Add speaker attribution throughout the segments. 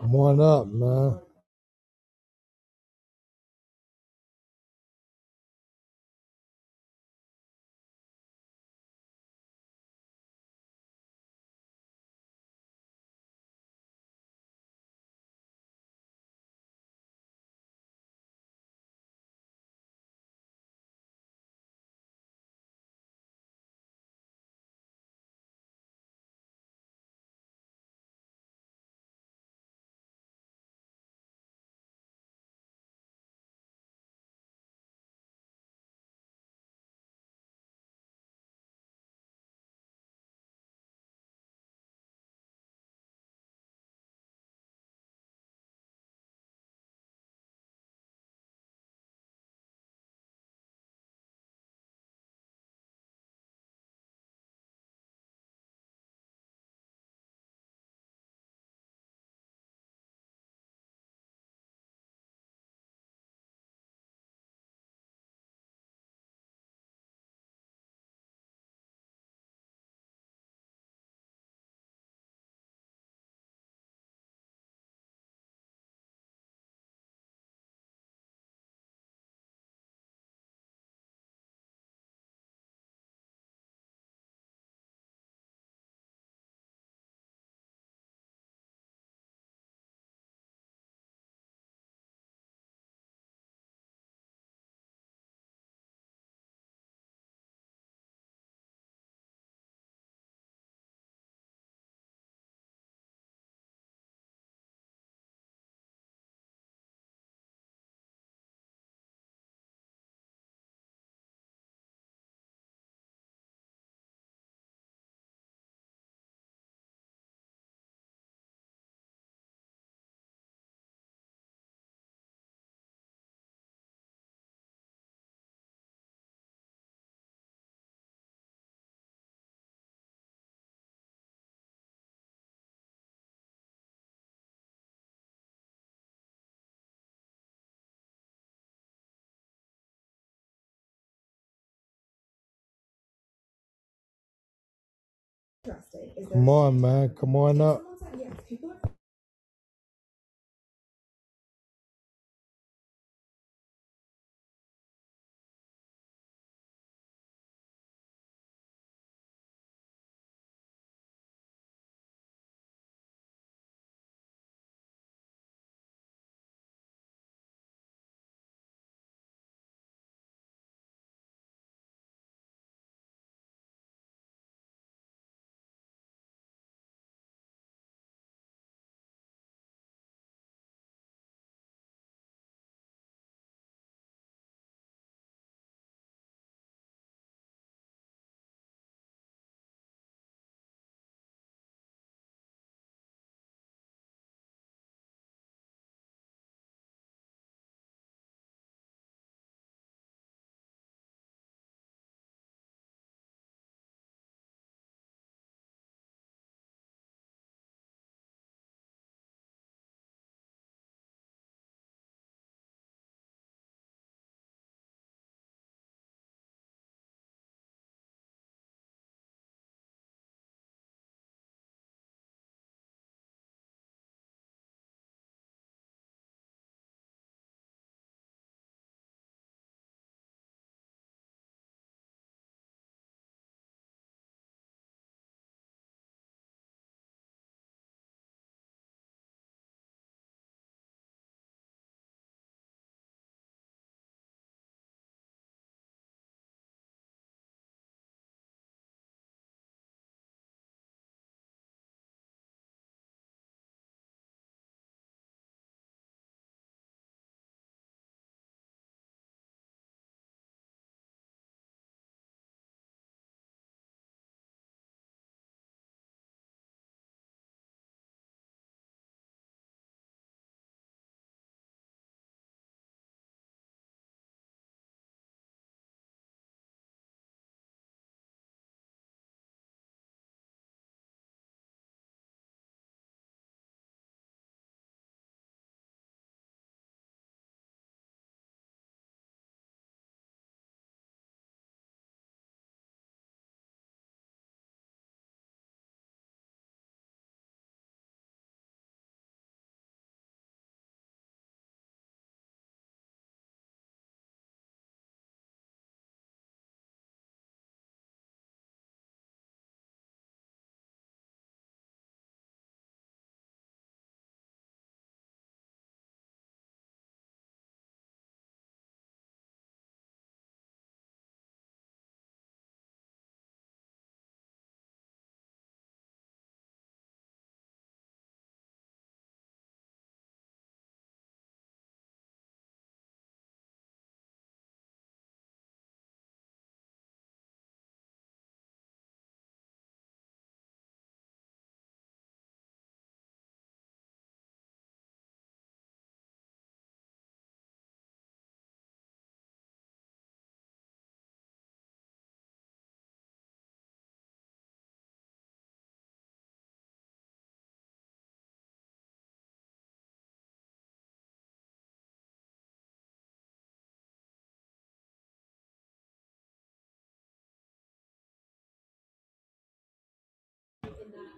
Speaker 1: Come on up, man. Come on, man. Come on up.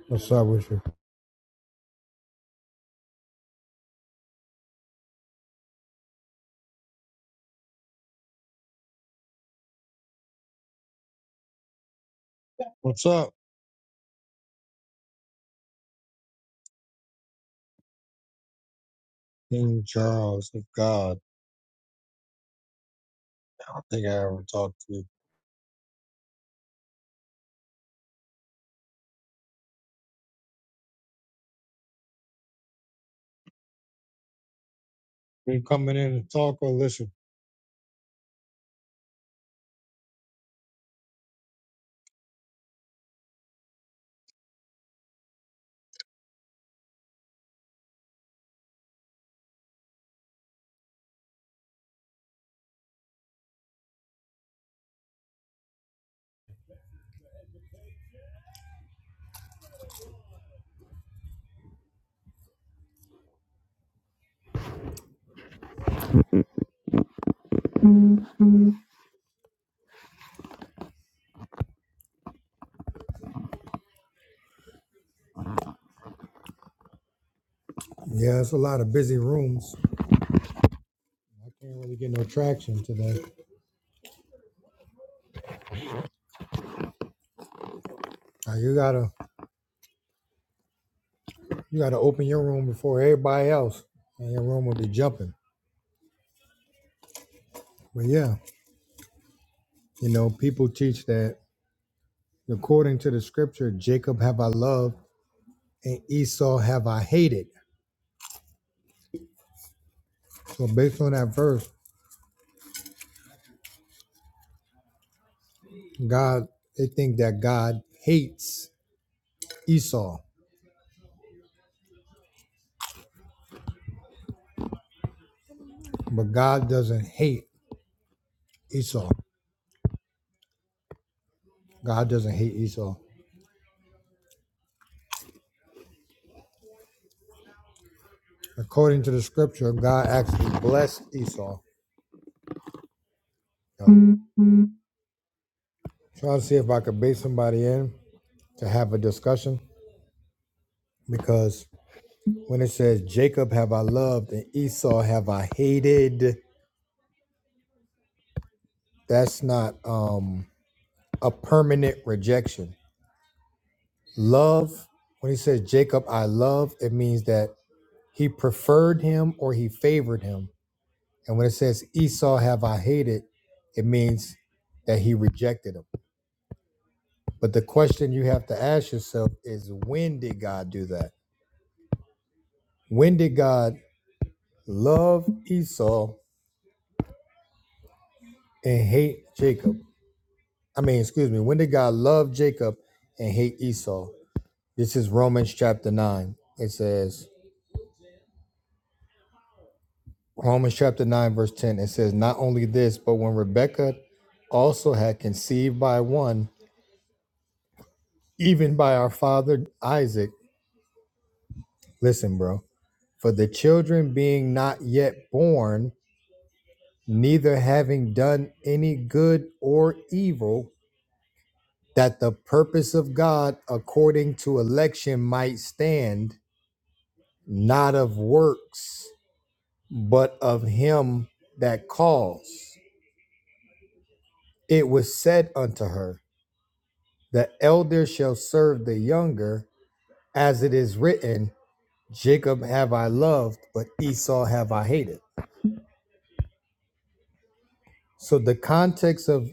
Speaker 1: What's up with you? What's up, King Charles of God? I don't think I ever talked to you. You coming in to talk or listen? Yeah, it's a lot of busy rooms. I can't really get no traction today. Uh, you gotta, you gotta open your room before everybody else, and your room will be jumping. But yeah, you know, people teach that according to the scripture, Jacob have I loved and Esau have I hated. So based on that verse, God, they think that God hates Esau, but God doesn't hate Esau. God doesn't hate Esau. According to the scripture, God actually blessed Esau. I'm trying to see if I could bait somebody in to have a discussion because when it says Jacob have I loved and Esau have I hated, that's not um, a permanent rejection. Love, when he says Jacob I love, it means that he preferred him or he favored him. And when it says Esau have I hated, it means that he rejected him. But the question you have to ask yourself is when did God do that? When did God love Esau and hate Jacob? I mean, excuse me, when did God love Jacob and hate Esau? This is Romans chapter 9. It says, Romans chapter 9, verse 10, it says, Not only this, but when Rebekah also had conceived by one, even by our father Isaac, listen, bro, For the children being not yet born, neither having done any good or evil, that the purpose of God according to election might stand, not of works, but of him that calls. It was said unto her, The elder shall serve the younger, as it is written, Jacob have I loved, but Esau have I hated. So the context of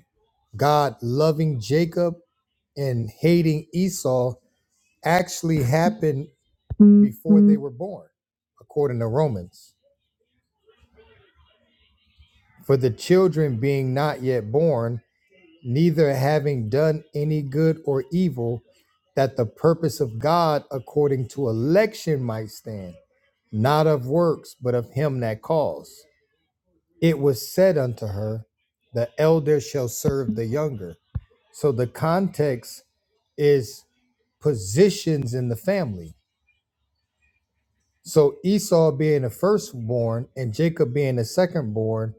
Speaker 1: God loving Jacob and hating Esau actually happened before they were born, according to Romans. For the children being not yet born, neither having done any good or evil, that the purpose of God according to election might stand, not of works, but of him that calls. It was said unto her, The elder shall serve the younger. So the context is positions in the family. So Esau being the firstborn and Jacob being the secondborn,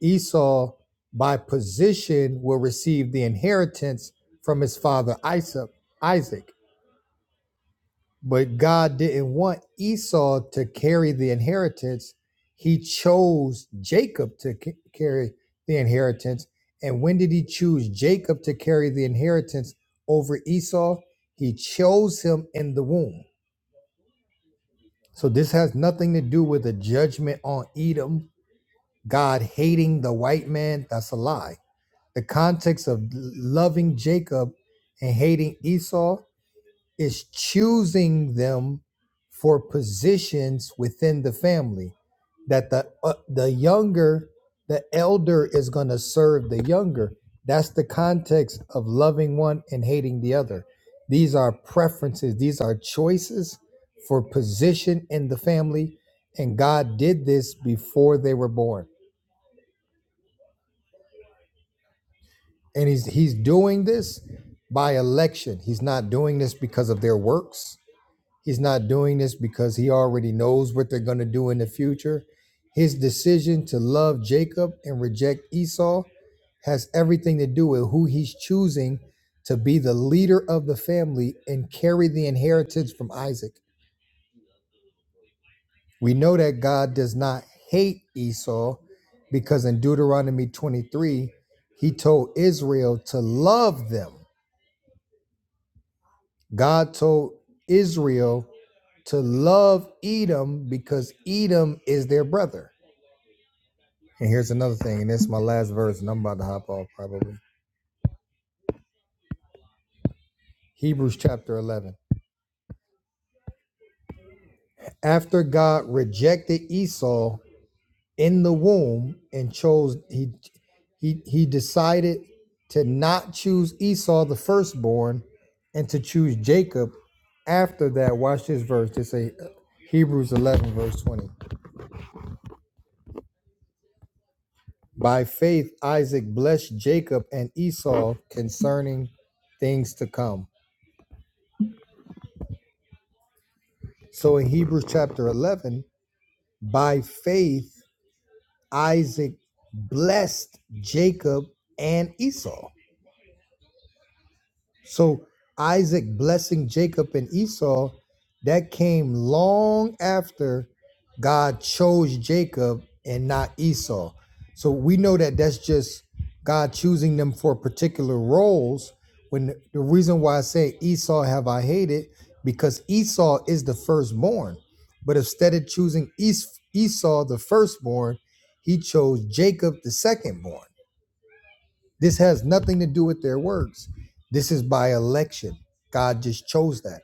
Speaker 1: Esau by position will receive the inheritance from his father Isaac. Isaac. But God didn't want Esau to carry the inheritance. He chose Jacob to c- carry the inheritance. And when did he choose Jacob to carry the inheritance over Esau? He chose him in the womb. So this has nothing to do with a judgment on Edom, God hating the white man. That's a lie. The context of loving Jacob and hating Esau is choosing them for positions within the family that the uh, the younger the elder is going to serve the younger that's the context of loving one and hating the other these are preferences these are choices for position in the family and God did this before they were born and he's he's doing this by election he's not doing this because of their works He's not doing this because he already knows what they're going to do in the future. His decision to love Jacob and reject Esau has everything to do with who he's choosing to be the leader of the family and carry the inheritance from Isaac. We know that God does not hate Esau because in Deuteronomy 23, he told Israel to love them. God told Israel to love Edom because Edom is their brother. And here's another thing, and this is my last verse, and I'm about to hop off probably. Hebrews chapter 11. After God rejected Esau in the womb and chose he he he decided to not choose Esau the firstborn and to choose Jacob after that. Watch this verse. This is Hebrews 11 verse 20. By faith, Isaac blessed Jacob and Esau concerning things to come. So in Hebrews chapter 11, by faith, Isaac blessed Jacob and Esau. So Isaac blessing Jacob and Esau, that came long after God chose Jacob and not Esau. So we know that that's just God choosing them for particular roles. When the the reason why I say Esau have I hated, because Esau is the firstborn. But instead of choosing Es- Esau the firstborn, he chose Jacob the secondborn. This has nothing to do with their works. This is by election. God just chose that.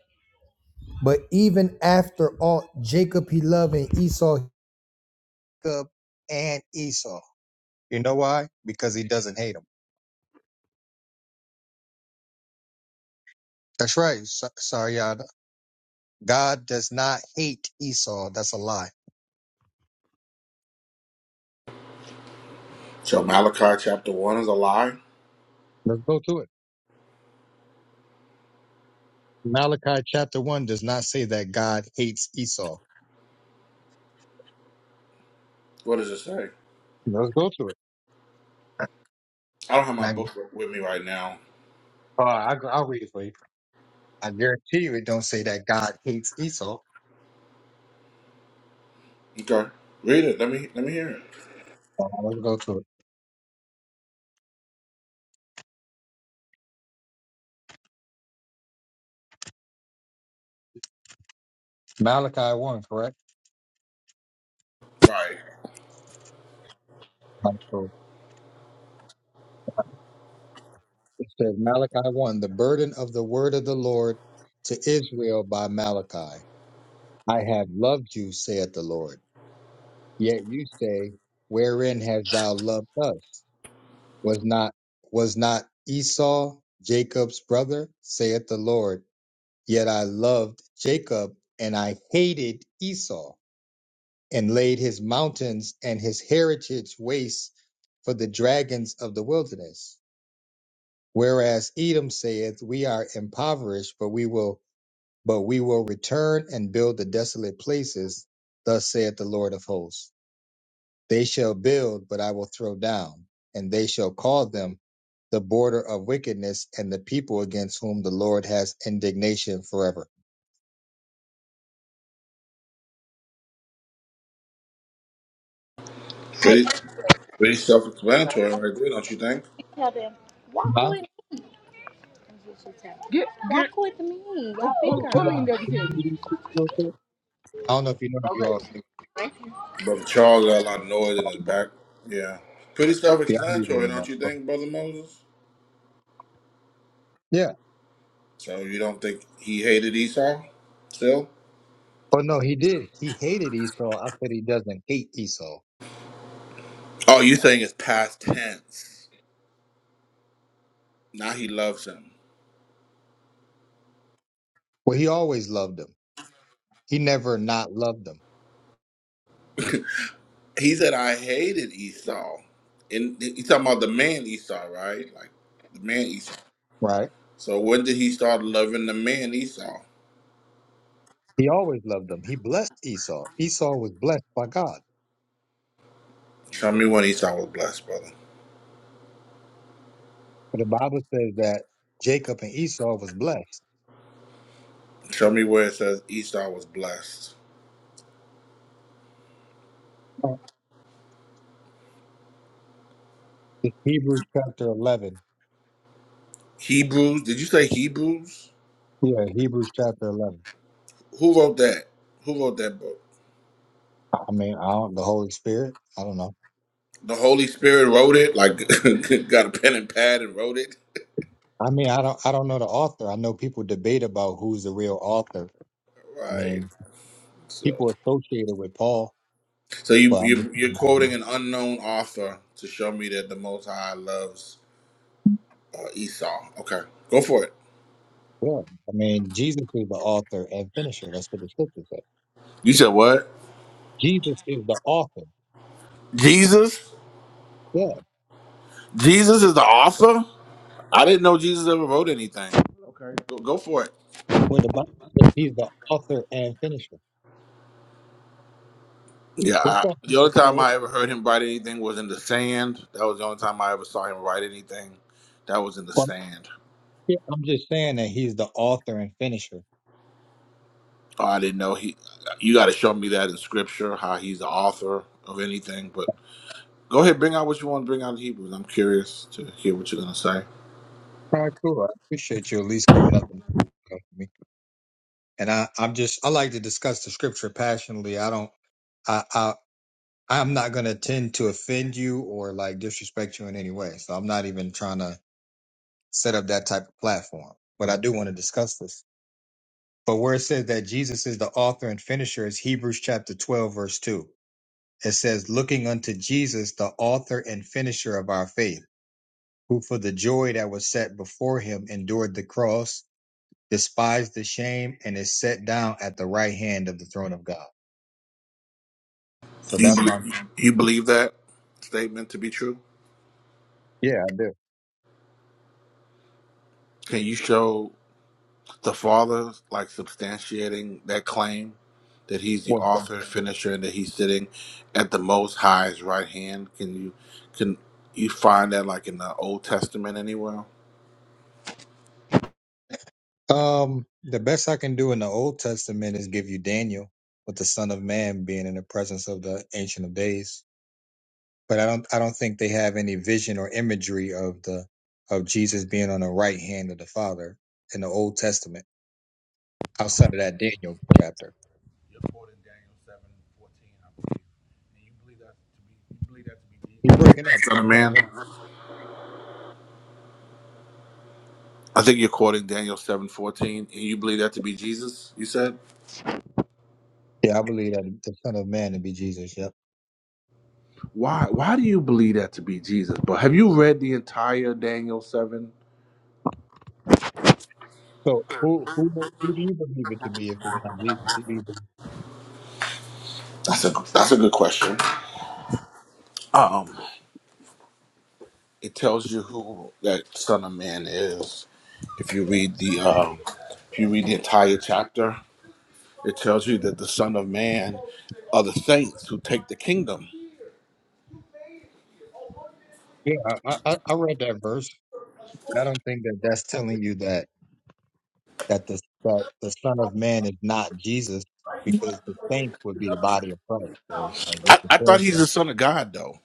Speaker 1: But even after all, Jacob he loved and Esau Jacob and Esau. You know why? Because he doesn't hate him. That's right, Sa- Saryada. God does not hate Esau. That's a lie.
Speaker 2: So Malachi chapter one is a lie.
Speaker 1: Let's go to it. Malachi chapter 1 does not say that God hates Esau.
Speaker 2: What does it say?
Speaker 1: Let's go to it.
Speaker 2: I don't have my
Speaker 1: Now,
Speaker 2: book with me right now.
Speaker 1: uh, I, I'll read it for you. I guarantee you it don't say that God hates Esau.
Speaker 2: Okay, read it. Let me let me hear it.
Speaker 1: Uh, Let's go to it. Malachi 1, correct?
Speaker 2: Right,
Speaker 1: So it says Malachi 1, the burden of the word of the Lord to Israel by Malachi. I have loved you, saith the Lord. Yet you say, Wherein hast thou loved us? Was not was not Esau Jacob's brother, saith the Lord. Yet I loved Jacob and I hated Esau, and laid his mountains and his heritage waste for the dragons of the wilderness. Whereas Edom saith, We are impoverished, but we will but we will return and build the desolate places, thus saith the Lord of hosts. They shall build, but I will throw down, and they shall call them the border of wickedness and the people against whom the Lord has indignation forever.
Speaker 3: Right,
Speaker 2: pretty
Speaker 3: they
Speaker 2: pretty self-explanatory right there, don't you think?
Speaker 3: tell them, walk
Speaker 1: Huh?
Speaker 3: with, Get, walk get, with me, your Who, big who
Speaker 1: Did
Speaker 3: leaned
Speaker 1: you
Speaker 3: girl. mean that kid?
Speaker 1: know that? I don't know if you know if you all knew.
Speaker 2: Brother Charles got a lot of noise in his back. Yeah, pretty
Speaker 1: Yeah, I knew it
Speaker 2: self-explanatory,
Speaker 1: anymore.
Speaker 2: don't you think, Brother Moses?
Speaker 1: Yeah.
Speaker 2: So you don't think he hated Esau still?
Speaker 1: Oh no, he did. He hated Esau. I said he doesn't hate Esau.
Speaker 2: Oh, you're saying it's past tense. Now he loves him.
Speaker 1: Well, he always loved him. He never not loved him.
Speaker 2: He said, I hated Esau. And he's talking about the man Esau, right? Like the man Esau.
Speaker 1: right?
Speaker 2: So when did he start loving the man Esau?
Speaker 1: He always loved them. He blessed Esau. Esau was blessed by God.
Speaker 2: Show me when Esau was blessed, brother.
Speaker 1: But the Bible says that Jacob and Esau was blessed.
Speaker 2: Show me where it says Esau was blessed.
Speaker 1: It's Hebrews chapter 11.
Speaker 2: Hebrews? Did you say Hebrews?
Speaker 1: Yeah, Hebrews chapter 11.
Speaker 2: Who wrote that? Who wrote that book?
Speaker 1: I I mean, I don't, the Holy Spirit, I don't know.
Speaker 2: The Holy Spirit wrote it. Like got a pen and pad and wrote it.
Speaker 1: I mean, I don't, I don't know the author. I know people debate about who's the real author. I
Speaker 2: Right.
Speaker 1: mean,
Speaker 2: So,
Speaker 1: people associated with Paul,
Speaker 2: so you,
Speaker 1: but I'm just,
Speaker 2: you you're quoting an unknown author to show me that the Most High loves uh, Esau. Okay, go for it.
Speaker 1: yeah. I mean, Jesus is the author and finisher. That's what the scriptures say.
Speaker 2: You said what?
Speaker 1: Jesus is the author.
Speaker 2: Jesus?
Speaker 1: Yeah.
Speaker 2: Jesus is the author? I didn't know Jesus ever wrote anything. Okay. Go, go for it.
Speaker 1: Well, the Bible says he's the author and finisher.
Speaker 2: Yeah,
Speaker 1: What's
Speaker 2: I,
Speaker 1: up,
Speaker 2: the
Speaker 1: Mr.
Speaker 2: only time
Speaker 1: Flores?
Speaker 2: I ever heard him write anything was in the sand. That was the only time I ever saw him write anything. That was in the
Speaker 1: Well,
Speaker 2: sand.
Speaker 1: yeah, I'm just saying that he's the author and finisher.
Speaker 2: Oh, I didn't know he. You got to show me that in scripture how he's the author of anything. But go ahead, bring out what you want to bring out in Hebrews. I'm curious to hear what you're gonna say.
Speaker 1: All right, cool. I appreciate you at least coming up and talking to me. And I, I'm just, I like to discuss the scripture passionately. I don't, I, I, I'm not going to tend to offend you or like disrespect you in any way. So I'm not even trying to set up that type of platform. But I do want to discuss this. But where it says that Jesus is the author and finisher is Hebrews chapter 12, verse 2. It says, looking unto Jesus, the author and finisher of our faith who for the joy that was set before him endured the cross, despised the shame, and is set down at the right hand of the throne of God. So
Speaker 2: Do you
Speaker 1: that's why,
Speaker 2: believe, you believe that statement to be true?
Speaker 1: yeah, I do.
Speaker 2: Can you show? the father like substantiating that claim that he's the
Speaker 1: What's that?
Speaker 2: author finisher and that he's sitting at the most high's right hand can you can you find that like in the old testament anywhere
Speaker 1: Um, the best I can do in the Old Testament is give you Daniel with the Son of Man being in the presence of the Ancient of Days. But I don't, I don't think they have any vision or imagery of the of Jesus being on the right hand of the Father in the Old Testament outside of that Daniel chapter.
Speaker 2: you're quoting daniel 7 fourteen, i believe and you believe
Speaker 1: You're
Speaker 2: that to be you believe that to be
Speaker 1: breaking
Speaker 2: jesus son of
Speaker 1: up.
Speaker 2: man i think you're quoting daniel seven fourteen, and you believe that to be jesus you said
Speaker 1: Yeah, I believe that the Son of Man to be Jesus. Yep.
Speaker 2: why why do you believe that to be jesus but have you read the entire daniel 7
Speaker 1: So who who who do you believe it to be if it's not Jesus? To be the-
Speaker 2: that's a that's a good question um It tells you who that Son of Man is. If you read the um, if you read the entire chapter, it tells you that the Son of Man are the saints who take the kingdom.
Speaker 1: yeah, I, I I read that verse, but I don't think that that's telling you that that the that the Son of Man is not Jesus because the saints would be the body of Christ. So it's like
Speaker 2: I,
Speaker 1: it's a
Speaker 2: I
Speaker 1: fair
Speaker 2: thought he's
Speaker 1: that
Speaker 2: the Son of God though.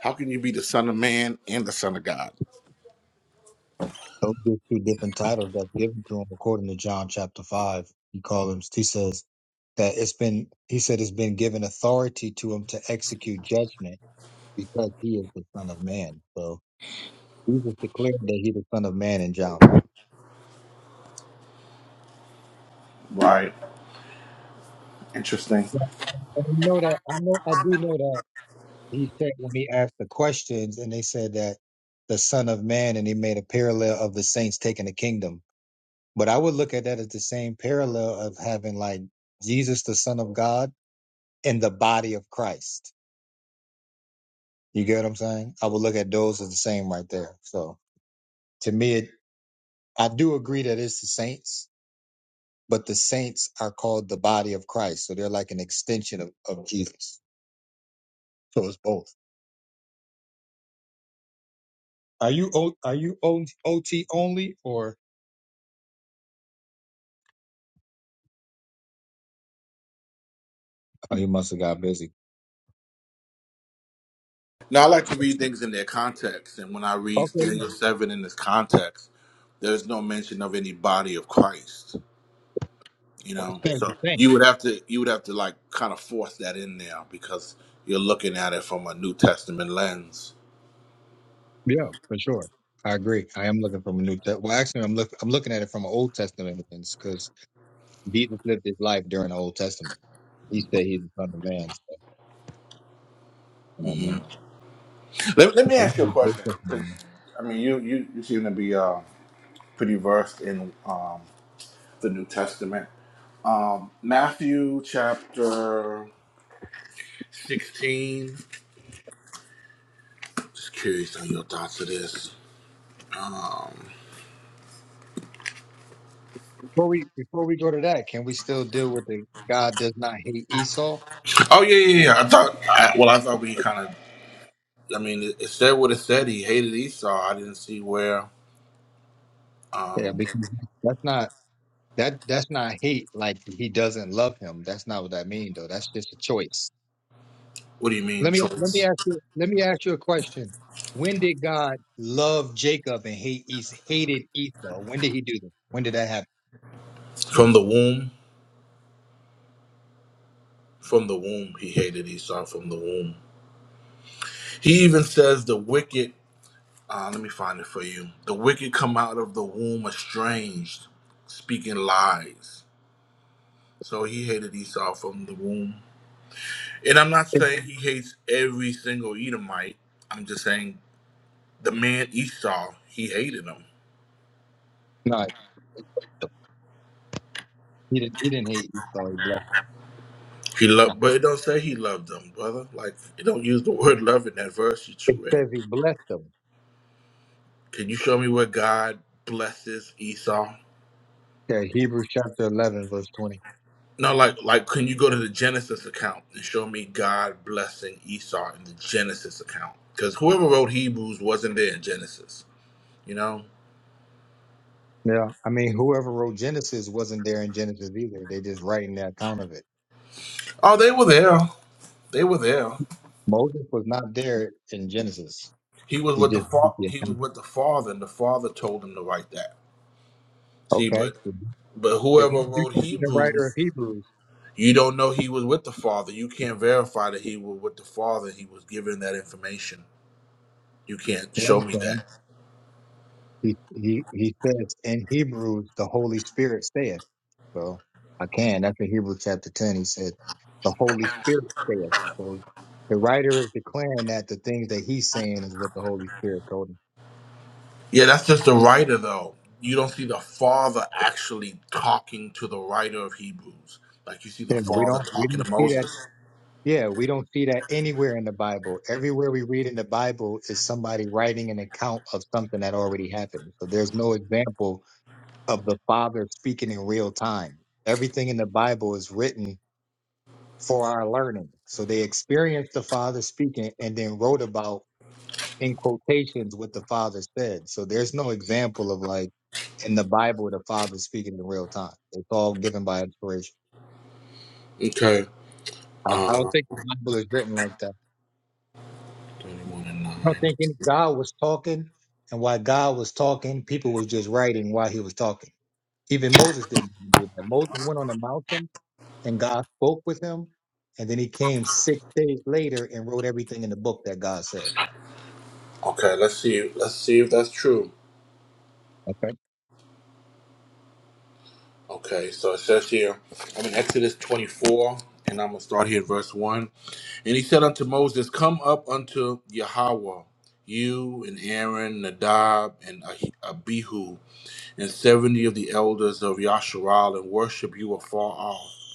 Speaker 2: How can you be the Son of Man and the Son of God?
Speaker 1: those are two different titles that's given to him according to John chapter five. He called him. He says that it's been. He said it's been given authority to him to execute judgment because he is the Son of Man. So. Jesus declared that he's the Son of Man in John. I
Speaker 2: Right. Interesting.
Speaker 1: I know that. I know. I do know that he said when he asked the questions, and they said that the Son of Man, and he made a parallel of the saints taking the kingdom. But I would look at that as the same parallel of having like Jesus, the Son of God, and the body of Christ. You get what I'm saying? I would look at those as the same right there. So to me, it, I do agree that it's the saints, but the saints are called the body of Christ, so they're like an extension of, of Jesus. So it's both. Are you o, are you o, OT only or? Oh, you must have got busy.
Speaker 2: Now I like to read things in their context, and when I read
Speaker 1: Okay,
Speaker 2: Daniel
Speaker 1: yeah.
Speaker 2: seven in this context, there's no mention of any body of Christ. you know
Speaker 1: Thank
Speaker 2: so
Speaker 1: you. Thank
Speaker 2: you would have to you would have to like kind of force that in there because you're looking at it from a new testament lens
Speaker 1: Yeah, for sure. I agree. I am looking from a new. Te- well, actually, I'm look. I'm looking at it from an Old Testament lens because Jesus lived his life during the Old Testament. He said he's the son of man. So, you know what
Speaker 2: hmm
Speaker 1: I
Speaker 2: let, let me ask you a question 'cause,
Speaker 1: mean?
Speaker 2: i mean you you, you seem to be uh, pretty versed in um, the new testament um, matthew chapter 16 just curious on your thoughts of this um,
Speaker 1: Before we before we go to that, can we still deal with the God does not hate Esau?
Speaker 2: oh yeah yeah yeah i thought I, well i thought we kind of i mean it, it said what it said he hated esau i didn't see where
Speaker 1: Yeah,
Speaker 2: um,
Speaker 1: because that's not that that's not hate like he doesn't love him. That's not what that means though. That's just a choice.
Speaker 2: What do you mean
Speaker 1: Let me let me
Speaker 2: choice?
Speaker 1: ask you let me ask you a question. When did God love Jacob and hate Esau, hated Esau? When did he do that? When did that happen?
Speaker 2: From the womb? From the womb, he hated Esau from the womb. He even says the wicked, uh, let me find it for you. The wicked come out of the womb estranged, speaking lies. So he hated Esau from the womb. And I'm not
Speaker 1: It's
Speaker 2: saying he hates every single Edomite. I'm just saying the man Esau, he hated him.
Speaker 1: not. He didn't he didn't hate Esau, he blessed
Speaker 2: He
Speaker 1: him.
Speaker 2: loved, but it don't say he loved them, brother. Like, it don't use the word love in that verse that
Speaker 1: It
Speaker 2: you read.
Speaker 1: says he blessed him.
Speaker 2: Can you show me where God blesses Esau?
Speaker 1: Yeah, Hebrews chapter eleven, verse twenty.
Speaker 2: No, like like can you go to the Genesis account and show me God blessing Esau in the Genesis account? Because whoever wrote Hebrews wasn't there in Genesis, you know?
Speaker 1: Yeah. I mean whoever wrote Genesis wasn't there in Genesis either. They just writing the account of it.
Speaker 2: Oh, they were there. They were there.
Speaker 1: Moses was not there in Genesis.
Speaker 2: He was
Speaker 1: He
Speaker 2: with the
Speaker 1: just wrote
Speaker 2: fa-
Speaker 1: the
Speaker 2: he was
Speaker 1: account.
Speaker 2: with the father, and the father told him to write that. See,
Speaker 1: Okay.
Speaker 2: but
Speaker 1: If
Speaker 2: but whoever
Speaker 1: he's
Speaker 2: wrote
Speaker 1: the writer of
Speaker 2: Hebrews,
Speaker 1: Hebrews,
Speaker 2: you don't know he was with the father. You can't verify that he was with the father. He was given that information. You can't
Speaker 1: yeah, I
Speaker 2: show
Speaker 1: was
Speaker 2: me
Speaker 1: saying.
Speaker 2: that.
Speaker 1: He he he says in Hebrews the Holy Spirit saith. So I can. That's in Hebrews chapter ten. He said the Holy Spirit saith. So the writer is declaring that the things that he's saying is what the Holy Spirit told him.
Speaker 2: Yeah, that's just the writer, though. You don't see the father actually talking to the writer of Hebrews. Like you see the
Speaker 1: Yeah, we
Speaker 2: father
Speaker 1: don't we
Speaker 2: talking
Speaker 1: don't
Speaker 2: to
Speaker 1: see that.
Speaker 2: Moses.
Speaker 1: Yeah, we don't see that anywhere in the Bible. Everywhere we read in the Bible is somebody writing an account of something that already happened. So there's no example of the Father speaking in real time. Everything in the Bible is written for our learning. So they experienced the Father speaking and then wrote about in quotations what the Father said. So there's no example of like in the Bible the Father speaking in real time. It's all given by inspiration.
Speaker 2: Okay.
Speaker 1: I, I don't
Speaker 2: Uh,
Speaker 1: think the Bible is written like that.
Speaker 2: 21 and 9.
Speaker 1: I don't think any, God was talking, and while God was talking, people was just writing while He was talking. Even Moses didn't do that. Moses went on the mountain, and God spoke with him, and then he came six days later and wrote everything in the book that God said.
Speaker 2: Okay, let's see. Let's see if that's true.
Speaker 1: Okay.
Speaker 2: Okay, so it says here, I'm in Exodus 24, and I'm going to start here at verse 1. And he said unto Moses, Come up unto Yahweh, you and Aaron, Nadab, and Ah- Abihu, and seventy of the elders of Yasharal and worship you afar off.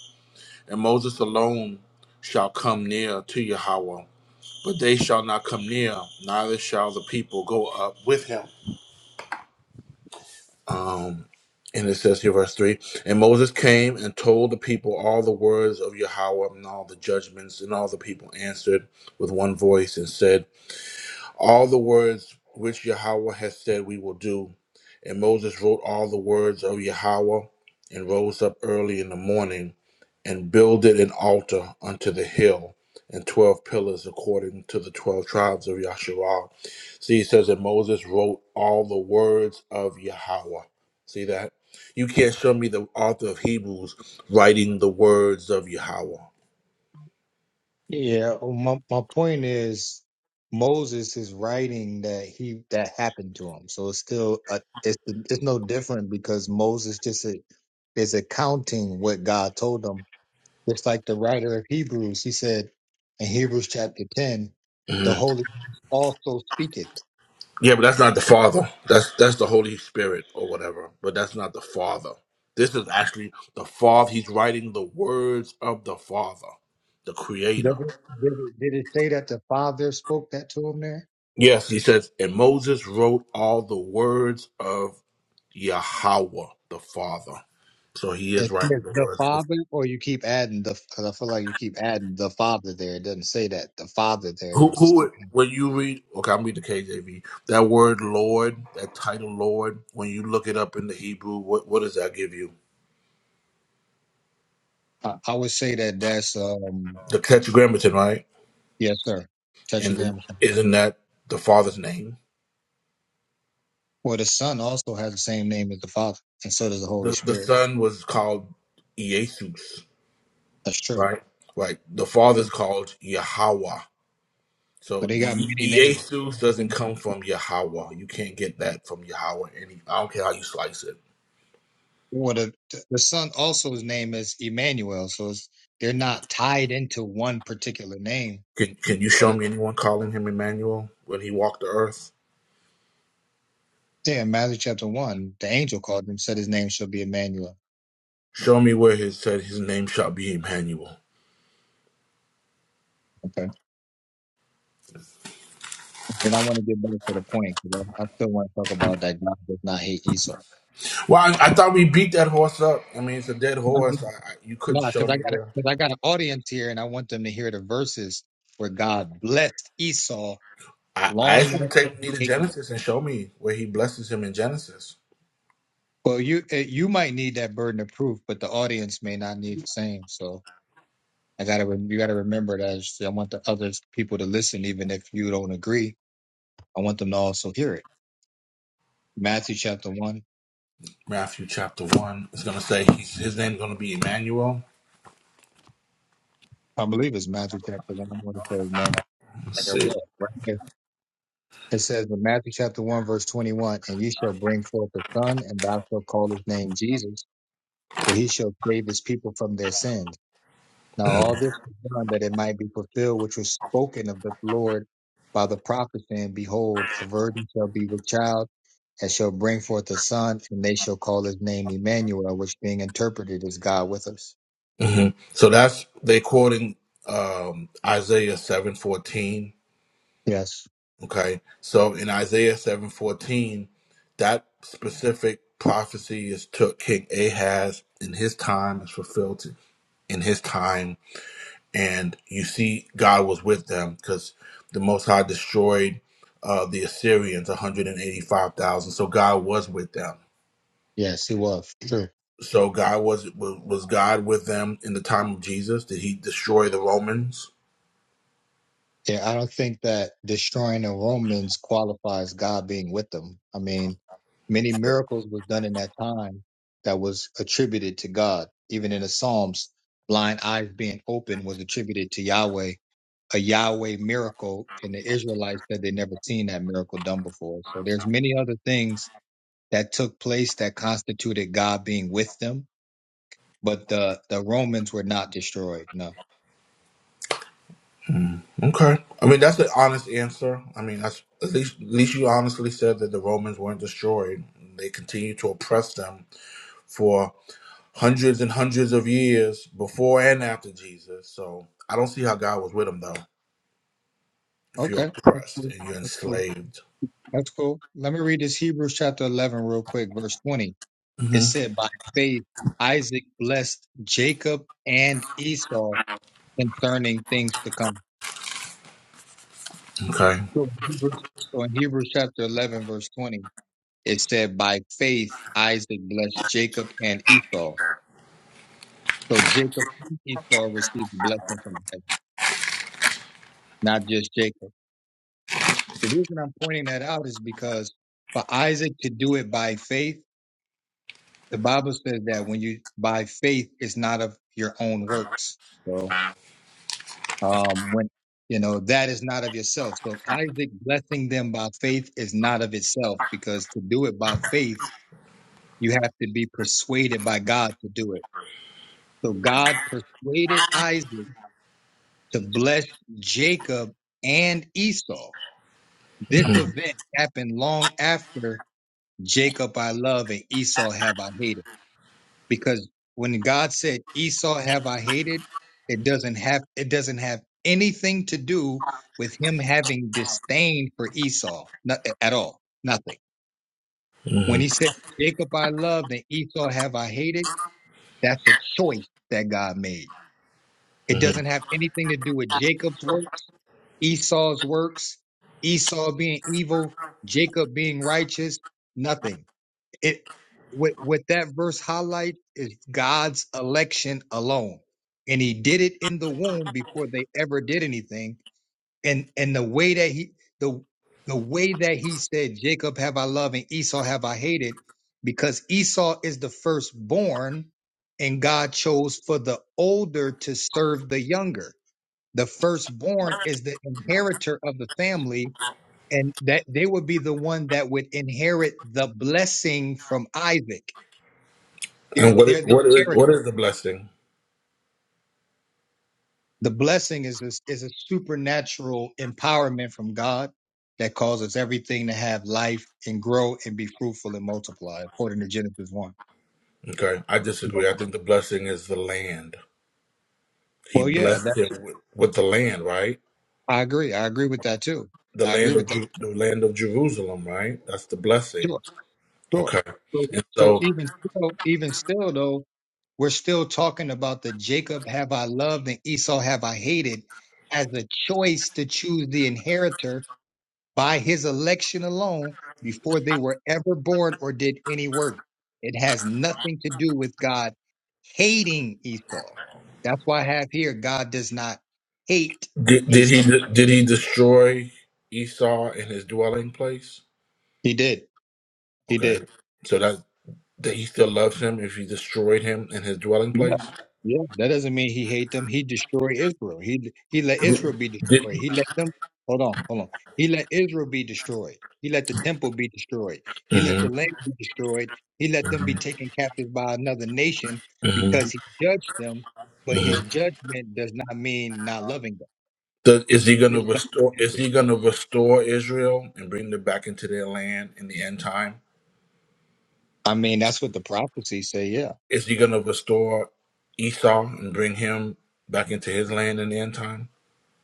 Speaker 2: And Moses alone shall come near to Yahweh, but they shall not come near, neither shall the people go up with him. Um, and it says here, verse 3 And Moses came and told the people all the words of Yahweh and all the judgments, and all the people answered with one voice and said, all the words which Yahweh has said we will do. And Moses wrote all the words of Yahweh and rose up early in the morning and builded an altar unto the hill and 12 pillars according to the 12 tribes of Yasharah. See, it says that Moses wrote all the words of Yahweh. See that? You can't show me the author of Hebrews writing the words of Yahweh.
Speaker 1: Yeah, well, my my point is Moses is writing that he that happened to him, so it's still a, it's it's no different because Moses just a, is accounting what God told him. It's like the writer of Hebrews, he said in Hebrews chapter ten, the Holy Ghost also speaketh.
Speaker 2: Yeah, but that's not the Father. That's that's the Holy Spirit or whatever. But that's not the Father. This is actually the Father. He's writing the words of the Father, the Creator.
Speaker 1: Did it, did it, did it say that the Father spoke that to him there?
Speaker 2: Yes, he says, and Moses wrote all the words of Yahweh, the Father. So he is
Speaker 1: It says
Speaker 2: writing the
Speaker 1: the
Speaker 2: words of the
Speaker 1: Father, or you keep adding the because I feel like you keep adding the Father there. It doesn't say that the Father there.
Speaker 2: who
Speaker 1: You just
Speaker 2: who
Speaker 1: keep.
Speaker 2: when you read okay, I'm reading the KJV. That word Lord, that title Lord, when you look it up in the Hebrew, what what does that give you?
Speaker 1: I, I would say that that's um
Speaker 2: The tetragrammaton, right?
Speaker 1: yes, sir.
Speaker 2: And
Speaker 1: Tetragrammaton.
Speaker 2: isn't that the father's name?
Speaker 1: Well, the Son also has the same name as the Father, and so does the Holy
Speaker 2: The the
Speaker 1: Spirit.
Speaker 2: son was called Jesus,
Speaker 1: That's true.
Speaker 2: right? Like the father's
Speaker 1: But
Speaker 2: called Yahweh. So
Speaker 1: they got
Speaker 2: Ye-
Speaker 1: many names.
Speaker 2: Jesus doesn't come from Yahweh. You can't get that from Yahweh. Any I don't care how you slice it.
Speaker 1: Well, the the Son also his name is Emmanuel, so it's, they're not tied into one particular name.
Speaker 2: Can Can you
Speaker 1: But
Speaker 2: show
Speaker 1: it,
Speaker 2: me anyone calling him Emmanuel when he walked the earth?
Speaker 1: yeah, in Matthew chapter one, the angel called him, said his name shall be Emmanuel.
Speaker 2: Show me where it said his name shall be Emmanuel.
Speaker 1: Okay. But I want to get back to the point because I, I still want to talk about that God does not hate Esau.
Speaker 2: Well, I, I thought we beat that horse up. I mean, it's a dead horse. I, I, you
Speaker 1: No,
Speaker 2: couldn't show
Speaker 1: because I
Speaker 2: me
Speaker 1: got
Speaker 2: where.
Speaker 1: because I got an audience here, and I want them to hear the verses where God blessed Esau
Speaker 2: I, I
Speaker 1: long
Speaker 2: asked you to
Speaker 1: after
Speaker 2: take me
Speaker 1: he
Speaker 2: to
Speaker 1: ate them.
Speaker 2: Genesis and show me where he blesses him in Genesis.
Speaker 1: Well, you eh, you might need that burden of proof, but the audience may not need the same. So I gotta rem- you gotta remember that. I just- I want the other people to listen, even if you don't agree. I want them to also hear it. Matthew chapter one,
Speaker 2: Matthew chapter one is going to say he's, his name's going to be Emmanuel.
Speaker 1: I believe it's Matthew chapter one. I want to say Matthew.
Speaker 2: Let's see.
Speaker 1: yeah, right here. It says in Matthew chapter one, verse twenty-one, and you shall bring forth a son, and thou shalt call his name Jesus for he shall save his people from their sins. Now all this was done that it might be fulfilled which was spoken of the Lord by the prophet, saying, Behold, a virgin shall be with child, and shall bring forth a son, and they shall call his name Emmanuel, which being interpreted is God with us.
Speaker 2: hmm So that's they quoting um, Isaiah seven fourteen.
Speaker 1: Yes,
Speaker 2: Okay, so in Isaiah seven fourteen, that specific prophecy is took King Ahaz in his time is fulfilled in his time and you see God was with them because the Most High destroyed uh, the Assyrians, one hundred and eighty-five thousand. So God was with them.
Speaker 1: yes, he was. true.
Speaker 2: So God was was was God with them in the time of Jesus? Did He destroy the Romans?
Speaker 1: Yeah, I don't think that destroying the Romans qualifies God being with them. I mean, many miracles was done in that time that was attributed to God. Even in the Psalms, blind eyes being open was attributed to Yahweh, a Yahweh miracle, and the Israelites said they never seen that miracle done before. So there's many other things that took place that constituted God being with them, but the the Romans were not destroyed. No.
Speaker 2: Hmm. Okay, I mean that's an honest answer. I mean that's at least at least you honestly said that the Romans weren't destroyed. They continued to oppress them for hundreds and hundreds of years before and after Jesus. So I don't see how God was with them though. if you're
Speaker 1: Okay. That's
Speaker 2: oppressed
Speaker 1: cool.
Speaker 2: and you're
Speaker 1: That's cool.
Speaker 2: enslaved.
Speaker 1: That's cool. Let me read this Hebrews chapter 11 real quick, verse 20. It
Speaker 2: hmm
Speaker 1: said, By faith, Isaac blessed Jacob and Esau concerning things to come.
Speaker 2: Okay.
Speaker 1: So in Hebrews, so in Hebrews chapter 11, verse 20, it said, By faith, Isaac blessed Jacob and Esau. So Jacob and Esau received blessing from heaven, not just Jacob. The reason I'm pointing that out is because for Isaac to do it by faith, the Bible says that when you by faith is not of your own works. So um when you know that is not of yourself. So Isaac blessing them by faith is not of itself because to do it by faith you have to be persuaded by God to do it. So God persuaded Isaac to bless Jacob and Esau. This
Speaker 2: hmm
Speaker 1: event happened long after Jacob I love and Esau have I hated. because when God said Esau have I hated, it doesn't have it doesn't have anything to do with him having disdain for Esau not, at all. Nothing.
Speaker 2: hmm
Speaker 1: When he said Jacob I loved and Esau have I hated, that's a choice that God made. It
Speaker 2: hmm
Speaker 1: doesn't have anything to do with Jacob's works, Esau's works, Esau being evil, Jacob being righteous, nothing. It what what that verse highlight is God's election alone. And he did it in the womb before they ever did anything. And and the way that he the the way that he said, Jacob have I loved and Esau have I hated, because Esau is the firstborn, and God chose for the older to serve the younger. The firstborn is the inheritor of the family, and that they would be the one that would inherit the blessing from Isaac. They're
Speaker 2: And what i-
Speaker 1: they're the
Speaker 2: what is
Speaker 1: inherit.
Speaker 2: what is the blessing?
Speaker 1: The blessing is a, is a supernatural empowerment from God that causes everything to have life and grow and be fruitful and multiply, according to Genesis one.
Speaker 2: Okay, I
Speaker 1: Well,
Speaker 2: disagree. I think the blessing is the land. He
Speaker 1: well, yeah, that
Speaker 2: blessed him with, with the land, right?
Speaker 1: I agree. I agree with that too.
Speaker 2: The
Speaker 1: I agree
Speaker 2: land of
Speaker 1: with that.
Speaker 2: Ju- the land of Jerusalem, right? That's the blessing.
Speaker 1: Sure, sure.
Speaker 2: Okay,
Speaker 1: So,
Speaker 2: and
Speaker 1: so
Speaker 2: so
Speaker 1: even still, even still though. We're still talking about the Jacob have I loved and Esau have I hated as a choice to choose the inheritor by his election alone before they were ever born or did any work. It has nothing to do with God hating Esau. That's why I have here God does not hate
Speaker 2: did, did he
Speaker 1: Esau.
Speaker 2: did he destroy Esau in his dwelling place?
Speaker 1: He did. He
Speaker 2: Okay,
Speaker 1: did.
Speaker 2: so that that he still loves him if he destroyed him in his dwelling
Speaker 1: Yeah,
Speaker 2: place.
Speaker 1: yeah. That doesn't mean he hate them. He destroyed Israel. He he let Israel be
Speaker 2: Did,
Speaker 1: destroyed. He let them. Hold on, hold on. He let Israel be destroyed. He let the temple be destroyed. He let the
Speaker 2: hmm
Speaker 1: land be destroyed. He let them be taken captive by another nation
Speaker 2: hmm
Speaker 1: because he judged them. But
Speaker 2: hmm
Speaker 1: his judgment does not mean not loving them.
Speaker 2: So is he going to
Speaker 1: It
Speaker 2: restore? Is
Speaker 1: doesn't.
Speaker 2: he going to restore Israel and bring them back into their land in the end time?
Speaker 1: I mean, that's what the prophecies say. Yeah,
Speaker 2: Is he going to restore Esau and bring him back into his land in the end time?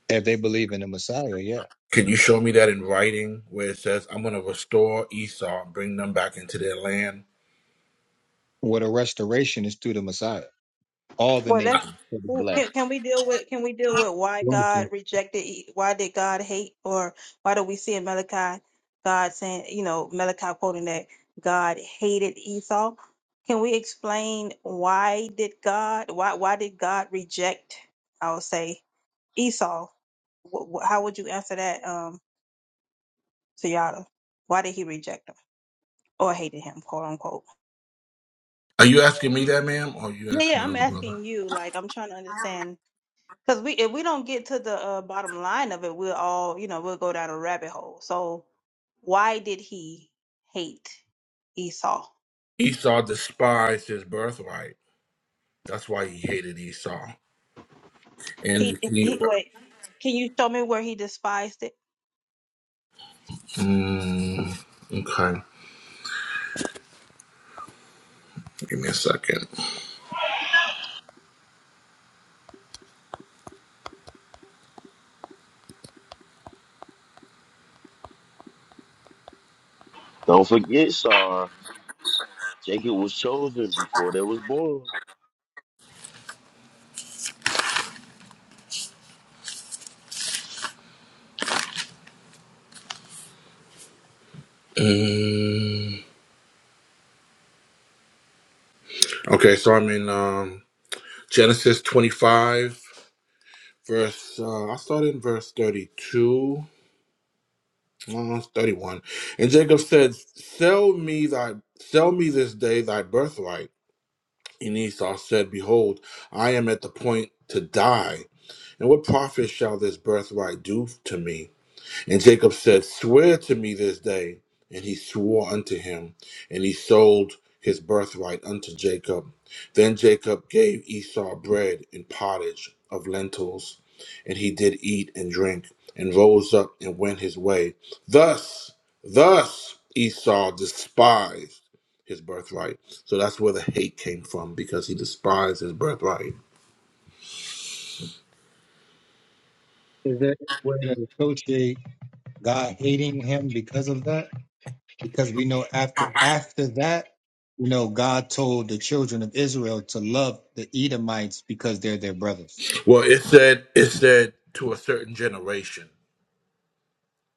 Speaker 1: if they believe in the Messiah, yeah.
Speaker 2: Can you show me that in writing where it says, "I'm going to restore Esau, and bring them back into their land"?
Speaker 1: What a restoration is through the Messiah. All the
Speaker 4: Well, let's
Speaker 1: nations will be
Speaker 4: ooh, can
Speaker 1: blessed.
Speaker 4: can we deal with can we deal with why God rejected? E- Why did God hate, or why do we see in Malachi God saying, you know, Malachi quoting that God hated Esau? Can we explain why did God why why did God reject? I would say Esau. Wh- wh- How would you answer that, um, Tayada? Why did he reject him or hated him, quote unquote?
Speaker 2: Are you asking me that, ma'am, or are you
Speaker 4: Yeah,
Speaker 2: asking
Speaker 4: yeah.
Speaker 2: the
Speaker 4: I'm
Speaker 2: other brother?
Speaker 4: asking you. Like, I'm trying to understand Because we, if we don't get to the uh, bottom line of it, we'll all, you know, we'll go down a rabbit hole. So, why did he hate Esau?
Speaker 2: Esau despised his birthright. That's why he hated Esau.
Speaker 4: He,
Speaker 2: And he,
Speaker 4: he wait. Can you show me where he despised it?
Speaker 2: mm, okay, give me a second.
Speaker 5: Don't forget, Sar. Jacob was chosen before they was born.
Speaker 2: Mm, okay, so I'm in um, Genesis 25, verse, uh, I start in verse 32. uh, 31 and jacob said sell me thy sell me this day thy birthright and esau said behold i am at the point to die and what profit shall this birthright do to me And Jacob said, Swear to me this day. And he swore unto him, and he sold his birthright unto Jacob. Then Jacob gave Esau bread and pottage of lentils, and he did eat and drink, and rose up and went his way. Thus, thus Esau despised his birthright. So that's where the hate came from, because he despised his birthright.
Speaker 1: Is there any way to associate God hating him because of that? Because we know after after that, you know, God told the children of Israel to love the Edomites because they're their brothers.
Speaker 2: Well, it said it said to a certain generation.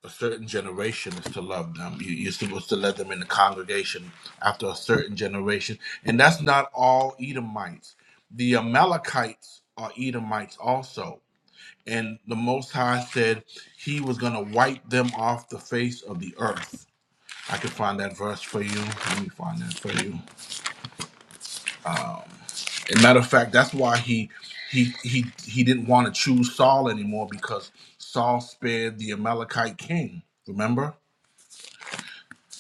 Speaker 2: a certain generation is to love them. You, you're supposed to let them in the congregation after a certain generation. And that's not all Edomites. The Amalekites are Edomites also. And the Most High said he was going to wipe them off the face of the earth. I can find that verse for you. Let me find that for you. And matter of fact, that's why he he he he didn't want to choose Saul anymore because Saul spared the Amalekite king. Remember?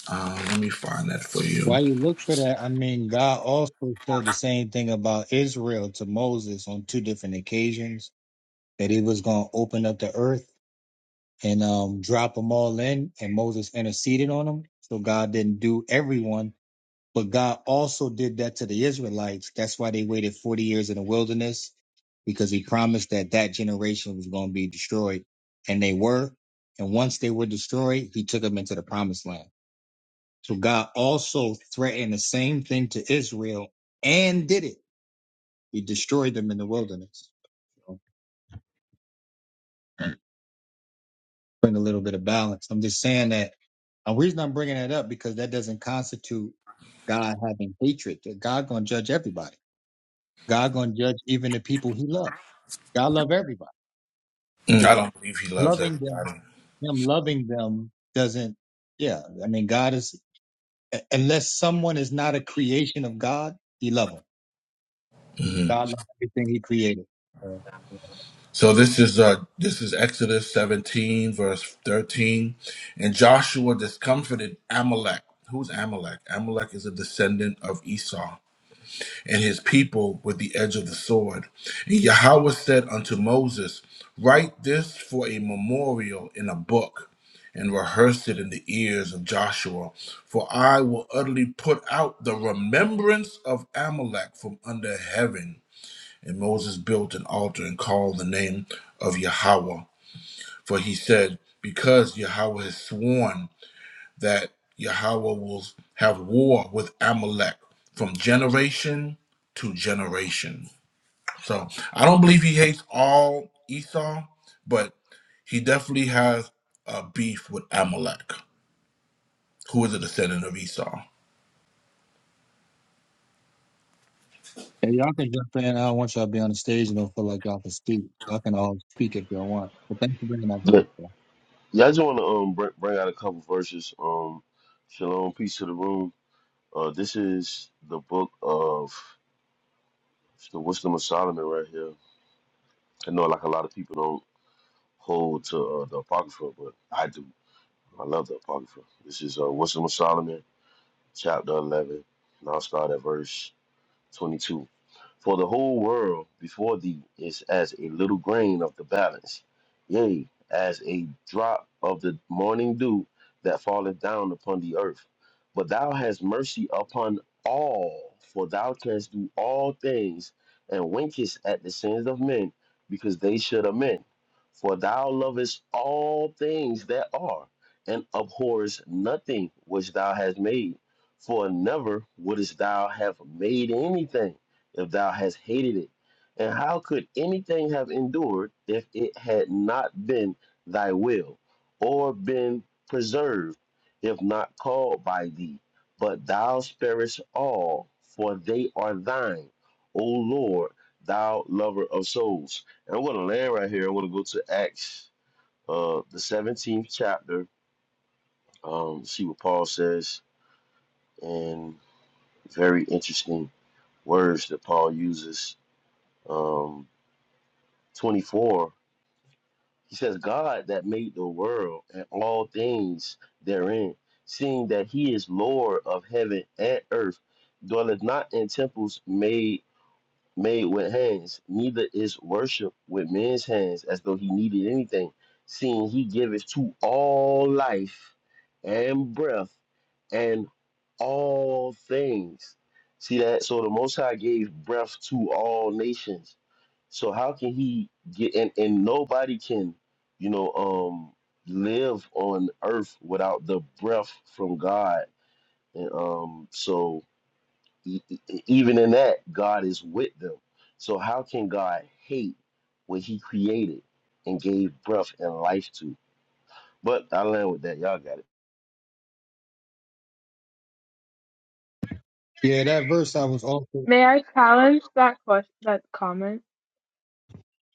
Speaker 2: Uh, let me find that for you.
Speaker 1: Why you look for that? I mean, God also said the same thing about Israel to Moses on two different occasions that he was going to open up the earth and um, drop them all in, and Moses interceded on them. So God didn't do everyone But God also did that to the Israelites. That's why they waited 40 years in the wilderness because he promised that that generation was going to be destroyed. And they were. And once they were destroyed, he took them into the promised land. So God also threatened the same thing to Israel and did it. He destroyed them in the wilderness. So bring a little bit of balance. I'm just saying that. uh, The reason I'm bringing that up because that doesn't constitute God having hatred. God gonna judge everybody. God gonna judge even the people He loves. God love everybody,
Speaker 2: Mm, I
Speaker 1: but
Speaker 2: don't believe he loves
Speaker 1: loving them,
Speaker 2: everybody.
Speaker 1: him loving them doesn't. Yeah, I mean, God is unless someone is not a creation of God, He love them.
Speaker 2: hmm
Speaker 1: God loves everything He created. Uh,
Speaker 2: So this is uh this is Exodus 17 verse 13, and Joshua discomfited Amalek. Who's Amalek? Amalek is a descendant of Esau and his people with the edge of the sword. And Yahweh said unto Moses, Write this for a memorial in a book and rehearse it in the ears of Joshua, for I will utterly put out the remembrance of Amalek from under heaven. And Moses built an altar and called the name of Yahweh. For he said, Because Yahweh has sworn that Yahweh will have war with Amalek from generation to generation. So I don't believe he hates all Esau, but he definitely has a beef with Amalek, who is a descendant of Esau.
Speaker 1: and y'all can jump in. I don't want y'all to be on the stage and don't feel like y'all can speak. Y'all can all speak if y'all want. But thanks for bringing that verse.
Speaker 5: But
Speaker 1: Bro.
Speaker 5: yeah, I just want to um bring, bring out a couple verses. Um, shalom, peace to the room. Uh, this is the book of the Wisdom of Solomon right here. I know like a lot of people don't hold to uh, the Apocrypha, but I do. I love the Apocrypha. This is uh, Wisdom of Solomon, chapter eleven, and I'll start at verse 22. For the whole world before thee is as a little grain of the balance, yea, as a drop of the morning dew that falleth down upon the earth. But thou hast mercy upon all, for thou canst do all things, and winkest at the sins of men, because they should amend. For thou lovest all things that are, and abhorrest nothing which thou hast made. For never wouldest thou have made anything if thou hast hated it? And how could anything have endured if it had not been thy will, or been preserved, if not called by thee? But thou sparest all, for they are thine, O Lord, thou lover of souls. And I'm going to land right here. I'm going to go to Acts, uh, the 17th chapter, um, see what Paul says, and very interesting words that Paul uses. Um, 24 he says god that made the world and all things therein seeing that he is lord of heaven and earth dwelleth not in temples made made with hands, neither is worship with men's hands, as though he needed anything, seeing he giveth to all life and breath and all things. See that? So the Most High gave breath to all nations. So how can he get and, and nobody can, you know, um live on earth without the breath from God. And um so E- e- e, Even in that, God is with them. So how can God hate what He created and gave breath and life to? But I land with that. Y'all got it.
Speaker 1: Yeah, that verse I was also.
Speaker 6: May I challenge that question, that comment?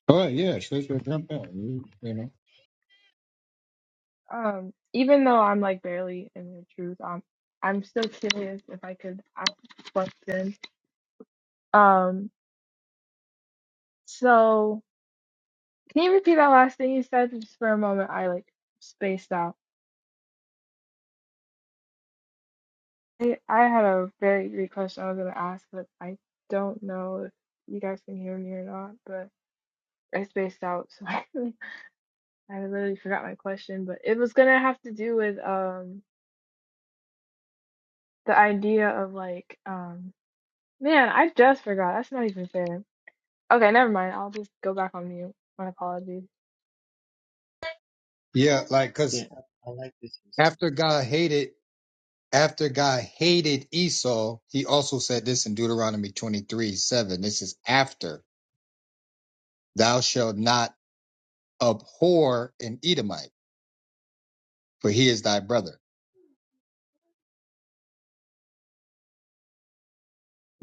Speaker 1: Oh yeah, sure, sure, jump in. You, you know.
Speaker 6: Um, even though I'm like barely in the truth, um, I'm still curious if I could ask a question. Um, so can you repeat that last thing you said? Just for a moment, I like spaced out. I, I had a very great question I was gonna ask, but I don't know if you guys can hear me or not. But I spaced out, so I, I literally forgot my question. But it was gonna have to do with um the idea of like um Man, I just forgot. That's not even fair. Okay, never mind. I'll just go back on mute. My apologies.
Speaker 1: Yeah, like because
Speaker 7: Okay, I, I like this. insight.
Speaker 1: after God hated. after God hated Esau, he also said this in Deuteronomy 23 7. This is after, Thou shalt not abhor an Edomite, for he is thy brother.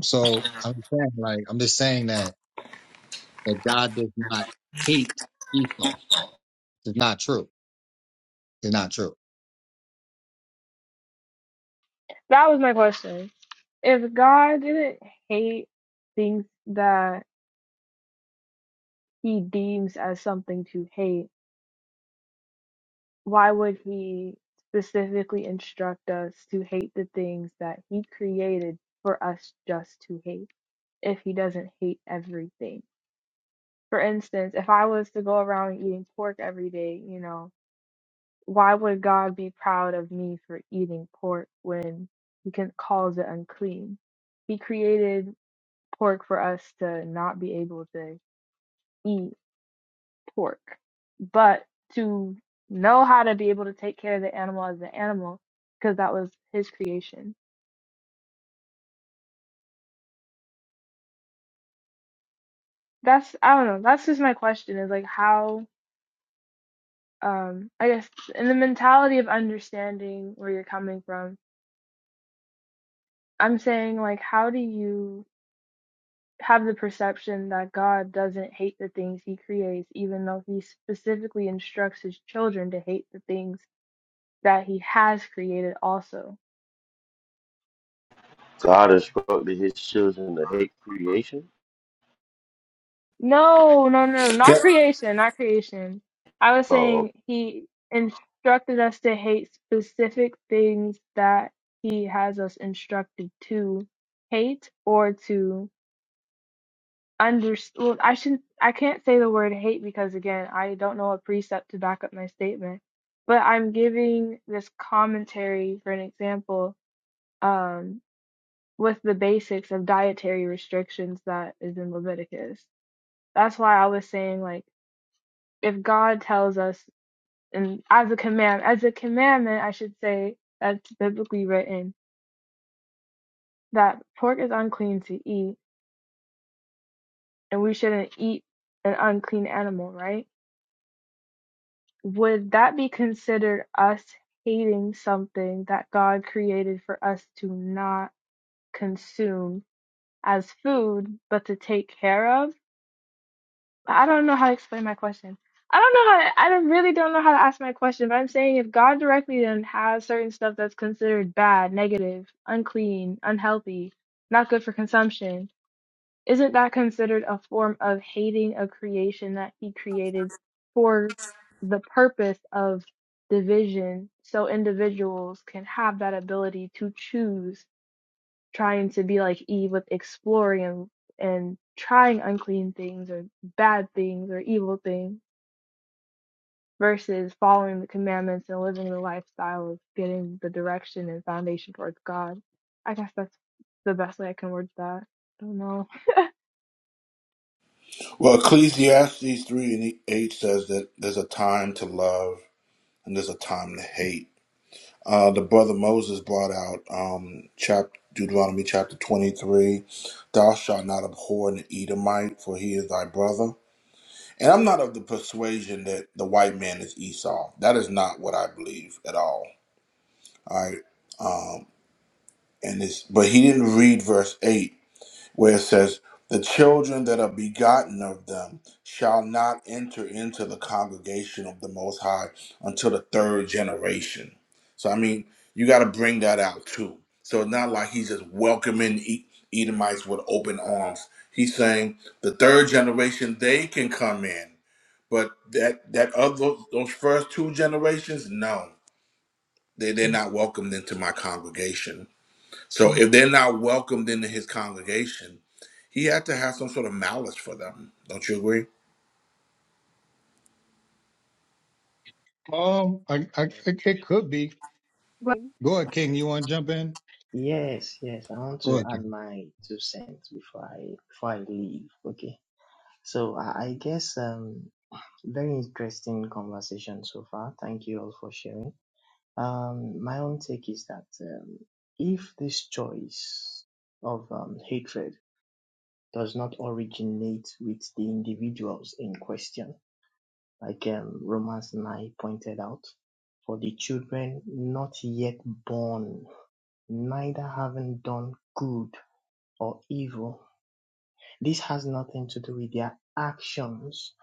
Speaker 1: So I'm saying, like, I'm just saying that, that God does not hate Esau. It's not true. It's not true.
Speaker 6: That was my question. If God didn't hate things that he deems as something to hate, why would he specifically instruct us to hate the things that he created for us just to hate if he doesn't hate everything? For instance, if I was to go around eating pork every day, you know, Why would God be proud of me for eating pork when he can, calls it unclean? He created pork for us to not be able to eat pork, but to know how to be able to take care of the animal as an animal because that was his creation. That's, I don't know, that's just my question is like how, um, I guess in the mentality of understanding where you're coming from, I'm saying like how do you have the perception that God doesn't hate the things he creates, even though he specifically instructs his children to hate the things that he has created also.
Speaker 5: God instructed His children to hate creation.
Speaker 6: No, no, no,
Speaker 2: Okay.
Speaker 6: not creation, not creation. I was
Speaker 5: Oh,
Speaker 6: saying he instructed us to hate specific things that he has us instructed to hate or to under well, I shouldn't I can't say the word hate because again, I don't know a precept to back up my statement. But I'm giving this commentary for an example um with the basics of dietary restrictions that is in Leviticus. That's why I was saying like if God tells us and as a command as a commandment I should say that's biblically written that pork is unclean to eat and we shouldn't eat an unclean animal, right? would that be considered us hating something that God created for us to not consume as food, but to take care of? I don't know how to explain my question. I don't know how to, I don't- really don't know how to ask my question, but I'm saying if God directly then has certain stuff that's considered bad, negative, unclean, unhealthy, not good for consumption, isn't that considered a form of hating a creation that he created for the purpose of division so individuals can have that ability to choose trying to be like Eve with exploring and, and trying unclean things or bad things or evil things versus following the commandments and living the lifestyle of getting the direction and foundation towards God? I guess that's the best way I can word that. I don't know.
Speaker 2: Well, Ecclesiastes 3 and 8 says that there's a time to love and there's a time to hate. uh, the brother Moses brought out um, chap Deuteronomy chapter 23 Thou shalt not abhor an Edomite, for he is thy brother. And I'm not of the persuasion that the white man is Esau. That is not what I believe at all. All right. Um, and this, but he didn't read verse 8 where it says, The children that are begotten of them shall not enter into the congregation of the Most High until the third generation. So, I mean, you got to bring that out too. So, it's not like he's just welcoming E- Edomites with open arms. He's saying the third generation, they can come in. But that that other those first two generations, no, they they're not welcomed into my congregation. So if they're not welcomed into his congregation, he had to have some sort of malice for them. Don't you agree?
Speaker 1: Um, I, I,
Speaker 7: Uh,
Speaker 1: it it could be.
Speaker 6: Well,
Speaker 1: Go ahead, King. You want to jump in?
Speaker 7: Yes, yes. I want
Speaker 1: Go
Speaker 7: to
Speaker 1: ahead, King.
Speaker 7: add my two cents before I before I leave. Okay. So I, I guess um very interesting conversation so far. Thank you all for sharing. Um, my own take is that um, if this choice of um, hatred does not originate with the individuals in question, like um, Romans 9 pointed out, for the children not yet born neither having done good or evil. This has nothing to do with their actions,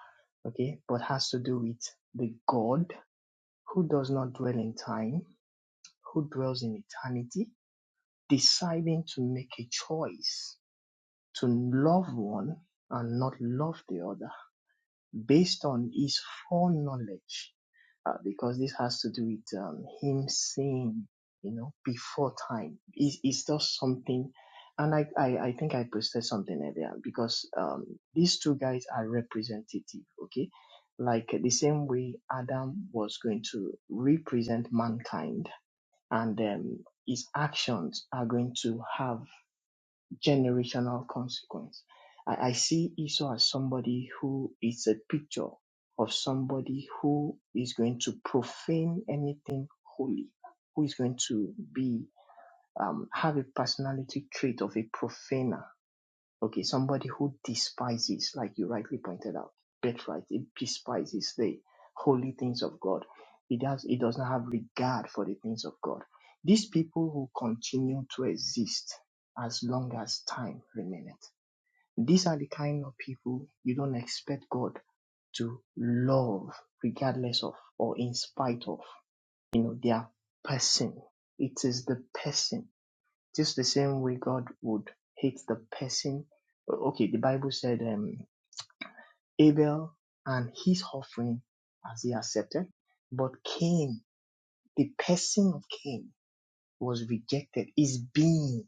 Speaker 7: okay, but has to do with the God who does not dwell in time, who dwells in eternity, deciding to make a choice to love one and not love the other. based on his foreknowledge, uh, because this has to do with um, him saying, you know, before time. It's, it's just something, and I, I, I think I posted something earlier because um, these two guys are representative, okay? Like the same way Adam was going to represent mankind, and um, his actions are going to have generational consequence. I, I see Esau as somebody who is a picture of somebody who is going to profane anything holy, who is going to be um, have a personality trait of a profaner Okay, somebody who despises, like you rightly pointed out, birthright, it despises the holy things of God. It does it does not have regard for the things of God. These people will continue to exist as long as time remaineth. These are the kind of people you don't expect God to love regardless of or in spite of you know their person. It is the person just the same way God would hate the person. Okay, the Bible said um, Abel and his offering as he accepted, but Cain, the person of Cain was rejected. His being,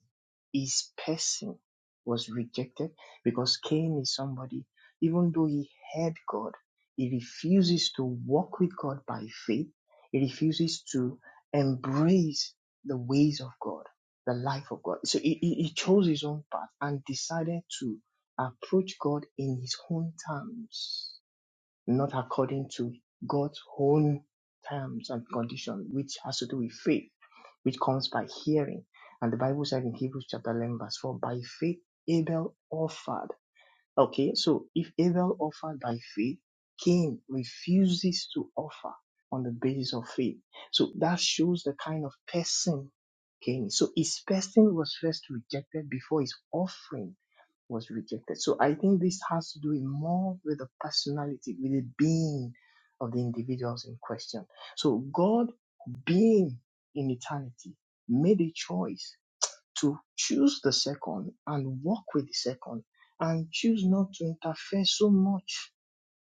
Speaker 7: his person was rejected because Cain is somebody, even though he had God, he refuses to walk with God by faith. He refuses to embrace the ways of God, the life of God. So he, he chose his own path and decided to approach God in his own terms not according to God's own terms and condition, which has to do with faith, which comes by hearing. And the Bible said in Hebrews chapter 11, verse 4, by faith Abel offered. Okay, so if Abel offered by faith, Cain refuses to offer on the basis of faith. So that shows the kind of person Cain is. So his person was first rejected before his offering was rejected. So I think this has to do more with the personality, with the being of the individuals in question. So God being in eternity made a choice to choose the second and walk with the second and choose not to interfere so much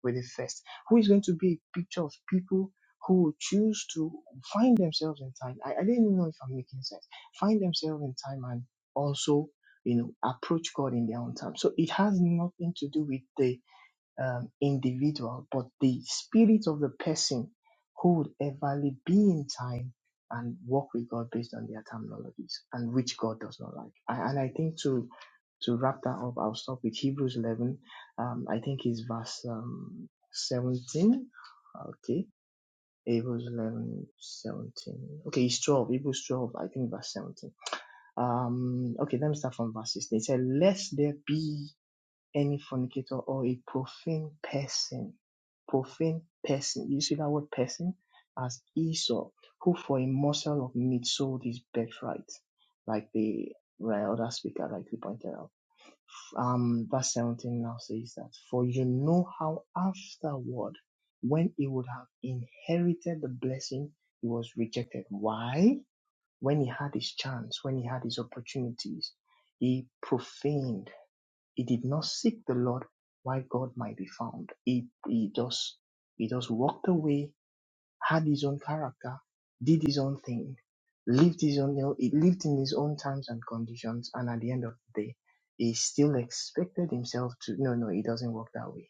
Speaker 7: with the first. Who is going to be a picture of people who choose to find themselves in time? I, I didn't even know if I'm making sense. Find themselves in time and also, you know, approach God in their own time. So it has nothing to do with the um, individual, but the spirit of the person who would everly be in time and walk with God based on their terminologies and which God does not like. I, and I think to to wrap that up, I'll stop with Hebrews 11. Um, I think it's verse um, 17. Okay. Hebrews 11 17. Okay, it's 12. Hebrews 12, I think verse 17. Um, okay, let me start from verse 16. It said, Lest there be any fornicator or a profane person. Profane person. You see that word person as Esau, who for a morsel of meat sold his birthright, like the right, other speaker rightly pointed out. Um, verse 17 now says that, For you know how afterward, when he would have inherited the blessing, he was rejected. Why? When he had his chance, when he had his opportunities, he profaned he did not seek the Lord why God might be found. He he just he just walked away, had his own character, did his own thing, lived his own he lived in his own times and conditions, and at the end of the day, he still expected himself to no no, it doesn't work that way.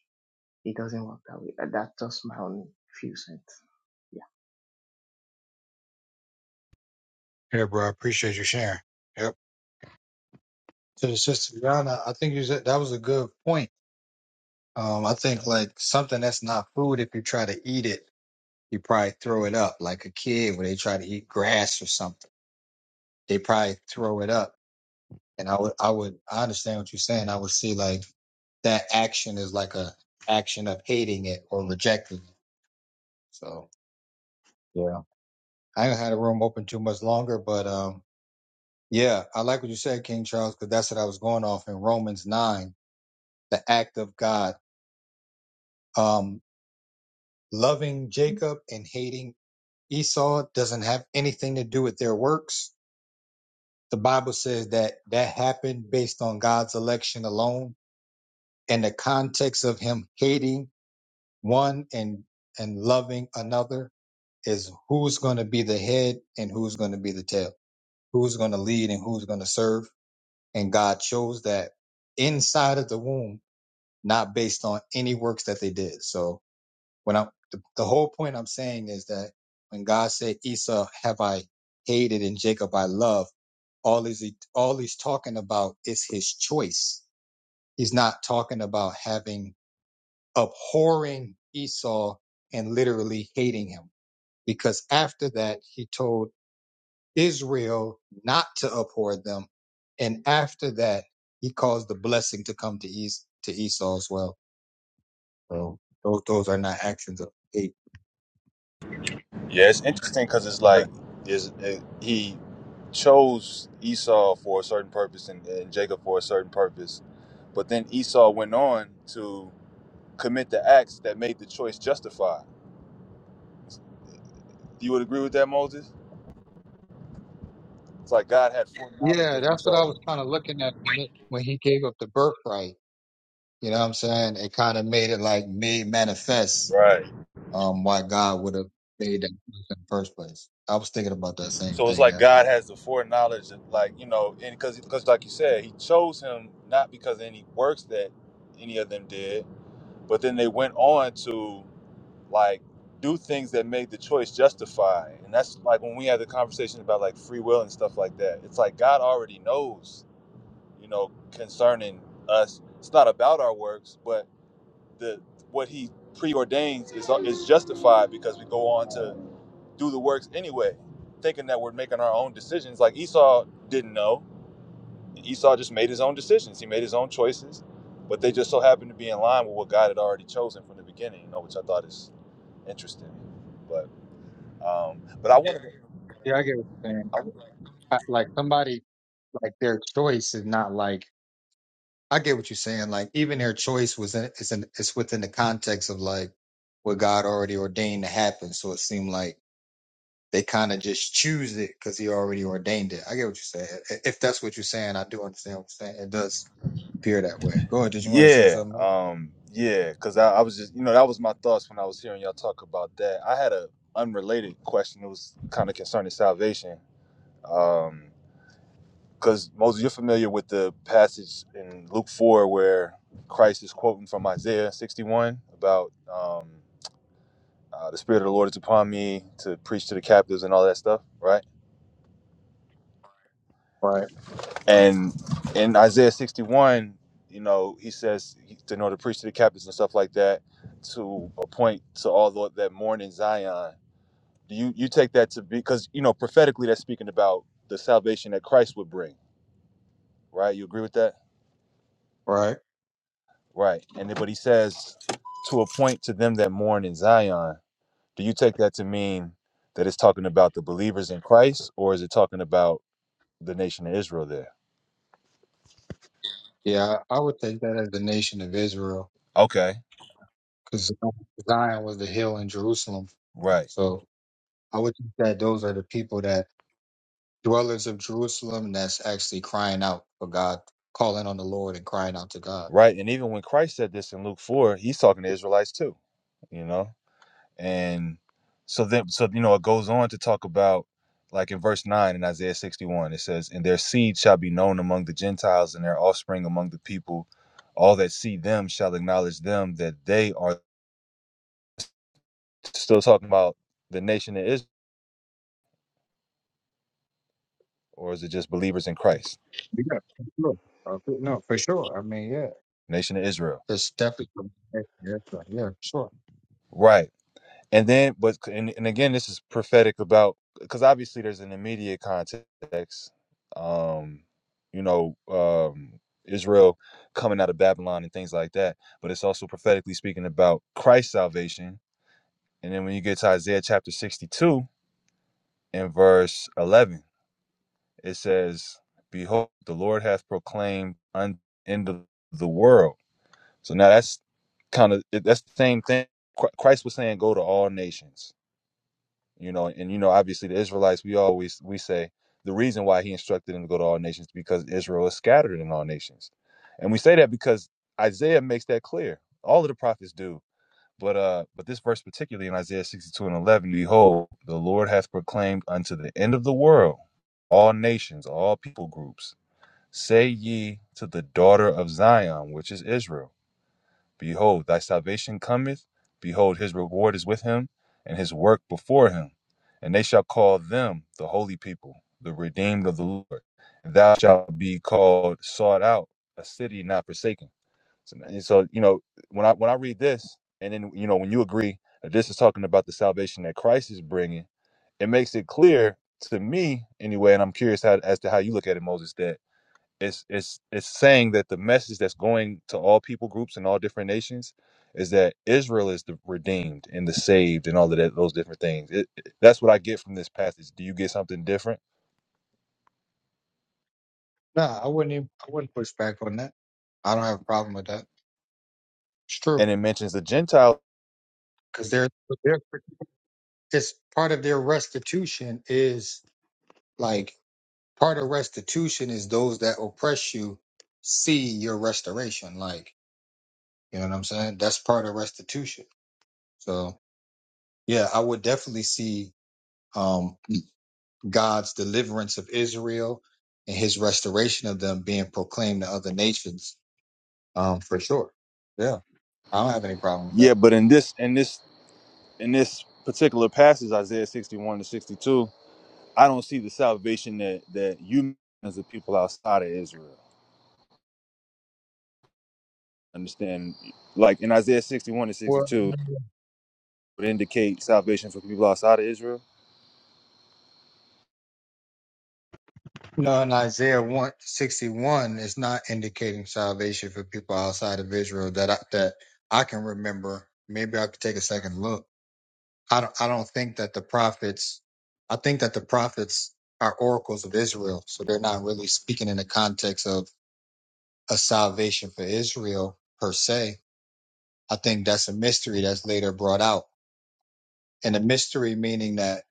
Speaker 7: It doesn't work that way. Uh, That's just my own few cents. Yeah.
Speaker 1: Yeah, bro. I appreciate you sharing. Yep. To the sister Brianna, I think you said that was a good point. Um, I think like something that's not food, if you try to eat it, you probably throw it up. Like a kid when they try to eat grass or something, they probably throw it up. And I would, I would, I understand what you're saying. I would see like that action is like a action of hating it or rejecting it. So yeah, I ain't had a room open too much longer, but um, yeah, I like what you said, King Charles, because that's what I was going off in Romans nine, the act of God, um, loving Jacob and hating Esau doesn't have anything to do with their works. The Bible says that that happened based on God's election alone and the context of him hating one and and loving another is who's going to be the head and who's going to be the tail, who's going to lead and who's going to serve. And God chose that inside of the womb, not based on any works that they did. So when I the, the whole point I'm saying is that when God said Esau have I hated and Jacob I love, all is he all he's talking about is his choice. He's not talking about having abhorring Esau and literally hating him. Because after that he told Israel not to abhor them. And after that he caused the blessing to come to Es to Esau as well. So those those are not actions of hate.
Speaker 8: Yeah, it's interesting because it's like is it, he chose Esau for a certain purpose and, and Jacob for a certain purpose, but then Esau went on to commit the acts that made the choice justified. You would agree with that, Moses? It's like God had foreknowledge
Speaker 1: Yeah,
Speaker 8: that
Speaker 1: that's what
Speaker 8: Esau
Speaker 1: I was
Speaker 8: would.
Speaker 1: kind of looking at when, it, when he gave up the birthright. You know what I'm saying? It kind of made it like made manifest
Speaker 8: Right.
Speaker 1: um why God would have made that choice in the first place. I was thinking about that same
Speaker 8: So it's
Speaker 1: thing.
Speaker 8: like
Speaker 1: Yeah.
Speaker 8: God has the foreknowledge, of like you know, and because because like you said, He chose him not because of any works that any of them did, but then they went on to. like do things that made the choice justify and that's like when we had the conversation about like free will and stuff like that it's like god already knows you know concerning us it's not about our works but the what he preordains is uh, is justified because we go on to do the works anyway thinking that we're making our own decisions like esau didn't know esau just made his own decisions he made his own choices but they just so happened to be in line with what god had already chosen from the beginning you know which i thought is interesting but um, but I want
Speaker 1: Yeah, I get what you're saying.
Speaker 8: I,
Speaker 1: I, like somebody like their choice is not like I get what you're saying. Like even their choice was in is in it's within the context of like what God already ordained to happen. So it seemed like They kind of just choose it because he already ordained it. I get what you're saying. I- If that's what you're saying, I do understand what you're saying. It does appear that way. Go ahead. Did you want to say
Speaker 8: yeah,
Speaker 1: something else?
Speaker 8: um, yeah, because I, I was just, you know, that was my thoughts when I was hearing y'all talk about that. I had a unrelated question. It was kind of concerning salvation. Um, because Moses, you're familiar with the passage in Luke 4 where Christ is quoting from Isaiah 61 about um, uh, the Spirit of the Lord is upon me to preach to the captives and all that stuff, right?
Speaker 1: Right.
Speaker 8: And in Isaiah 61, you know, he says he- to know to preach to the captives and stuff like that, to appoint to all tho- that mourn in Zion. Do you you take that to be because you know prophetically that's speaking about the salvation that Christ would bring, right? You agree with that,
Speaker 1: Right.
Speaker 8: right? And then- but he says to appoint to them that mourn in Zion. Do you take that to mean that it's talking about the believers in Christ, or is it talking about the nation of Israel there?
Speaker 1: Yeah, I I would take that as the nation of Israel
Speaker 8: Okay,
Speaker 1: because Zion was the hill in Jerusalem.
Speaker 8: right.
Speaker 1: So I would think that those are the people that dwellers of Jerusalem that's actually crying out for God, calling on the Lord and crying out to God.
Speaker 8: right? And even when Christ said this in Luke 4, he's talking to Israelites too, you know? And so then, so, you know, it goes on to talk about, like in verse 9 in Isaiah 61, it says, And their seed shall be known among the Gentiles and their offspring among the people. All that see them shall acknowledge them that they are still talking about the nation of Israel, or is it just believers in Christ?
Speaker 1: Yeah, for sure. Uh, for- No, for sure. I mean, yeah,
Speaker 8: Nation of Israel.
Speaker 1: it's definitely. Yeah, yeah, sure. yeah, sure.
Speaker 8: Right. and then but and, and again this is prophetic about because obviously there's an immediate context um you know um israel coming out of babylon and things like that but it's also prophetically speaking about christ's salvation and then when you get to isaiah chapter 62 and verse 11 it says behold the lord hath proclaimed unto the the world so now that's kind of that's the same thing Chri- Christ was saying go to all nations you know and you know obviously the israelites we always we say the reason why he instructed them to go to all nations because israel is scattered in all nations and we say that because isaiah makes that clear all of the prophets do but uh but this verse particularly in isaiah 62 and 11 behold the lord hath proclaimed unto the end of the world all nations all people groups say ye to the daughter of zion which is israel Behold, thy salvation cometh. Behold, his reward is with him, and his work before him. And they shall call them the holy people, the redeemed of the Lord. And thou shalt be called sought out, a city not forsaken. So, and so, you know, when I when I read this, and then you know, when you agree that this is talking about the salvation that Christ is bringing, it makes it clear to me anyway. And I'm curious how, as to how you look at it, Moses. That it's it's it's saying that the message that's going to all people groups and all different nations is that Israel is the redeemed and the saved and all of that those different things. It, it- that's what I get from this passage. Do you get something different?
Speaker 1: No, I wouldn't. Even, I wouldn't push back on that. I don't have a problem with that. It's true
Speaker 8: And it mentions the Gentile.
Speaker 1: because they're, they're it's part of their restitution is like part of restitution is those that oppress you see your restoration. Like you know what I'm saying? That's part of restitution. So yeah, I would definitely see um God's deliverance of Israel and His restoration of them being proclaimed to other nations. Um, for sure. Yeah, I don't have any problem with
Speaker 8: Yeah,
Speaker 1: that.
Speaker 8: but in this in this in this particular passage, Isaiah sixty one to sixty two, I don't see the salvation that that you as the people outside of Israel understand. Like in Isaiah sixty one to sixty two, would indicate salvation for people outside of Israel
Speaker 1: No, in Isaiah 161 is not indicating salvation for people outside of Israel that I, that I can remember. Maybe I could take a second look. I don't, I don't think that the prophets, I think that the prophets are oracles of Israel. So they're not really speaking in the context of a salvation for Israel per se. I think that's a mystery that's later brought out. And a mystery meaning that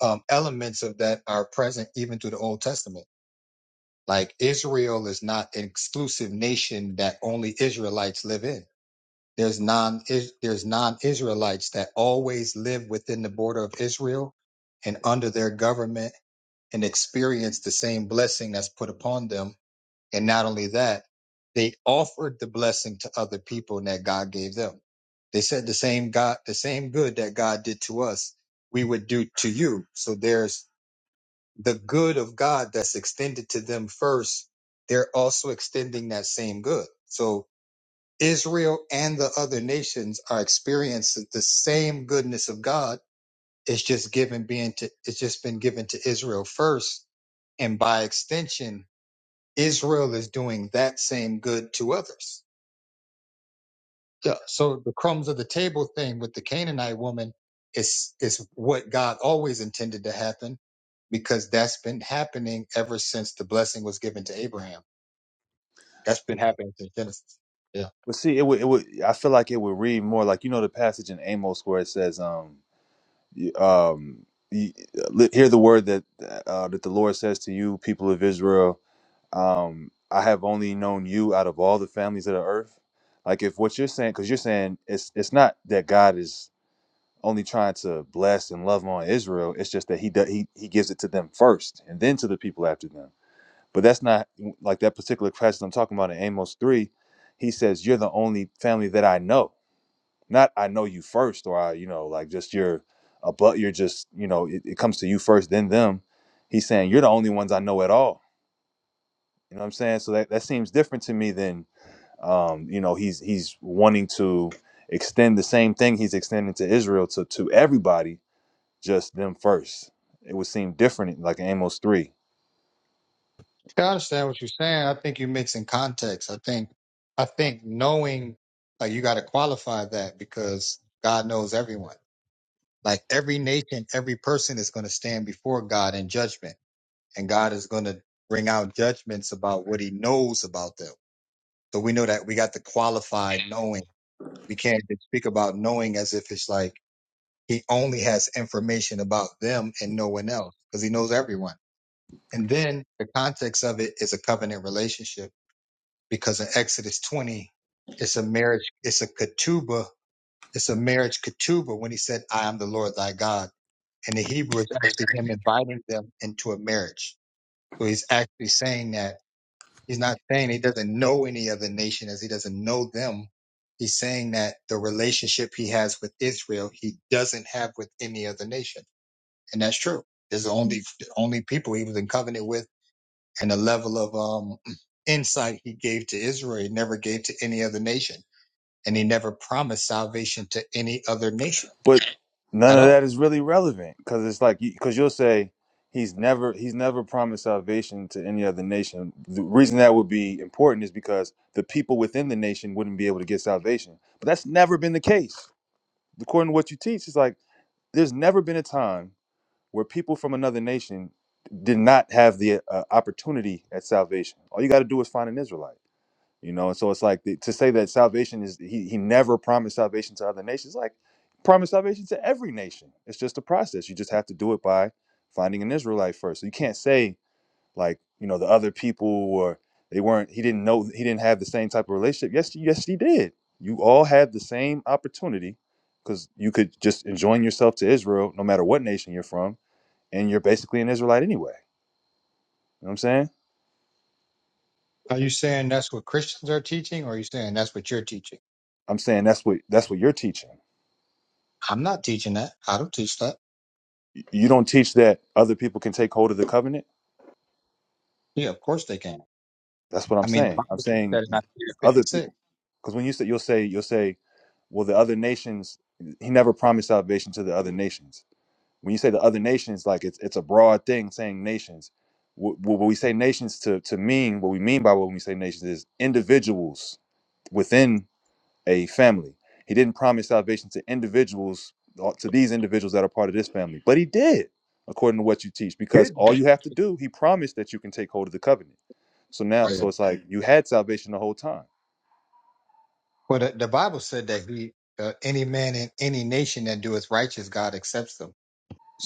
Speaker 1: um, elements of that are present even through the Old Testament Like Israel is not an exclusive nation that only Israelites live in. There's non is- there's non-Israelites that always live within the border of Israel and under their government and experience the same blessing that's put upon them. And not only that, they offered the blessing to other people that God gave them. They said the same God, the same good that God did to us, we would do to you. So there's the good of God that's extended to them first, they're also extending that same good. So Israel and the other nations are experiencing the same goodness of God. It's just given being to it's just been given to Israel first. And by extension, Israel is doing that same good to others. Yeah, so the crumbs of the table thing with the Canaanite woman is is what God always intended to happen because that's been happening ever since the blessing was given to Abraham. That's been happening since Genesis. Yeah.
Speaker 8: But see, it would, it would. I feel like it would read more like you know the passage in Amos where it says, um, y- um, y- li- hear the word that uh, that the Lord says to you, people of Israel. Um, I have only known you out of all the families of the earth. Like if what you're saying, because you're saying it's it's not that God is only trying to bless and love on Israel. It's just that he does, he he gives it to them first, and then to the people after them. But that's not like that particular passage I'm talking about in Amos 3. He says, You're the only family that I know. Not I know you first, or I, you know, like just you're a but you're just, you know, it, it comes to you first, then them. He's saying, You're the only ones I know at all. You know what I'm saying? So that, that seems different to me than um, you know, he's he's wanting to extend the same thing he's extending to Israel to to everybody, just them first. It would seem different, like in Amos 3.
Speaker 1: I understand what you're saying. I think you're mixing context. I think I think knowing like you gotta qualify that because God knows everyone. Like every nation, every person is gonna stand before God in judgment. And God is gonna bring out judgments about what he knows about them So we know that we got the qualified knowing. We can't just speak about knowing as if it's like he only has information about them and no one else because he knows everyone. And then the context of it is a covenant relationship because in Exodus 20, it's a marriage, it's a ketubah, it's a marriage ketubah when he said, I am the Lord thy God. And the Hebrew is actually him inviting them into a marriage. So he's actually saying that He's not saying he doesn't know any other nation as he doesn't know them. He's saying that the relationship he has with Israel, he doesn't have with any other nation. And that's true. There's only, the only people he was in covenant with and the level of um, insight he gave to Israel, he never gave to any other nation. And he never promised salvation to any other nation
Speaker 8: but none
Speaker 1: at
Speaker 8: of
Speaker 1: all.
Speaker 8: that is really relevant because it's like because you'll say he's never he's never promised salvation to any other nation the reason that would be important is because the people within the nation wouldn't be able to get salvation but that's never been the case according to what you teach it's like there's never been a time where people from another nation did not have the uh, opportunity at salvation all you got to do is find an israelite you know. And so it's like the, to say that salvation is he he never promised salvation to other nations, like promised salvation to every nation. It's just a process. You just have to do it by finding an Israelite first. So you can't say like you know the other people or they weren't. He didn't know. He didn't have the same type of relationship. Yes, yes, he did. You all had the same opportunity because you could just enjoin yourself to Israel, no matter what nation you're from, and you're basically an Israelite anyway. You know what I'm saying?
Speaker 1: Are you saying that's what Christians are teaching or are you saying that's what you're teaching?
Speaker 8: I'm saying that's what that's what you're teaching.
Speaker 1: I'm not teaching that. I don't teach that.
Speaker 8: you don't teach that other people can take hold of the covenant.
Speaker 1: Yeah, of course they can.
Speaker 8: That's what
Speaker 1: I
Speaker 8: I'm
Speaker 1: mean, the
Speaker 8: saying.
Speaker 1: Bible
Speaker 8: I'm
Speaker 1: says that
Speaker 8: saying
Speaker 1: in Isaiah
Speaker 8: other people
Speaker 1: 56.
Speaker 8: because when you say you'll say you'll say, well, the other nations. He never promised salvation to the other nations. When you say the other nations, like it's it's a broad thing saying nations. What, what we say nations to to mean, what we mean by what we say nations is individuals within a family. He didn't promise salvation to individuals, uh, to these individuals that are part of this family, but he did, according to what you teach, because
Speaker 1: Did
Speaker 8: all
Speaker 1: you?
Speaker 8: you have to do, he promised that you can take hold of the covenant. So
Speaker 1: Oh,
Speaker 8: now,
Speaker 1: yeah.
Speaker 8: so it's like you had salvation the whole time.
Speaker 1: Well, the, the Bible said that he, uh, any man in any nation that doeth righteous, God accepts them.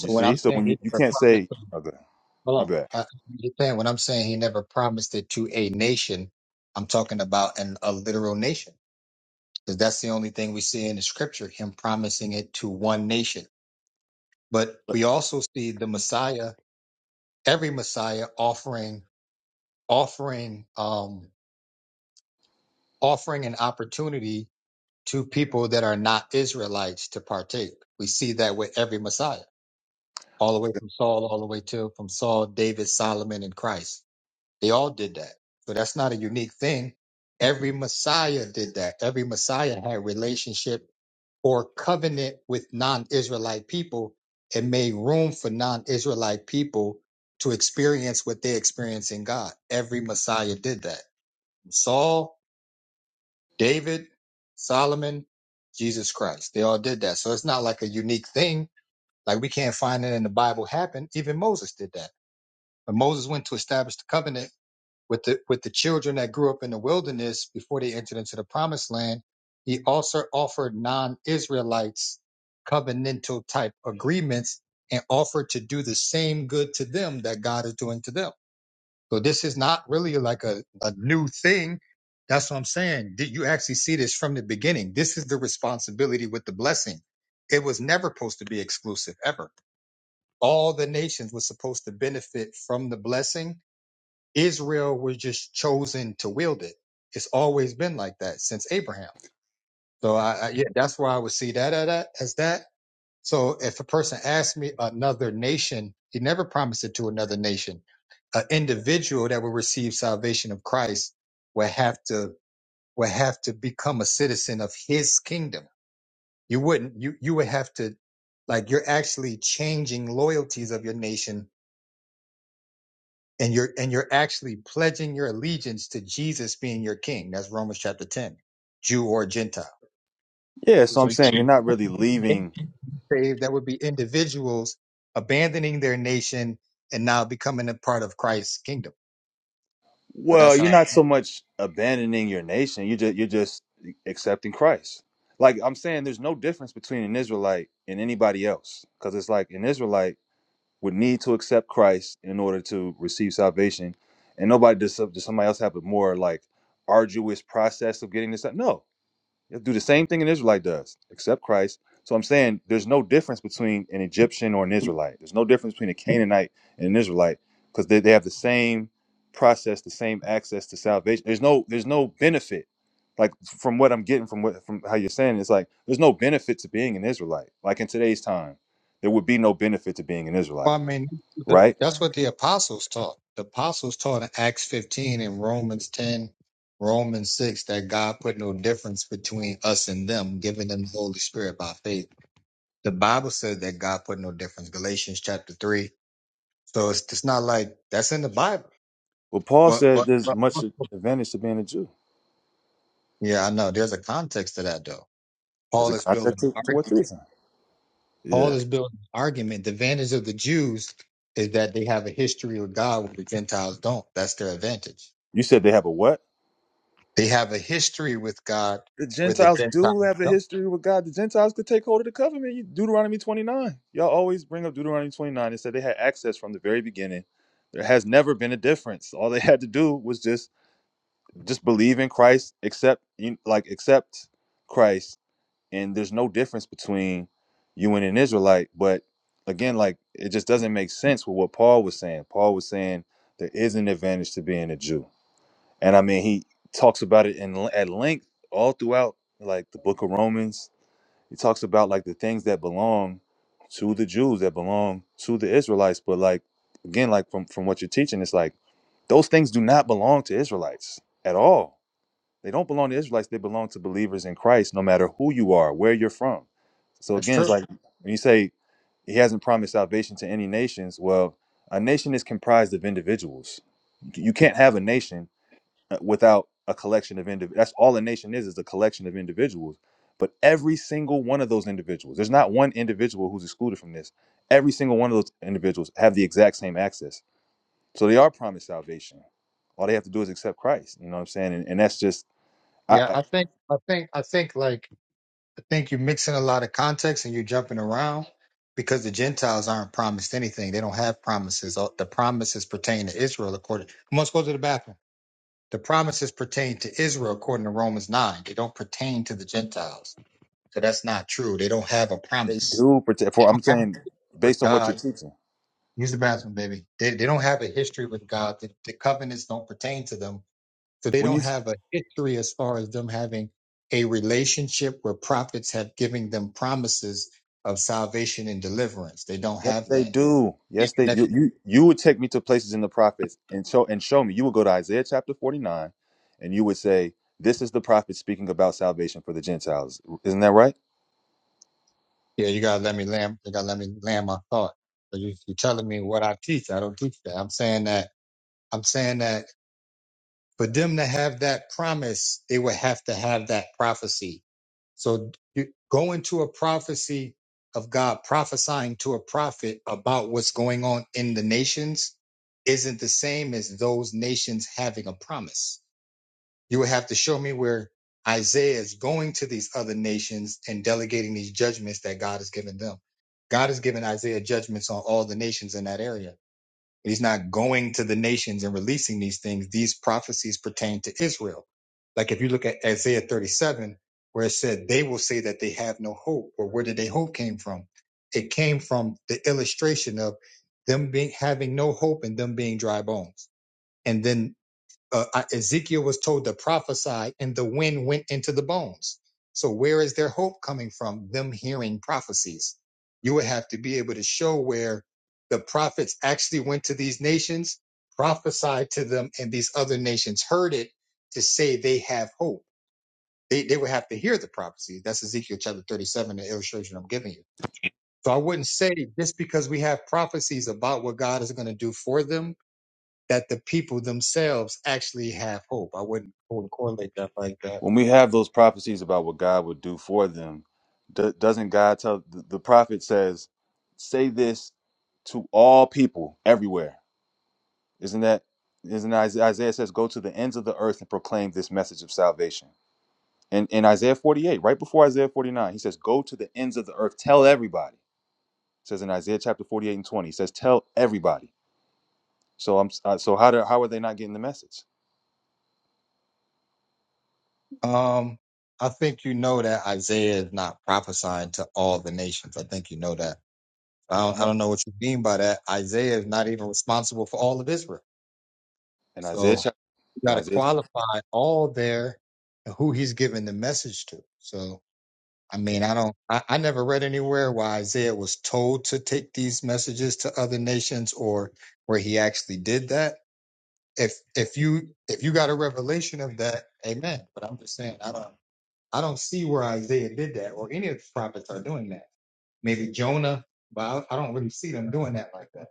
Speaker 8: You
Speaker 1: when
Speaker 8: see,
Speaker 1: I'm
Speaker 8: so
Speaker 1: saying
Speaker 8: when you,
Speaker 1: he
Speaker 8: you
Speaker 1: never
Speaker 8: can't
Speaker 1: promised,
Speaker 8: say,
Speaker 1: to-
Speaker 8: okay, my
Speaker 1: hold
Speaker 8: bad.
Speaker 1: on, uh, you saying when I'm saying he never promised it to a nation, I'm talking about an a literal nation because that's the only thing we see in the scripture, him promising it to one nation. But
Speaker 8: But-
Speaker 1: we also see the Messiah, every Messiah offering, offering, um, offering an opportunity to people that are not Israelites to partake. We see that with every Messiah, all the way from Saul, all the way to from Saul, David, Solomon, and Christ. They all did that. So that's not a unique thing. Every Messiah did that. Every Messiah had relationship or covenant with non-Israelite people and made room for non-Israelite people to experience what they experience in God. Every Messiah did that. From Saul David, Solomon, Jesus Christ. They all did that. So it's not like a unique thing. Like we can't find it in the Bible happened. Even Moses did that. But Moses went to establish the covenant with the with the children that grew up in the wilderness before they entered into the promised land. He also offered non-Israelites covenantal type agreements and offered to do the same good to them that God is doing to them. So this is not really like a, a new thing. That's what I'm saying. Did you actually see this from the beginning? This is the responsibility with the blessing. It was never supposed to be exclusive ever. All the nations were supposed to benefit from the blessing. Israel was just chosen to wield it. It's always been like that since Abraham. So I, I yeah, that's where I would see that at, at- as that. So if a person asks me another nation, he never promised it to another nation. An individual that will receive salvation of Christ will have to will have to become a citizen of his kingdom. You wouldn't you you would have to like you're actually changing loyalties of your nation and you're and you're actually pledging your allegiance to Jesus being your king. That's Romans chapter 10, Jew or Gentile.
Speaker 8: yeah, so I'm saying you're not really leaving.
Speaker 1: saved, that would be individuals abandoning their nation and now becoming a part of Christ's kingdom. So
Speaker 8: Well,
Speaker 1: that's
Speaker 8: you're
Speaker 1: how.
Speaker 8: not so much abandoning your nation. You just you're just accepting Christ. Like I'm saying, there's no difference between an Israelite and anybody else, because it's like an Israelite. would need to accept Christ in order to receive salvation. And nobody does, does somebody else have a more like arduous process of getting this. up? No, you have to do the same thing an Israelite does, accept Christ. So I'm saying there's no difference between an Egyptian or an Israelite. There's no difference between a Canaanite and an Israelite because they, they have the same process, the same access to salvation. There's no there's no benefit. Like from what I'm getting from what from how you're saying, it's like there's no benefit to being an Israelite. Like in today's time, there would be no benefit to being an
Speaker 1: Well,
Speaker 8: Israelite
Speaker 1: I mean, the,
Speaker 8: right?
Speaker 1: that's what the apostles taught. The apostles taught in Acts 15 and Romans 10, Romans 6, that God put no difference between us and them, giving them the Holy Spirit by faith. The Bible says that God put no difference, Galatians chapter 3. So it's, it's not like that's in the Bible.
Speaker 8: Well, Paul
Speaker 1: But,
Speaker 8: said
Speaker 1: but,
Speaker 8: there's
Speaker 1: but
Speaker 8: much advantage to being a Jew
Speaker 1: yeah, I know there's a context to that, though.
Speaker 8: as
Speaker 1: Paul
Speaker 8: a
Speaker 1: is building
Speaker 8: context
Speaker 1: an
Speaker 8: to, to
Speaker 1: argument.
Speaker 8: what you're saying.
Speaker 1: Paul
Speaker 8: Yeah.
Speaker 1: is building an argument. The advantage of the Jews is that they have a history with God where the Gentiles don't. That's their advantage.
Speaker 8: You said they have a what?
Speaker 1: They have a history with God
Speaker 8: The
Speaker 1: where the
Speaker 8: Gentiles
Speaker 1: Gentiles
Speaker 8: do have a
Speaker 1: don't.
Speaker 8: history with God. The Gentiles could take hold of the covenant. You- Deuteronomy 29. Y'all always bring up Deuteronomy 29 It said they had access from the very beginning. There has never been a difference. All they had to do was just just believe in Christ, accept you- like accept Christ and there's no difference between you and an Israelite. But again, like it just doesn't make sense with what Paul was saying. Paul was saying there is an advantage to being a Jew, and I mean he talks about it in at length all throughout like the Book of Romans. He talks about like the things that belong to the Jews that belong to the Israelites. But like again, like from from what you're teaching, it's like those things do not belong to Israelites at all they don't belong to Israelites. They belong to believers in Christ, no matter who you are, where you're from. So
Speaker 1: That's
Speaker 8: again, it's
Speaker 1: true.
Speaker 8: like when you say he hasn't promised salvation to any nations. Well, a nation is comprised of individuals. You can't have a nation uh, without a collection of individuals. That's all a nation is, is a collection of individuals. But every single one of those individuals, there's not one individual who's excluded from this. Every single one of those individuals have the exact same access. So they are promised salvation. All they have to do is accept Christ. You know what I'm saying? And, and that's just, I,
Speaker 1: Yeah,
Speaker 8: I-
Speaker 1: I think I think I think like I think you're mixing a lot of context and you're jumping around because the Gentiles aren't promised anything. They don't have promises. All- The promises pertain to Israel according Come on, let's go to the bathroom. The promises pertain to Israel according to Romans nine. They don't pertain to the Gentiles. So that's not true. They don't have a
Speaker 8: They
Speaker 1: promise
Speaker 8: do protect. For I'm saying,
Speaker 1: with
Speaker 8: based on what
Speaker 1: God.
Speaker 8: you're teaching,
Speaker 1: Use the bathroom, baby. They, they don't have a history with God. The, the covenants don't pertain to them. So they
Speaker 8: when
Speaker 1: don't
Speaker 8: you
Speaker 1: have a history as far as them having a relationship where prophets have given them promises of salvation and deliverance. They don't
Speaker 8: yes,
Speaker 1: have
Speaker 8: they
Speaker 1: that.
Speaker 8: do.
Speaker 1: Even
Speaker 8: Yes, they
Speaker 1: if-
Speaker 8: you
Speaker 1: you-
Speaker 8: you you would take me to places in the prophets and show and show me. You would go to Isaiah chapter 49, and you would say, "This is the prophet speaking about salvation for the Gentiles." Isn't that right?
Speaker 1: Yeah, you gotta let me land. You gotta let me land my thought. So you, you're telling me what I teach. I don't teach that. I'm saying that. I'm saying that for them to have that promise, they would have to have that prophecy. So you go into a prophecy of God prophesying to a prophet about what's going on in the nations isn't the same as those nations having a promise. You would have to show me where Isaiah is going to these other nations and delegating these judgments that God has given them. God has given Isaiah judgments on all the nations in that area He's not going to the nations and releasing these things. These prophecies pertain to Israel. Like if you look at Isaiah 37, where it said, they will say that they have no hope. Or where did they hope came from? It came from the illustration of them being having no hope and them being dry bones. And then uh, uh, Ezekiel was told to prophesy, and the wind went into the bones. So, where is their hope coming from? Them hearing prophecies. You would have to be able to show where the prophets actually went to these nations, prophesied to them, and these other nations heard it to say they have hope. They, they would have to hear the prophecy. That's Ezekiel chapter 37, the illustration I'm giving you. So I wouldn't say just because we have prophecies about what God is going to do for them that the people themselves actually have hope. I wouldn't, wouldn't correlate that like that.
Speaker 8: When we have those prophecies about what God would do for them, do, doesn't God tell the, the prophet says, "Say this to all people everywhere." Isn't that? Isn't Isaiah Isaiah says, "Go to the ends of the earth and proclaim this message of salvation." in, in Isaiah 48, right before Isaiah 49, he says, Go to the ends of the earth, tell everybody. It says in Isaiah chapter 48 and 20, he says, Tell everybody. So I'm uh, so how do how are they not getting the message?
Speaker 1: Um, I think you know that Isaiah is not prophesying to all the nations. I think you know that. I don't, I
Speaker 8: No.
Speaker 1: don't know what you mean by that. Isaiah is not even responsible for all of Israel.
Speaker 8: In Isaiah
Speaker 1: So
Speaker 8: chapter
Speaker 1: you
Speaker 8: in
Speaker 1: got to
Speaker 8: Isaiah,
Speaker 1: qualify all there and who he's giving the message to. So, I
Speaker 8: okay.
Speaker 1: mean, I don't, I, I never read anywhere where Isaiah was told to take these messages to other nations or where he actually did that if if you if you got a revelation of that, amen. But I'm just saying, I don't I don't see where Isaiah did that or any of the prophets are doing that. Maybe Jonah, but I, I don't really see them doing that like that.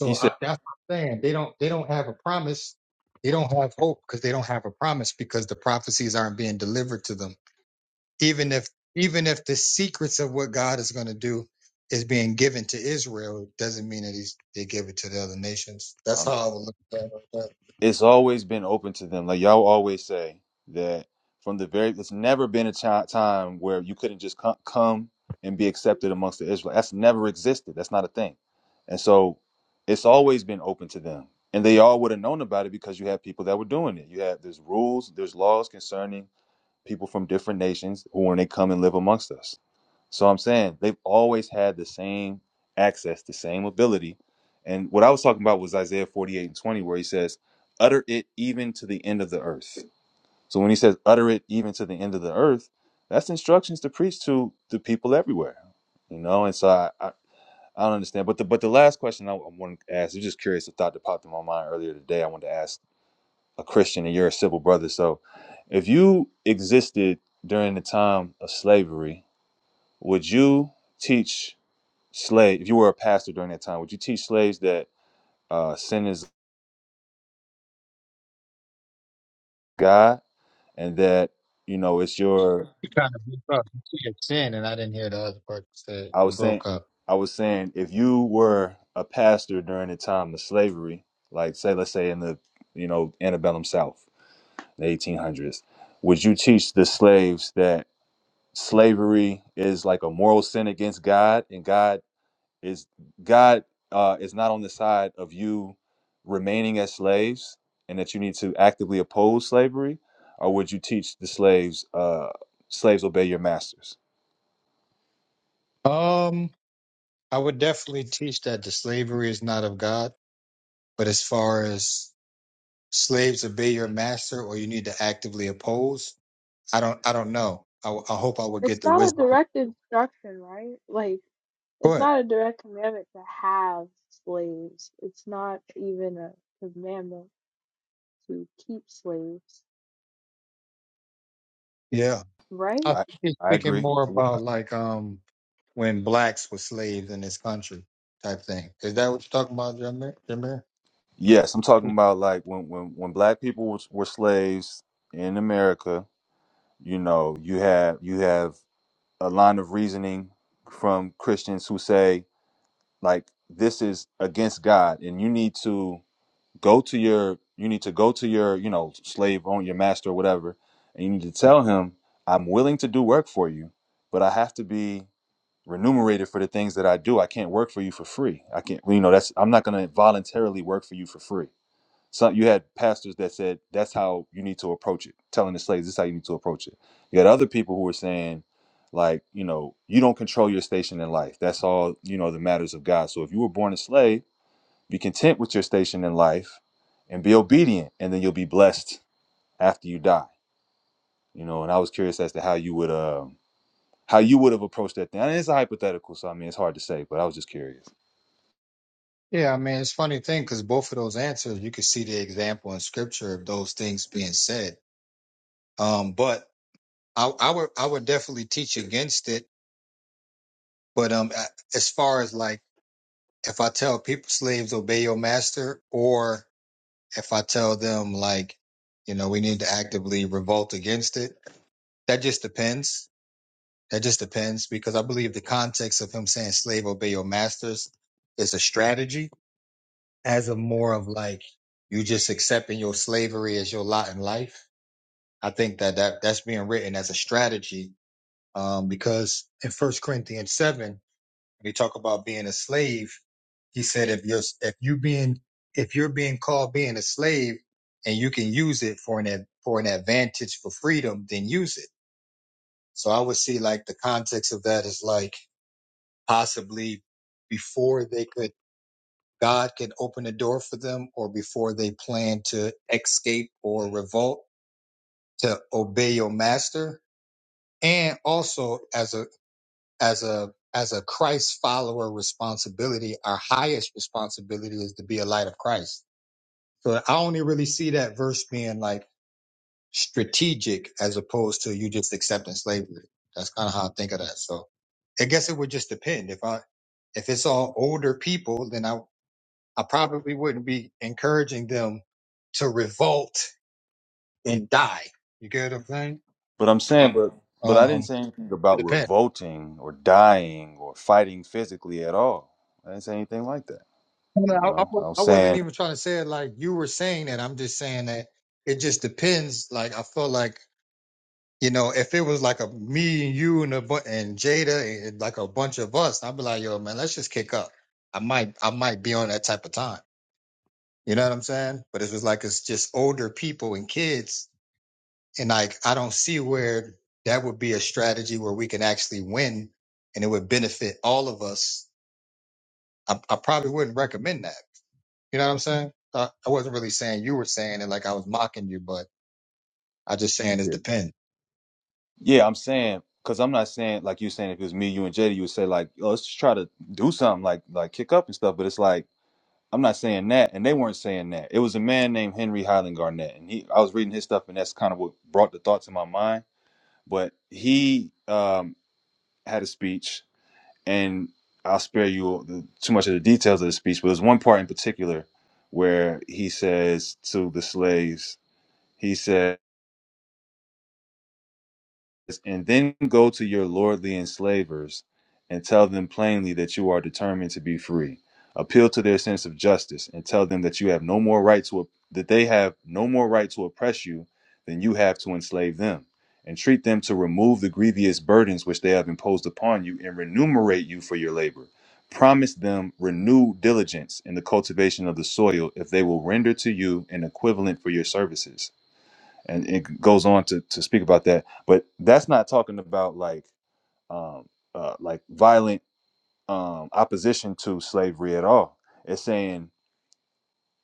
Speaker 8: He
Speaker 1: I,
Speaker 8: said,
Speaker 1: that's what I'm saying. They don't they don't have a promise. They don't have hope because they don't have a promise because the prophecies aren't being delivered to them. Even if even if the secrets of what God is going to do is being given to Israel, it doesn't mean that he's, they give it to the other nations. That's
Speaker 8: um,
Speaker 1: how I would look at that.
Speaker 8: it's always been open to them. Like y'all always say that from the very, it's never been a chi- time where you couldn't just co- come and be accepted amongst the Israelites. That's never existed. That's not a thing. And so it's always been open to them. And they all would have known about it because you had people that were doing it. You have there's rules, there's laws concerning people from different nations who when they come and live amongst us. So I'm saying they've always had the same access, the same ability. And what I was talking about was Isaiah 48 and 20, where he says, utter it even to the end of the earth. So when he says utter it even to the end of the earth, that's instructions to preach to the people everywhere. You know, and so I, I, I don't understand. But the but the last question I, I want to ask, I'm just curious, a thought that popped in my mind earlier today. I wanted to ask a Christian and you're a civil brother. So if you existed during the time of slavery, would you teach slave if you were a pastor during that time would you teach slaves that uh sin is god and that you know it's your
Speaker 1: You kind of broke up. You said sin, and I didn't hear the other part you said.
Speaker 8: i
Speaker 1: It
Speaker 8: was saying
Speaker 1: broke up.
Speaker 8: i was saying if you were a pastor during the time of slavery like say let's say in the you know antebellum south the 1800s would you teach the slaves that slavery is like a moral sin against god and god is God uh, is not on the side of you remaining as slaves and that you need to actively oppose slavery, or would you teach the slaves uh, slaves obey your masters?
Speaker 1: Um, I would definitely teach that the slavery is not of God, but as far as slaves obey your master, or you need to actively oppose, I don't. I don't know. I, w- I hope I would get
Speaker 6: It's
Speaker 1: the
Speaker 6: not a
Speaker 1: wisdom.
Speaker 6: direct instruction, right? Like, it's
Speaker 1: But
Speaker 6: not a direct commandment to have slaves. It's not even a commandment to keep slaves,
Speaker 1: yeah,
Speaker 6: right?
Speaker 1: I
Speaker 8: I
Speaker 1: think he's
Speaker 8: I
Speaker 1: speaking
Speaker 8: agree.
Speaker 1: more about like um when blacks were slaves in this country type thing. Is that what you're talking about, Jameer?
Speaker 8: Yes, I'm talking about like when when when black people was, were slaves in America. You know, you have you have a line of reasoning from Christians who say like this is against God, and you need to go to your you need to go to your you know slave own your master or whatever and you need to tell him i'm willing to do work for you but i have to be remunerated for the things that i do i can't work for you for free i can't you know that's i'm not going to voluntarily work for you for free so you had pastors that said that's how you need to approach it telling the slaves this is how you need to approach it you had other people who were saying like you know you don't control your station in life that's all you know the matters of god so if you were born a slave be content with your station in life and be obedient, and then you'll be blessed after you die. You know, and I was curious as to how you would um how you would have approached that thing. And it's a hypothetical, so I mean it's hard to say, but I was just curious.
Speaker 1: Yeah, I mean, it's a funny thing because both of those answers, you can see the example in scripture of those things being said. Um, but I, I would, I would definitely teach against it. But, um, a- as far as like, if I tell people slaves obey your master or if I tell them like, you know, we need to actively revolt against it, that just depends. That just depends because I believe the context of him saying slave obey your masters is a strategy as a more of like you just accepting your slavery as your lot in life. I think that, that that's being written as a strategy um, because in First Corinthians seven, when you talk about being a slave, he said if you're if you being if you're being called being a slave and you can use it for an ad- for an advantage for freedom, then use it. So I would see like the context of that is like possibly before they could God can open a door for them or before they plan to escape or revolt to obey your master and also as a as a as a Christ follower responsibility our highest responsibility is to be a light of Christ so I only really see that verse being like strategic as opposed to you just accepting slavery that's kind of how I think of that so I guess it would just depend if I if it's all older people then I I probably wouldn't be encouraging them to revolt and die. You get what I'm saying?
Speaker 8: But I'm saying, but but I didn't
Speaker 1: Um,
Speaker 8: say anything
Speaker 1: it
Speaker 8: about
Speaker 1: depends.
Speaker 8: revolting or dying or fighting physically at all. I didn't say anything like that.
Speaker 1: No,
Speaker 8: You
Speaker 1: I, I
Speaker 8: know,
Speaker 1: wa-
Speaker 8: I was
Speaker 1: I wasn't
Speaker 8: saying,
Speaker 1: even trying to say it like you were saying that. I'm just saying that it just depends. Like I feel like you know, if it was like a me and you and a bu- and Jada and like a bunch of us, I'd be like, yo, man, let's just kick up. I might I might be on that type of time. You know what I'm saying? But it's just like it's just older people and kids And like, I don't see where that would be a strategy where we can actually win and it would benefit all of us. I, I probably wouldn't recommend that. You know what I'm saying? I, I wasn't really saying you were saying it like I was mocking you, but I just saying it
Speaker 8: yeah,
Speaker 1: depends.
Speaker 8: yeah I'm saying, because I'm not saying like you saying if it was me, you and Jada, you would say like, oh, let's just try to do something like like kick up and stuff. But it's like I'm not saying that, and they weren't saying that. It was a man named Henry Highland Garnett, and he. I was reading his stuff, and that's kind of what brought the thought to my mind. But he um, had a speech, and I'll spare you the, too much of the details of the speech. But there's one part in particular where he says to the slaves, he said. And then go to your lordly enslavers and tell them plainly that you are determined to be free. Appeal to their sense of justice and tell them that you have no more right to that they have no more right to oppress you than you have to enslave them. Entreat them to remove the grievous burdens which they have imposed upon you and remunerate you for your labor. Promise them renewed diligence in the cultivation of the soil if they will render to you an equivalent for your services and it goes on to, to speak about that but that's not talking about like um uh, like violent um opposition to slavery at all it's saying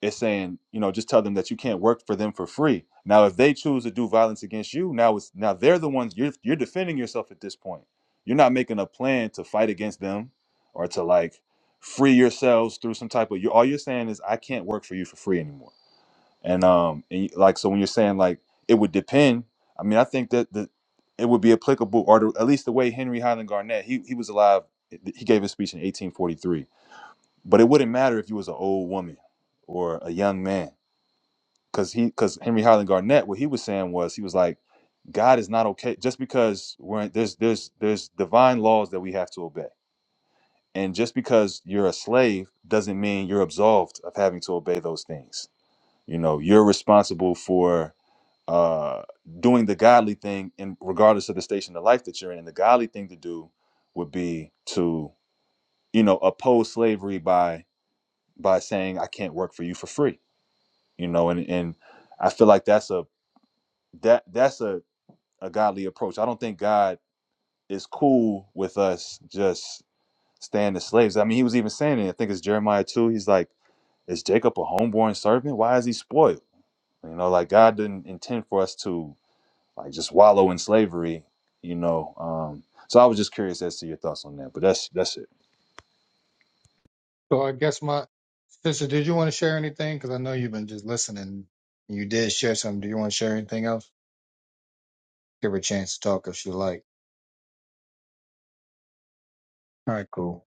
Speaker 8: it's saying you know just tell them that you can't work for them for free now if they choose to do violence against you now it's now they're the ones you're you're defending yourself at this point you're not making a plan to fight against them or to like free yourselves through some type of you all you're saying is i can't work for you for free anymore and um, and like so, when you're saying like it would depend, I mean, I think that the it would be applicable, or to, at least the way Henry Highland Garnett, he he was alive. He gave his speech in 1843, but it wouldn't matter if you was an old woman or a young man, because he because Henry Highland Garnett, what he was saying was he was like, God is not okay just because we're in, there's there's there's divine laws that we have to obey, and just because you're a slave doesn't mean you're absolved of having to obey those things. You know, you're responsible for uh, doing the godly thing in regardless of the station of life that you're in. And the godly thing to do would be to, you know, oppose slavery by by saying, I can't work for you for free. You know, and and I feel like that's a that that's a, a godly approach. I don't think God is cool with us just staying as slaves. I mean, he was even saying it. I think it's Jeremiah 2. He's like, Is Jacob a homeborn servant? Why is he spoiled? You know, like God didn't intend for us to like just wallow in slavery, you know. Um, so I was just curious as to your thoughts on that, but that's that's it.
Speaker 1: So I guess my sister, did you want to share anything? Because I know you've been just listening. You did share something. Do you want to share anything else? Give her a chance to talk if you like. All right, cool.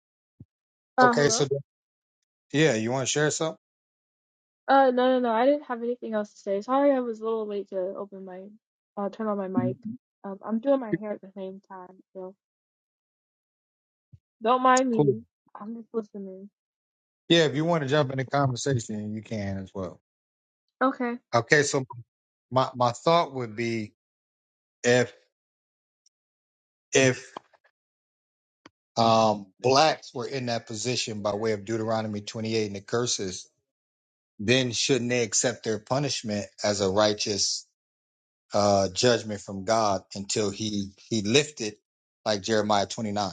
Speaker 6: Uh,
Speaker 1: Okay,
Speaker 6: hello?
Speaker 1: so yeah, you want to share something?
Speaker 6: Uh, no, no, no. I didn't have anything else to say. Sorry, I was a little late to open my, uh, turn on my mic. Um, I'm doing my hair at the same time, so don't mind
Speaker 1: Cool.
Speaker 6: me. I'm just listening.
Speaker 1: Yeah, if you want to jump in the conversation, you can as well.
Speaker 6: Okay.
Speaker 1: Okay, so my, my thought would be if if um blacks were in that position by way of Deuteronomy 28 and the curses, then shouldn't they accept their punishment as a righteous uh judgment from God until he he lifted like Jeremiah 29?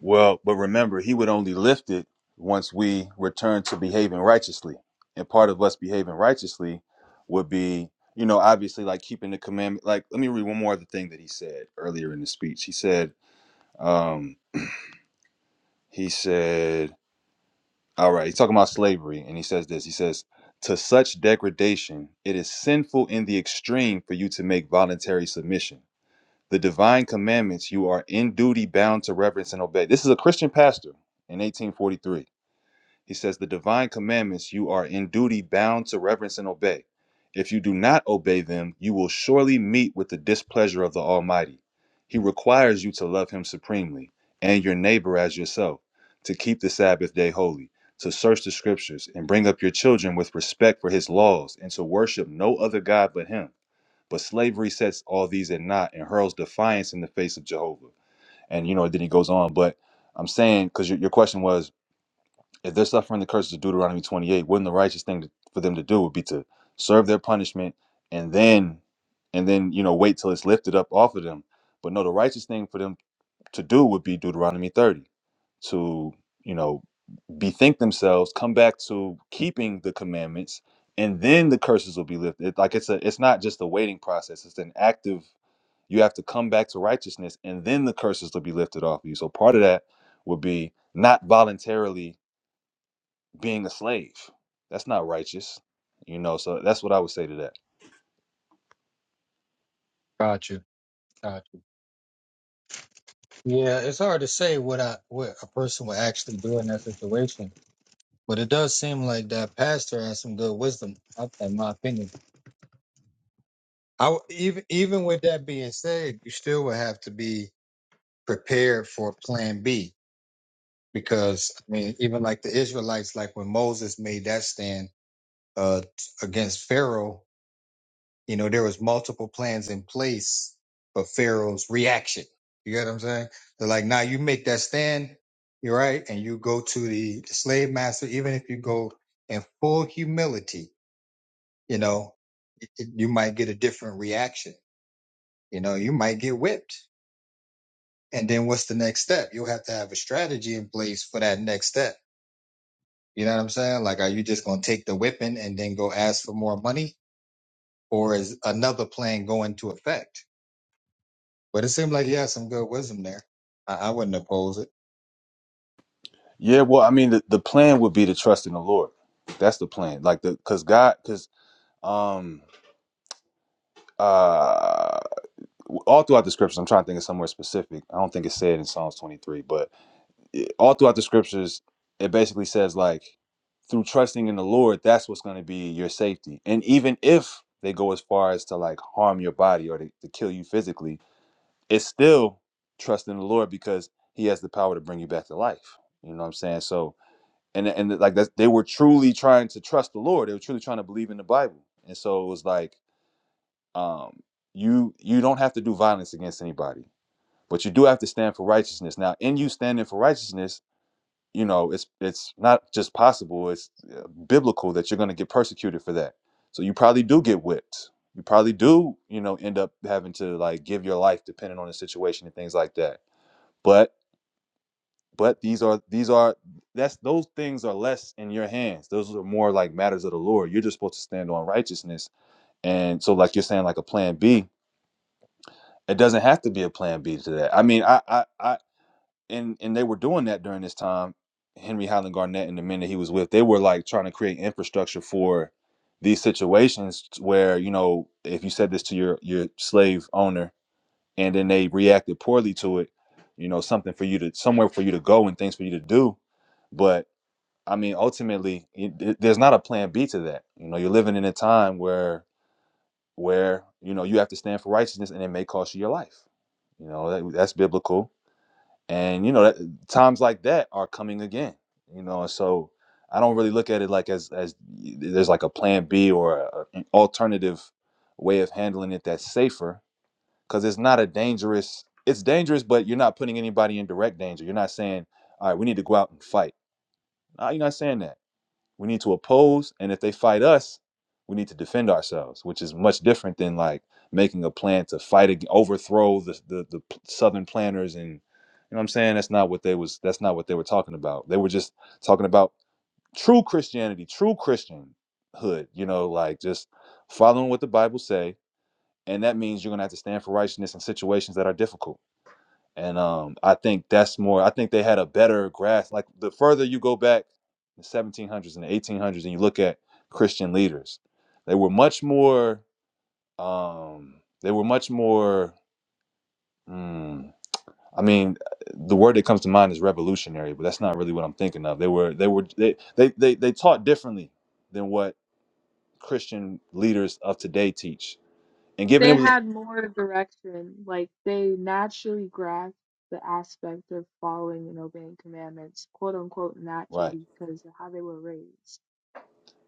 Speaker 8: Well, but remember, he would only lift it once we return to behaving righteously, and part of us behaving righteously would be, you know, obviously like keeping the commandment. Like, let me read one more other thing that he said earlier in the speech. He said, um, he said, all right, he's talking about slavery, and he says this. He says. To such degradation, it is sinful in the extreme for you to make voluntary submission The divine commandments you are in duty bound to reverence and obey. This is a Christian pastor in 1843. He says, The divine commandments you are in duty bound to reverence and obey. If you do not obey them, you will surely meet with the displeasure of the Almighty. He requires you to love Him supremely and your neighbor as yourself, to keep the Sabbath day holy, to search the scriptures and bring up your children with respect for His laws, and to worship no other God but Him. But slavery sets all these at naught and hurls defiance in the face of Jehovah. And you know, then he goes on. But I'm saying, because your, your question was, if they're suffering the curses of Deuteronomy 28, wouldn't the righteous thing to, for them to do would be to serve their punishment and then, and then you know, wait till it's lifted up off of them? But no, the righteous thing for them to do would be Deuteronomy 30 to you know bethink themselves, come back to keeping the commandments, and then the curses will be lifted. It, Like it's a, it's not just a waiting process; it's an active you have to come back to righteousness, and then the curses will be lifted off of you. So part of that would be not voluntarily being a slave. That's not righteous, you know. So that's what I would say to that.
Speaker 1: Gotcha. Gotcha. Yeah, it's hard to say what I what a person would actually do in that situation. But it does seem like that pastor has some good wisdom, in my opinion. I w- even even with that being said, you still would have to be prepared for Plan B because I mean, even like the Israelites, like when Moses made that stand uh, t- against Pharaoh, you know, there was multiple plans in place for Pharaoh's reaction. You get what I'm saying? They're like, now you make that stand, you're right, and you go to the, the slave master, even if you go in full humility, you know, y- y- you might get a different reaction. You know, you might get whipped And then what's the next step? You'll have to have a strategy in place for that next step. You know what I'm saying? Like, are you just going to take the whipping and then go ask for more money? Or is another plan going to effect? But it seemed like he had some good wisdom there. I, I wouldn't oppose it.
Speaker 8: Yeah, well, I mean, the, the plan would be to trust in the Lord. That's the plan. Like the because God, because um uh all throughout the scriptures, I'm trying to think of somewhere specific. I don't think it's said in Psalms 23, but it- all throughout the scriptures, it basically says like through trusting in the Lord, that's what's going to be your safety. And even if they go as far as to like harm your body or to, to kill you physically, it's still trust in the Lord because He has the power to bring you back to life. You know what I'm saying? So and and like that, they were truly trying to trust the Lord. They were truly trying to believe in the Bible. And so it was like um, you you don't have to do violence against anybody, but you do have to stand for righteousness. Now, in you standing for righteousness you know it's it's not just possible it's uh, biblical that you're going to get persecuted for that so you probably do get whipped you probably do you know end up having to like give your life depending on the situation and things like that but but these are these are that's those things are less in your hands those are more like matters of the lord you're just supposed to stand on righteousness and so like you're saying like a plan b it doesn't have to be a plan b to that i mean i i i, and and they were doing that during this time. Henry Highland Garnett and the men that he was with, they were like trying to create infrastructure for these situations where you know if you said this to your your slave owner and then they reacted poorly to it, you know something for you to somewhere for you to go and things for you to do. But I mean, ultimately, it, it- there's not a plan B to that. You know, you're living in a time where where you know you have to stand for righteousness and it may cost you your life. You know that, that's biblical and you know that times like that are coming again you know and so i don't really look at it like as as there's like a plan b or a, an alternative way of handling it that's safer because it's not a dangerous it's dangerous but you're not putting anybody in direct danger you're not saying all right we need to go out and fight no, you're not saying that we need to oppose and if they fight us we need to defend ourselves which is much different than like making a plan to fight ag- overthrow the, the the southern planters and you know what i'm saying that's not what they was that's not what they were talking about they were just talking about true christianity true christianhood you know like just following what the bible say and that means you're gonna have to stand for righteousness in situations that are difficult and um, I think that's more. I think they had a better grasp. Like the further you go back, the 1700s and the 1800s, and you look at Christian leaders, they were much more. Um, they were much more. Mm, I mean, the word that comes to mind is revolutionary, but that's not really what I'm thinking of. They were. They were. They they they, they taught differently than what Christian leaders of today teach. And given
Speaker 6: they
Speaker 8: it was
Speaker 6: had more direction. Like they naturally grasped the aspect of following and obeying commandments, quote unquote,
Speaker 8: right.
Speaker 6: naturally because of how they were raised.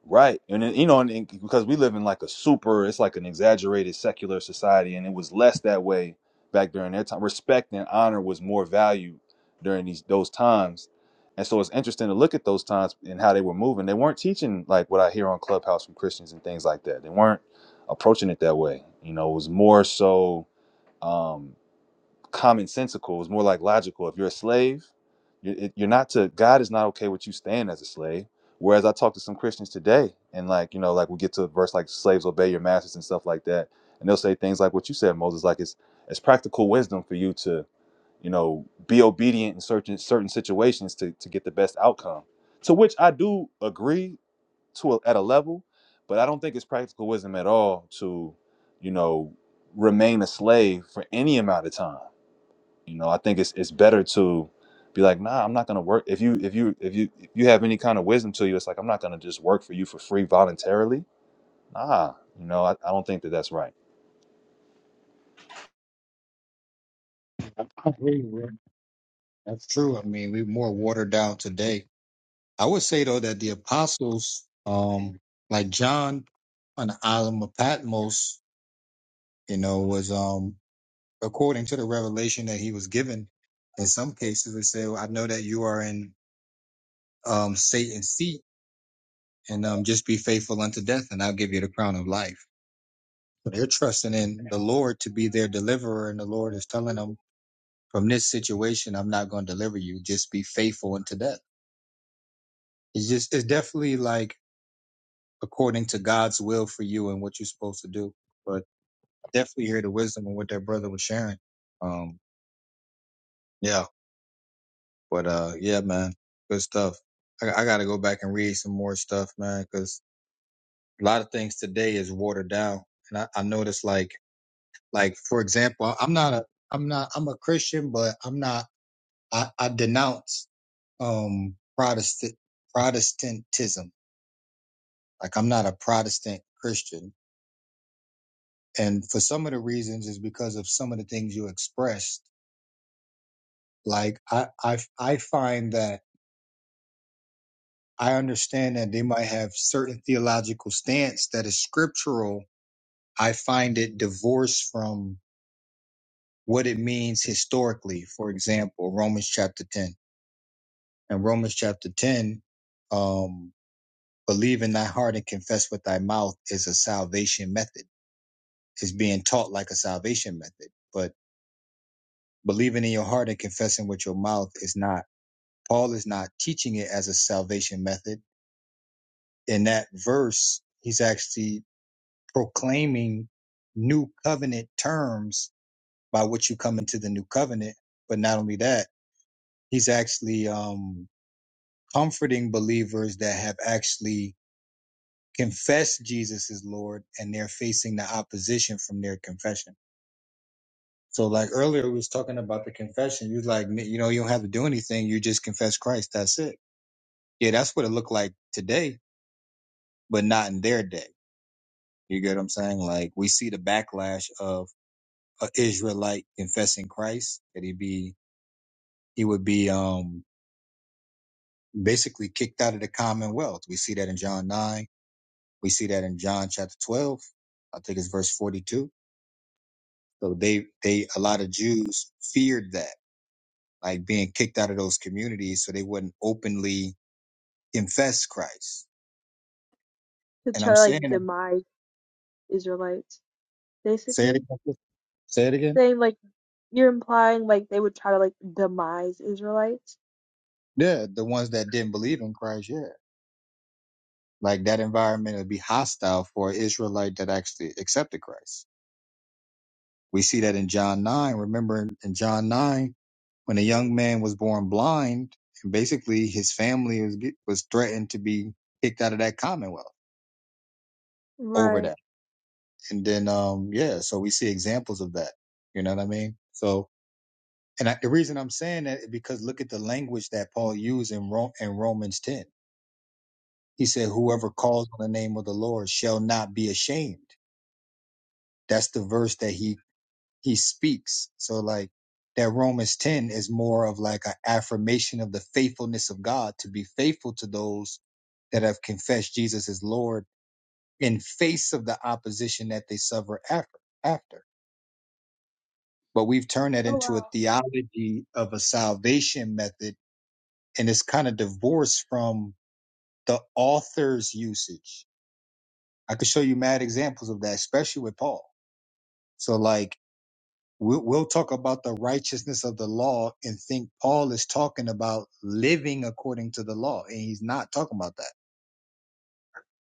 Speaker 8: Right. And then, you know, and, and because we live in like a super, it's like an exaggerated secular society, and it was less that way back during their time. Respect and honor was more valued during these those times. And so it's interesting to look at those times and how they were moving. They weren't teaching like what I hear on Clubhouse from Christians and things like that. They weren't approaching it that way. You know, it was more so um, commonsensical. It was more like logical. If you're a slave, you're, you're not to God is not okay with you staying as a slave. Whereas I talk to some Christians today, and like you know, like we get to a verse like "slaves obey your masters" and stuff like that, and they'll say things like what you said, Moses, like it's it's practical wisdom for you to you know be obedient in certain certain situations to to get the best outcome. To which I do agree to a, at a level, but I don't think it's practical wisdom at all to you know remain a slave for any amount of time you know, I think it's it's better to be like, nah, I'm not gonna work. If you if you if you if you have any kind of wisdom to you, it's like I'm not gonna just work for you for free voluntarily. Nah, you know, I, I don't think that that's right.
Speaker 1: That's true. I mean, we're more watered down today. I would say, though, that the apostles, um, like John on the island of Patmos, you know, was, um, according to the revelation that he was given, in some cases, they say, well, I know that you are in um, Satan's seat and um, just be faithful unto death, and I'll give you the crown of life. So they're trusting in the Lord to be their deliverer, and the Lord is telling them, from this situation, I'm not going to deliver you. Just be faithful unto death. It's just, it's definitely like according to God's will for you and what you're supposed to do. But definitely hear the wisdom of what that brother was sharing. Um, yeah, but uh, yeah, man, good stuff. I, I got to go back and read some more stuff, man, because a lot of things today is watered down, and I, I noticed like Like for example, I'm not a I'm not I'm a Christian, but I'm not I, I denounce um Protestant Protestantism. Like I'm not a Protestant Christian. And for some of the reasons is because of some of the things you expressed. Like I I I find that I understand that they might have certain theological stance that is scriptural. I find it divorced from what it means historically. For example, Romans chapter 10 in Romans chapter 10, um, believe in thy heart and confess with thy mouth is a salvation method. It's being taught like a salvation method, but believing in your heart and confessing with your mouth is not, Paul is not teaching it as a salvation method. In that verse, he's actually proclaiming new covenant terms by which you come into the new covenant. But not only that, he's actually, um, comforting believers that have actually confess Jesus is Lord and they're facing the opposition from their confession. So like earlier we was talking about the confession. You're like, you know, you don't have to do anything. You just confess Christ. That's it. Yeah, that's what it looked like today, but not in their day. You get what I'm saying? Like we see the backlash of an Israelite confessing Christ that he be he would be um basically kicked out of the commonwealth. We see that in John nine. We see that in John chapter twelve. I think it's verse 42 So they they a lot of Jews feared that, like being kicked out of those communities, so they wouldn't openly confess Christ.
Speaker 6: To
Speaker 1: And
Speaker 6: try
Speaker 1: I'm
Speaker 6: to
Speaker 1: saying
Speaker 6: like
Speaker 1: that.
Speaker 6: demise Israelites,
Speaker 1: Say it
Speaker 6: basically
Speaker 1: again. Say it again.
Speaker 6: saying like you're implying like they would try to like demise Israelites.
Speaker 1: Yeah, the ones that didn't believe in Christ, yeah, like that environment would be hostile for an Israelite that actually accepted Christ. We see that in John nine. Remember in in John nine, when a young man was born blind, and basically his family was get- was threatened to be kicked out of that commonwealth over that.
Speaker 6: Right.
Speaker 1: And then, um, yeah, so we see examples of that. You know what I mean? So, and I, the reason I'm saying that is because look at the language that Paul used in, Ro- in Romans 10. He said, whoever calls on the name of the Lord shall not be ashamed. That's the verse that he, he speaks. So like that Romans 10 is more of like an affirmation of the faithfulness of God to be faithful to those that have confessed Jesus as Lord in face of the opposition that they suffer after. after. but we've turned that
Speaker 6: Oh
Speaker 1: into a
Speaker 6: wow.
Speaker 1: theology of a salvation method and it's kind of divorced from the author's usage i could show you mad examples of that especially with paul so like we'll, we'll talk about the righteousness of the law and think paul is talking about living according to the law and he's not talking about that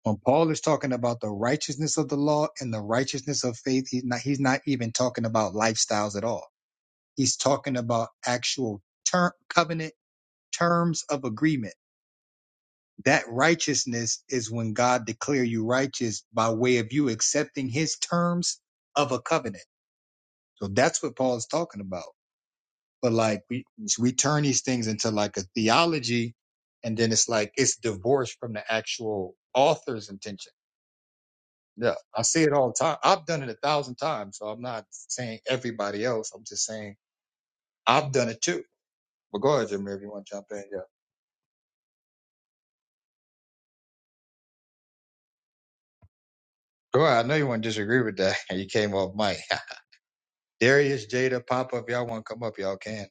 Speaker 1: when paul is talking about the righteousness of the law and the righteousness of faith he's not he's not even talking about lifestyles at all he's talking about actual term covenant terms of agreement. That righteousness is when God declare you righteous by way of you accepting his terms of a covenant. So that's what Paul's talking about. But like we we turn these things into like a theology and then it's like it's divorced from the actual author's intention. Yeah. I see it all the time. I've done it a thousand times, so I'm not saying everybody else. I'm just saying I've done it too. But go ahead, Jimmy, if you want to jump in. Yeah. Go ahead. I know you want to disagree with that. You came off mic. Darius, Jada, pop up. Y'all want to come up? Y'all can.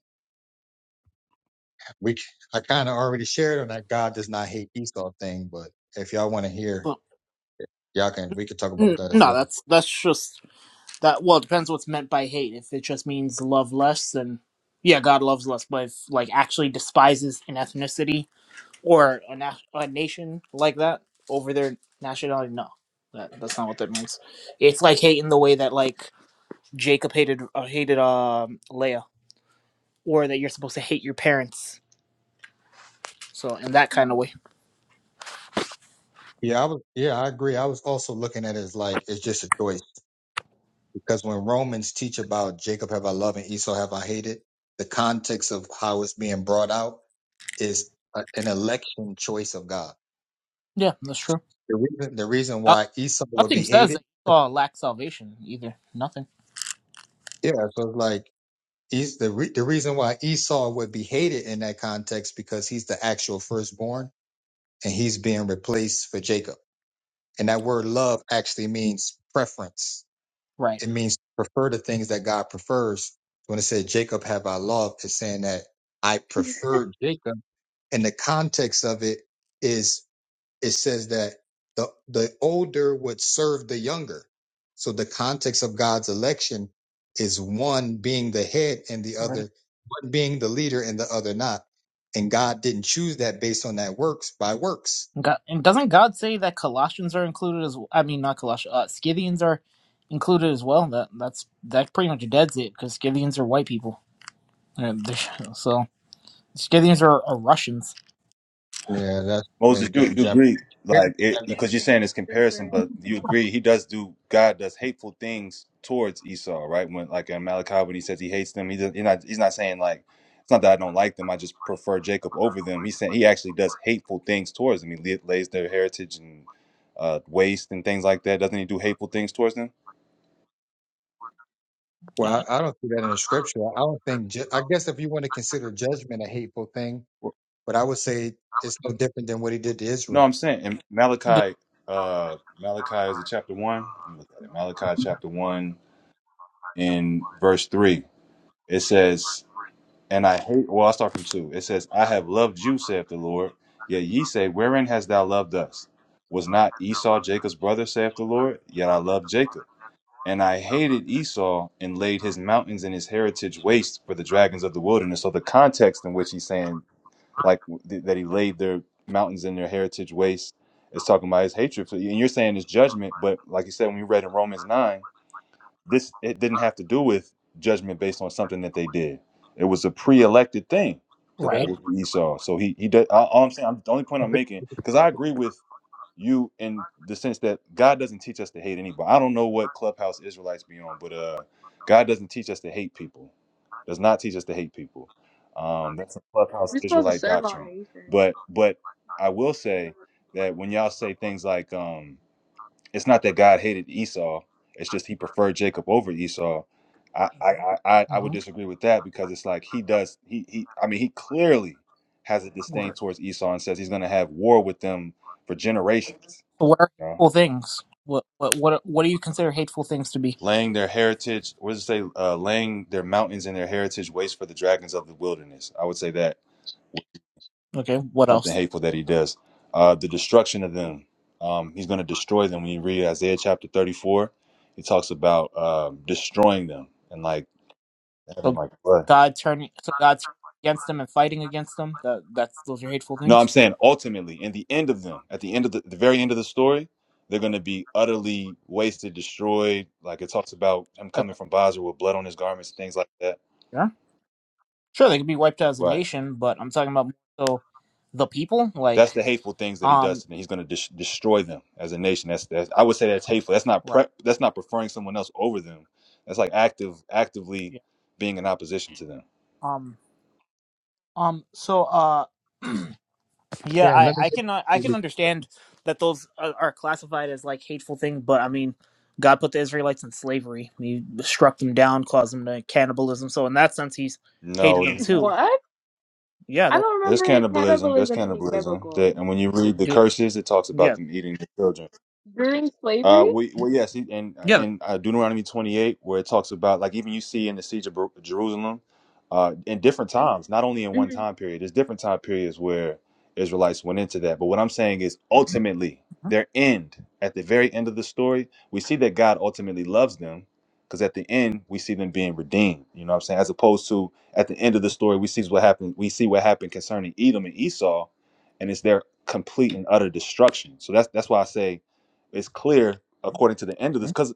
Speaker 1: We I kind of already shared on that God does not hate Esau thing, but if y'all want to hear,
Speaker 9: But
Speaker 1: y'all can. We can talk about
Speaker 9: n-
Speaker 1: that as
Speaker 9: no,
Speaker 1: well.
Speaker 9: that's that's just that. Well, it depends what's meant by hate. If it just means love less, then yeah, God loves less. But if like actually despises an ethnicity or a, na- a nation like that over their nationality, no, that that's not what that means. It's like hate in the way that like Jacob hated uh, hated um Leah, or that you're supposed to hate your parents. So in that kind of way,
Speaker 1: Yeah, I was. Yeah, I agree. I was also looking at it as like it's just a choice because when Romans teach about Jacob have I loved and Esau have I hated, the context of how it's being brought out is a, an election choice of God.
Speaker 9: yeah, that's true.
Speaker 1: The reason the reason
Speaker 9: No-
Speaker 1: why Esau would be
Speaker 9: Nothing says
Speaker 1: hated,
Speaker 9: that Esau lacked salvation either. Nothing.
Speaker 1: yeah. So it's like He's the re- the reason why Esau would be hated in that context because he's the actual firstborn and he's being replaced for Jacob. And that word love actually means preference.
Speaker 9: Right.
Speaker 1: It means to prefer the things that God prefers. When it says Jacob have I loved, it's saying that I prefer Jacob. And the context of it is it says that the the older would serve the younger. So the context of God's election is one being the head and the
Speaker 9: You ready?
Speaker 1: other one being the leader and the other not. And God didn't choose that based on that works by works.
Speaker 9: God, and doesn't God say that Colossians are included as I mean not Colossians, uh, Scythians are included as well? That that's that pretty much deads it because Scythians are white people. Uh, they're- So Scythians are, are Russians.
Speaker 1: Yeah, that's
Speaker 8: Moses,
Speaker 1: that,
Speaker 8: you,
Speaker 1: that
Speaker 8: you
Speaker 1: jump.
Speaker 8: agree, like it because you're saying it's comparison,
Speaker 6: Different.
Speaker 8: but you agree he does do God does hateful things towards Esau, right? When like in Malachi, when he says he hates them, he does, he's not he's not saying like it's not that I don't like them, I just prefer Jacob over them. He's saying he actually does hateful things towards them. He la- lays their heritage and uh, waste and things like that. Doesn't he do hateful things towards them?
Speaker 9: Yeah,
Speaker 1: Well, I, I don't see that in the scripture. I don't think. ju- I guess if you want to consider judgment a hateful thing,
Speaker 8: Well,
Speaker 1: but I would say it's no different than what he did to
Speaker 8: No,
Speaker 1: Israel.
Speaker 8: I'm saying in
Speaker 9: d-
Speaker 8: Malachi, uh, Malachi is it chapter one? Let me look at it. Malachi chapter one in verse three. It says. And I hate, well, I'll start from two. It says, I have loved you, saith the Lord. Yet ye say, Wherein hast thou loved us? Was not Esau Jacob's brother, saith the Lord? Yet I loved Jacob. And I hated Esau and laid his mountains and his heritage waste for the dragons of the wilderness. So the context in which he's saying, like, th- that he laid their mountains and their heritage waste is talking about his hatred. For, and you're saying it's judgment, but like you said, when you read in Romans 9, this it didn't have to do with judgment based on something that they did. It was a pre-elected thing that
Speaker 1: Yeah,
Speaker 8: that
Speaker 9: right.
Speaker 8: was Esau. So he he did. All, all I'm saying, I'm, the only point I'm making, because I agree with you in the sense that God doesn't teach us to hate anybody. I don't know what clubhouse Israelites be on, but uh, God doesn't teach us to hate people. Does not teach us to hate people. Um, that's a clubhouse
Speaker 6: We're supposed to
Speaker 8: Israelite
Speaker 6: serve all
Speaker 8: doctrine.
Speaker 6: nations.
Speaker 8: But but I will say
Speaker 6: but-
Speaker 8: that when y'all say things like um, it's not that God hated Esau. It's just he preferred Jacob over Esau. I I I, I I
Speaker 9: Mm-hmm.
Speaker 8: would disagree with that because it's like he does he he I mean he clearly has a
Speaker 9: What
Speaker 8: disdain
Speaker 9: are
Speaker 8: towards Esau and says he's going to have war with them for generations.
Speaker 9: what are
Speaker 8: You know?
Speaker 9: hateful things? What what what are- what do you consider hateful things to be?
Speaker 8: Laying their heritage, what does it say? Uh, laying their mountains and their heritage waste for the dragons of the wilderness. I would say that
Speaker 9: Okay, what
Speaker 8: something
Speaker 9: else?
Speaker 8: hateful that he does. Uh, the destruction of them. Um, he's going to destroy them. When you read Isaiah chapter thirty-four, he talks about um destroying them and like having
Speaker 9: So
Speaker 8: like blood.
Speaker 9: God turning so God turning against them and fighting against them. That that's those are hateful
Speaker 8: No,
Speaker 9: things.
Speaker 8: I'm saying ultimately, in the end of them, at the end of the, the very end of the story, they're going to be utterly wasted, destroyed. Like it talks about him coming
Speaker 9: Okay.
Speaker 8: from Basra with blood on his garments, things like that.
Speaker 9: Sure, they could be wiped out as a
Speaker 8: Right.
Speaker 9: nation, but I'm talking about more so the people. Like,
Speaker 8: That's the hateful things that he does
Speaker 9: um,
Speaker 8: to them. He's going to des- destroy them as a nation. That's, that's I would say that's hateful. That's not
Speaker 9: right,
Speaker 8: pre- That's not preferring someone else over them. That's like active, actively
Speaker 9: yeah,
Speaker 8: being in opposition to them.
Speaker 9: um, um. So, uh, yeah,
Speaker 1: yeah,
Speaker 9: I
Speaker 1: let me
Speaker 9: I
Speaker 1: get,
Speaker 9: can I can understand that those are, are classified as like hateful thing, but I mean, God put the Israelites in slavery. He struck them down, caused them to cannibalism. So in that sense, he's hated
Speaker 8: No,
Speaker 9: them
Speaker 8: there's not.
Speaker 9: too.
Speaker 6: What?
Speaker 9: Yeah,
Speaker 6: I
Speaker 9: that
Speaker 6: don't
Speaker 8: There's
Speaker 6: remember
Speaker 8: cannibalism. There's
Speaker 6: cannibalism being
Speaker 8: cannibalism. That,
Speaker 6: biblical.
Speaker 8: and when you read the
Speaker 9: dude.
Speaker 8: curses, it talks about
Speaker 9: Yeah,
Speaker 8: them eating the children.
Speaker 6: During
Speaker 8: Uh,
Speaker 6: slavery?
Speaker 8: we, well, yes, he- and
Speaker 9: yeah.
Speaker 8: and uh, Deuteronomy 28, where it talks about like even you see in the siege of Ber- Jerusalem, uh, in different times, not only in one time period. There's different time periods where Israelites went into that. But what I'm saying is, ultimately, their end at the very end of the story, we see that God ultimately loves them, because at the end we see them being redeemed. You know what I'm saying? As opposed to at the end of the story, we see what happened. We see what happened concerning Edom and Esau, and it's their complete and utter destruction. So that's that's why I say it's clear according to the end of this
Speaker 9: Mhm.
Speaker 8: because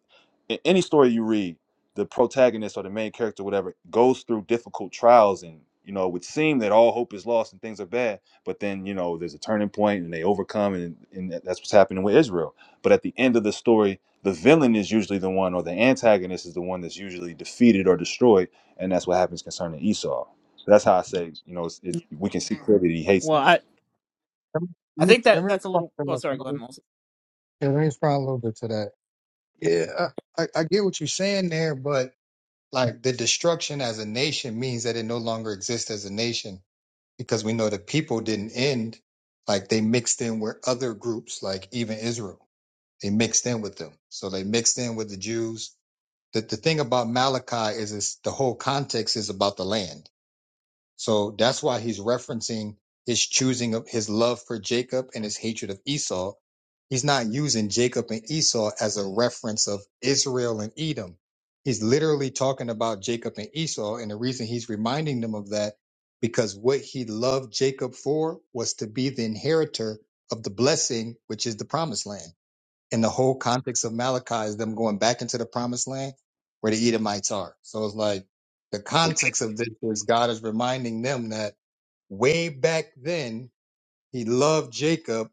Speaker 8: in any story you read, the protagonist or the main character, whatever, goes through difficult trials and you know, it would seem that all hope is lost and things are bad, but then you know there's a turning point and they overcome, and, and that's what's happening with Israel. But at the end of the story, the villain is usually the one, or the antagonist is the one that's usually defeated or destroyed, and that's what happens concerning Esau. So that's how I say, you know, it's,
Speaker 9: Yeah,
Speaker 8: it's, we can see clearly that he hates
Speaker 9: Well,
Speaker 8: them.
Speaker 9: I
Speaker 1: let
Speaker 9: I
Speaker 1: me
Speaker 9: think
Speaker 1: let
Speaker 9: that
Speaker 1: me
Speaker 9: that's a
Speaker 1: respond
Speaker 9: little. Oh,
Speaker 1: to
Speaker 9: sorry, go
Speaker 1: that.
Speaker 9: ahead, Moses.
Speaker 1: Yeah, let me respond a little bit to that. Yeah, I, I, I get what you're saying there, but like the destruction as a nation means that it no longer exists as a nation because we know the people didn't end. Like they mixed in with other groups, like even Israel, they mixed in with them. So they mixed in with the Jews. The, the thing about Malachi is it's, the whole context is about the land. So that's why he's referencing his choosing of his love for Jacob and his hatred of Esau. He's not using Jacob and Esau as a reference of Israel and Edom. He's literally talking about Jacob and Esau. And the reason he's reminding them of that, because what he loved Jacob for was to be the inheritor of the blessing, which is the promised land. And the whole context of Malachi is them going back into the promised land where the Edomites are. So it's like the context of this is God is reminding them that way back then, he loved Jacob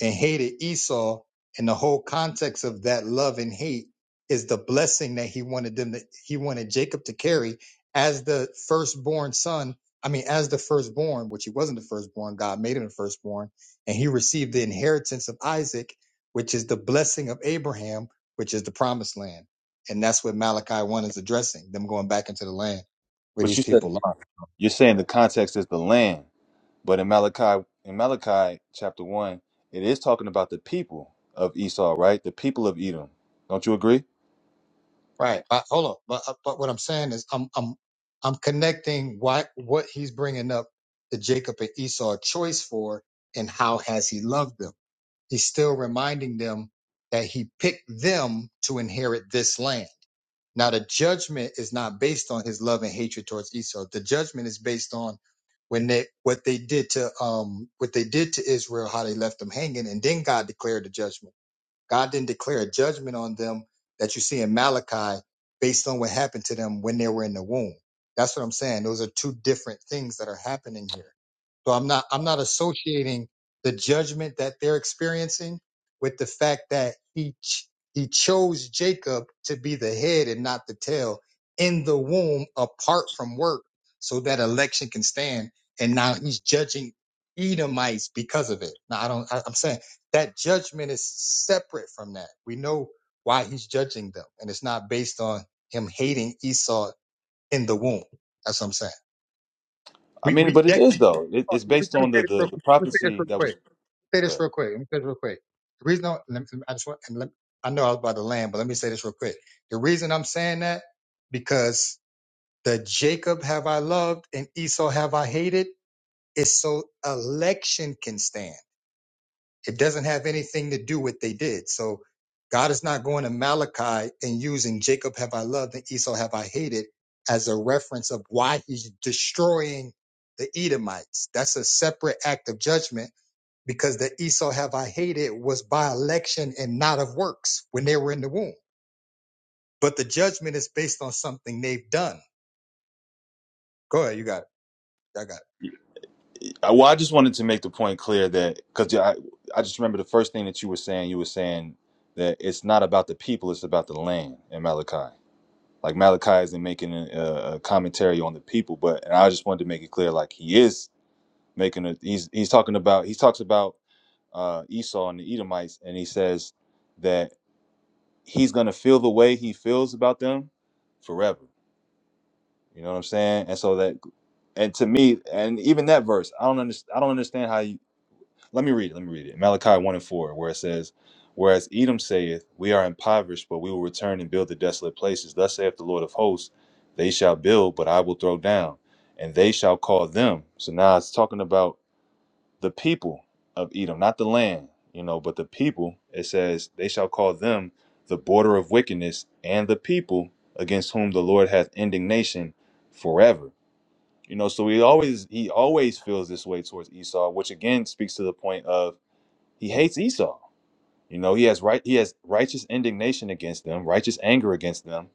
Speaker 1: and hated Esau. And the whole context of that love and hate is the blessing that he wanted them to, he wanted Jacob to carry as the firstborn son. I mean, as the firstborn, which he wasn't the firstborn, God made him the firstborn, and he received the inheritance of Isaac, which is the blessing of Abraham, which is the promised land. And that's what Malachi 1 is addressing, them going back into the land where
Speaker 8: But
Speaker 1: these
Speaker 8: you said
Speaker 1: people are.
Speaker 8: you're saying the context is the land. But in Malachi, in Malachi chapter one, it is talking about the people of Esau, right? The people of Edom. Don't you agree?
Speaker 1: Right. But hold on. But uh, but what I'm saying is I'm I'm I'm connecting what what he's bringing up the Jacob and Esau choice for and how has he loved them? He's still reminding them that he picked them to inherit this land. Now the judgment is not based on his love and hatred towards Esau. The judgment is based on when they what they did to um what they did to Israel, how they left them hanging, and then God declared the judgment God didn't declare a judgment on them that you see in Malachi based on what happened to them when they were in the womb. That's what I'm saying. Those are two different things that are happening here. So I'm not I'm not associating the judgment that they're experiencing with the fact that he ch- he chose Jacob to be the head and not the tail in the womb apart from work so that election can stand and now he's judging Edomites because of it. Now I don't I, I'm saying that judgment is separate from that. We know why he's judging them, and it's not based on him hating Esau in the womb. That's what I'm saying.
Speaker 8: I
Speaker 1: We
Speaker 8: mean,
Speaker 1: we
Speaker 8: but it
Speaker 1: that,
Speaker 8: is
Speaker 1: let me
Speaker 8: though. It, it's based on
Speaker 1: say
Speaker 8: the,
Speaker 1: this
Speaker 8: the
Speaker 1: real
Speaker 8: the
Speaker 1: quick. Let me say this
Speaker 8: prophecy
Speaker 1: real
Speaker 8: that was.
Speaker 1: quick. Say this
Speaker 8: but-
Speaker 1: real quick. Let me say this real quick. The reason I, let me- I just want and let, I know I was about to land, but let me say this real quick. The reason I'm saying that because the Jacob have I loved and Esau have I hated is so election can stand. It doesn't have anything to do with what they did. So God is not going to Malachi and using Jacob have I loved and Esau have I hated as a reference of why he's destroying the Edomites. That's a separate act of judgment because the Esau have I hated was by election and not of works when they were in the womb. But the judgment is based on something they've done. Go ahead, you got it. I got it.
Speaker 8: I- Well, I just wanted to make the point clear that because I I just remember the first thing that you were saying. You were saying that it's not about the people; it's about the land in Malachi. Like Malachi isn't making a, a commentary on the people, but and I just wanted to make it clear, like he is making a he's he's talking about he talks about uh, Esau and the Edomites, and he says that he's gonna feel the way he feels about them forever. You know what I'm saying? And so that, and to me, and even that verse, I don't understand. I don't understand how you. Let me read it. Let me read it. Malachi one and four, where it says, "Whereas Edom saith, We are impoverished, but we will return and build the desolate places. Thus saith the Lord of hosts, They shall build, but I will throw down, and they shall call them." So now it's talking about the people of Edom, not the land, you know, but the people, it says, they shall call them the border of wickedness and the people against whom the Lord hath indignation forever. You know, so he always he always feels this way towards Esau, which again speaks to the point of he hates Esau you know, he has right he has righteous indignation against them, righteous anger against them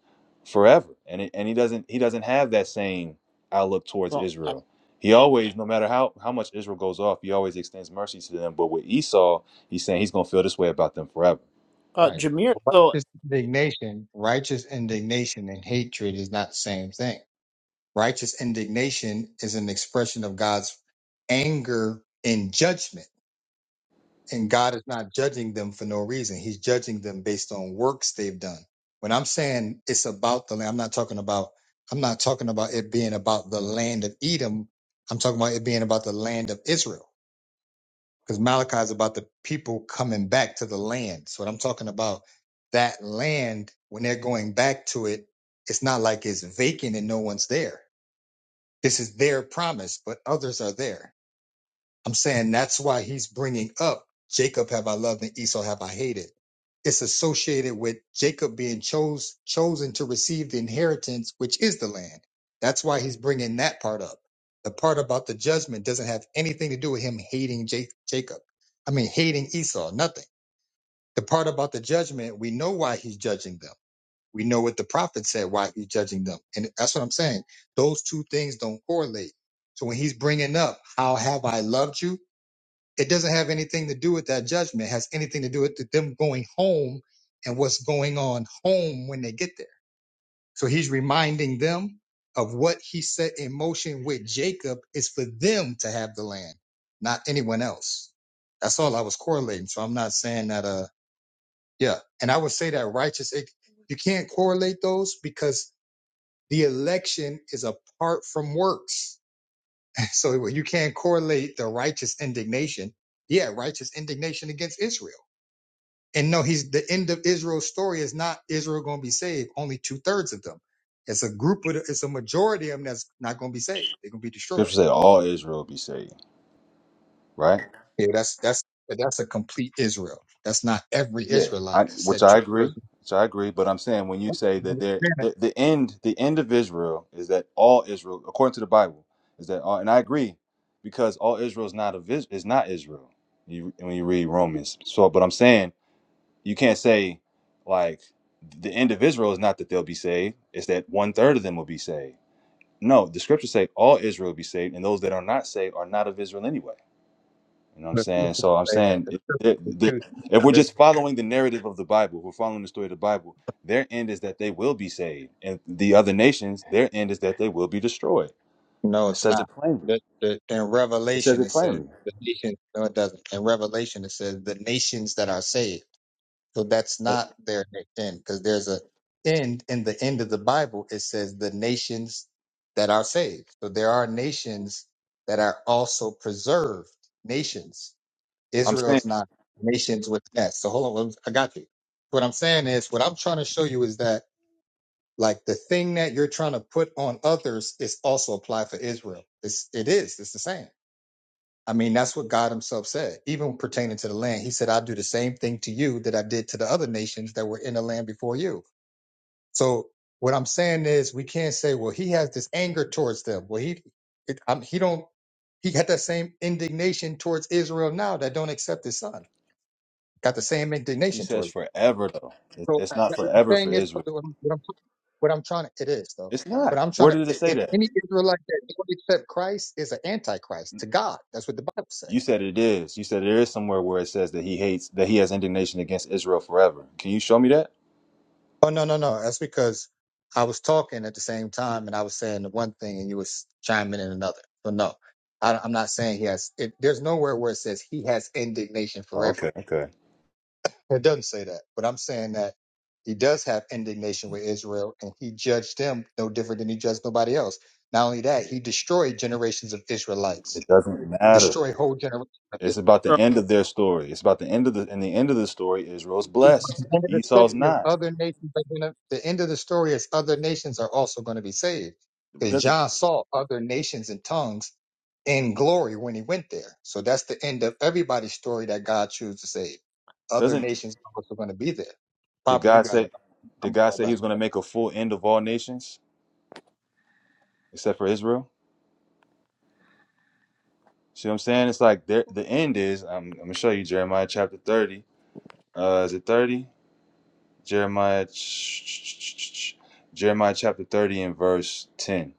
Speaker 8: forever. And it, and he doesn't he doesn't have that same outlook towards
Speaker 9: Well, I-
Speaker 8: Israel. He always no matter how how much Israel goes off, he always extends mercy to them, but with Esau, he's saying he's going to feel this way about them forever.
Speaker 9: uh,
Speaker 1: Right.
Speaker 9: Jameer.
Speaker 1: Righteous
Speaker 9: So.
Speaker 1: indignation, righteous indignation and hatred is not the same thing. Righteous indignation is an expression of God's anger and judgment. And God is not judging them for no reason. He's judging them based on works they've done. When I'm saying it's about the land, I'm not talking about I'm not talking about it being about the land of Edom. I'm talking about it being about the land of Israel. Because Malachi is about the people coming back to the land. So what I'm talking about, that land, when they're going back to it, it's not like it's vacant and no one's there this is their promise, but others are there. I'm saying that's why he's bringing up Jacob have I loved and Esau have I hated. It's associated with Jacob being chose, chosen to receive the inheritance, which is the land. That's why he's bringing that part up. The part about the judgment doesn't have anything to do with him hating Ja- Jacob. I mean, hating Esau, nothing. The part about the judgment, we know why he's judging them we know what the prophet said. Why are you judging them? And that's what I'm saying. Those two things don't correlate. So when he's bringing up, how have I loved you? It doesn't have anything to do with that judgment. It has anything to do with them going home and what's going on home when they get there. So he's reminding them of what he set in motion with Jacob is for them to have the land, not anyone else. That's all I was correlating. So I'm not saying that, uh, yeah. And I would say that righteous, it, you can't correlate those because the election is apart from works. So you can't correlate the righteous indignation. Yeah, righteous indignation against Israel. And no, he's the end of Israel's story is not Israel going to be saved. Only two thirds of them. It's a group of, the- it's a majority of them that's not going to be saved. They're going to be
Speaker 8: Scripture
Speaker 1: destroyed.
Speaker 8: said all Israel be saved, right?
Speaker 1: Yeah, that's that's but that's a complete Israel. That's not every
Speaker 8: Yeah,
Speaker 1: Israelite.
Speaker 8: I,
Speaker 1: Said
Speaker 8: which I
Speaker 1: two
Speaker 8: agree, which I agree. But I'm saying when you say that there, the, the end, the end of Israel is that all Israel, according to the Bible, is that all, and I agree, because all Israel is not of Is- is not Israel. You when you read Romans, so but I'm saying you can't say like the end of Israel is not that they'll be saved; it's that one third of them will be saved. No, the scriptures say all Israel will be saved, and those that are not saved are not of Israel anyway. You know what I'm saying? So I'm saying if, if, if if we're
Speaker 1: thirds.
Speaker 8: just following the narrative of the Bible, if we're following the story of the Bible, their end is that they will be saved. And the other nations, their end is that they will be destroyed.
Speaker 1: No,
Speaker 8: It
Speaker 1: it's
Speaker 8: says
Speaker 1: not.
Speaker 8: it plainly.
Speaker 1: The, the, in
Speaker 8: It says
Speaker 1: Revelation
Speaker 8: it
Speaker 1: it says
Speaker 8: plainly.
Speaker 1: the nations. No, it doesn't. In Revelation it says the nations that are saved. So that's
Speaker 8: It-
Speaker 1: not their end because there's a end in the end of the Bible. It says the nations that are saved. So there are nations that are also preserved. Nations.
Speaker 8: I'm
Speaker 1: Israel
Speaker 8: saying
Speaker 1: is not nations with that. So hold on, I got you. What I'm saying is, what I'm trying to show you is that like the thing that you're trying to put on others is also applied for Israel. It's, it is. It's the same. I mean, that's what God Himself said, even pertaining to the land. He said, "I will do the same thing to you that I did to the other nations that were in the land before you." So what I'm saying is, we can't say, "Well, He has this anger towards them." Well, He it, I'm, He don't. He got that same indignation towards Israel now that don't accept His Son. Got the same
Speaker 8: he
Speaker 1: indignation
Speaker 8: says
Speaker 1: towards them.
Speaker 8: forever, though. It-
Speaker 1: So uh,
Speaker 8: It's not
Speaker 1: that- the
Speaker 8: forever for
Speaker 1: thing is, what
Speaker 8: Israel.
Speaker 1: I'm, what I'm, what I'm trying to, it is though.
Speaker 8: It's
Speaker 1: But
Speaker 8: not.
Speaker 1: I'm trying
Speaker 8: Where
Speaker 1: to,
Speaker 8: did it
Speaker 1: i-
Speaker 8: say
Speaker 1: if
Speaker 8: that?
Speaker 1: any Israelite that don't accept Christ is an antichrist to God. That's what the Bible says.
Speaker 8: You said it is. You said there is somewhere where it says that he hates, that he has indignation against Israel forever. Can you show me that?
Speaker 1: Oh no, no, no. That's because I was talking at the same time and I was saying the one thing and you was chiming in another. So no, I, I'm not saying he has. It, there's nowhere where it says he has indignation
Speaker 8: Oh,
Speaker 1: forever.
Speaker 8: okay. Okay.
Speaker 1: It doesn't say that, but I'm saying that he does have indignation with Israel and he judged them no different than he judged nobody else. Not only that, he destroyed generations of Israelites,
Speaker 8: It doesn't matter.
Speaker 1: destroyed whole generations of Israel.
Speaker 8: It's about the end of their story. It's about the end of the and the end of the story Israel's
Speaker 1: The
Speaker 8: blessed.
Speaker 1: end of the story
Speaker 8: Esau's
Speaker 1: is
Speaker 8: not.
Speaker 1: other nations are gonna, the end of the story is other nations are also going to be saved. Because
Speaker 8: Doesn't
Speaker 1: John saw other nations and tongues in glory when he went there. So that's the end of everybody's story that God chose to save. Other
Speaker 8: doesn't
Speaker 1: nations are also going to be there.
Speaker 8: did
Speaker 1: Papa, you
Speaker 8: God
Speaker 1: got it.
Speaker 8: say
Speaker 1: I'm
Speaker 8: did
Speaker 1: I'm
Speaker 8: God
Speaker 1: all
Speaker 8: say he
Speaker 1: back.
Speaker 8: was gonna make a full end of all nations except for Israel? See what I'm saying? It's like there the end is I'm I'm gonna show you Jeremiah chapter thirty. Uh is it thirty? Jeremiah, Jeremiah chapter 30 and verse 10.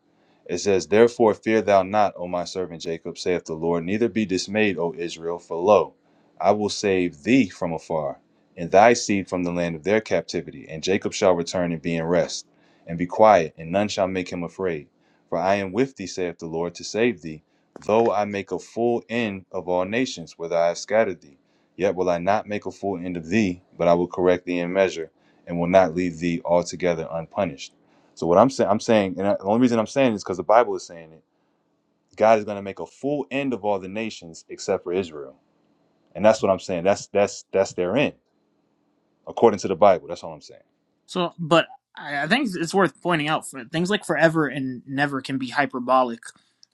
Speaker 8: It says, Therefore fear thou not, O my servant Jacob, saith the Lord, neither be dismayed, O Israel, for lo, I will save thee from afar, and thy seed from the land of their captivity. And Jacob shall return and be in rest, and be quiet, and none shall make him afraid. For I am with thee, saith the Lord, to save thee. Though I make a full end of all nations, whither I have scattered thee, yet will I not make a full end of thee, but I will correct thee in measure and will not leave thee altogether unpunished. So what I'm saying, I'm saying, and the only reason I'm saying is because the Bible is saying it. God is going to make a full end of all the nations except for Israel, and that's what I'm saying. That's that's that's their end according to the Bible. That's all I'm saying.
Speaker 9: So, but I I think it's worth pointing out for things like forever and never can be hyperbolic.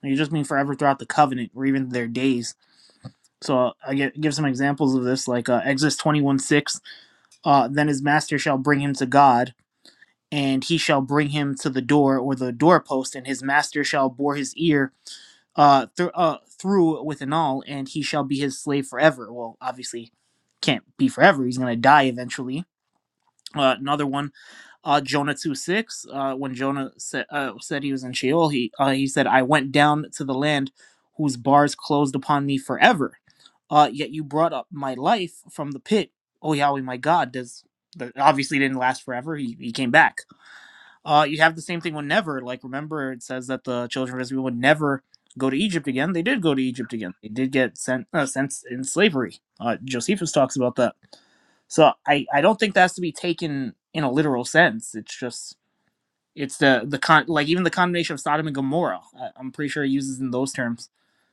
Speaker 9: You just mean forever throughout the covenant or even their days. So I get, give some examples of this, like uh, Exodus 21 6. Uh, then his master shall bring him to God, and he shall bring him to the door or the doorpost, and his master shall bore his ear uh, thr uh, through with an awl, and he shall be his slave forever. Well, obviously, can't be forever. He's going to die eventually. Uh, another one uh, Jonah two six. Uh, when Jonah sa- uh, said he was in Sheol, he uh, he said, "I went down to the land whose bars closed upon me forever. Uh, yet you brought up my life from the pit, O Yahweh, my God." Does the, obviously it didn't last forever. He he came back uh, you have the same thing when never. Like, remember, it says that the children of Israel would never go to Egypt again. They did go to Egypt again. They did get sent uh, sent in slavery. Uh, Josephus talks about that. So I I don't think that has to be taken in a literal sense. It's just it's the the con like even the condemnation of Sodom and Gomorrah. I, I'm pretty sure he uses in those terms.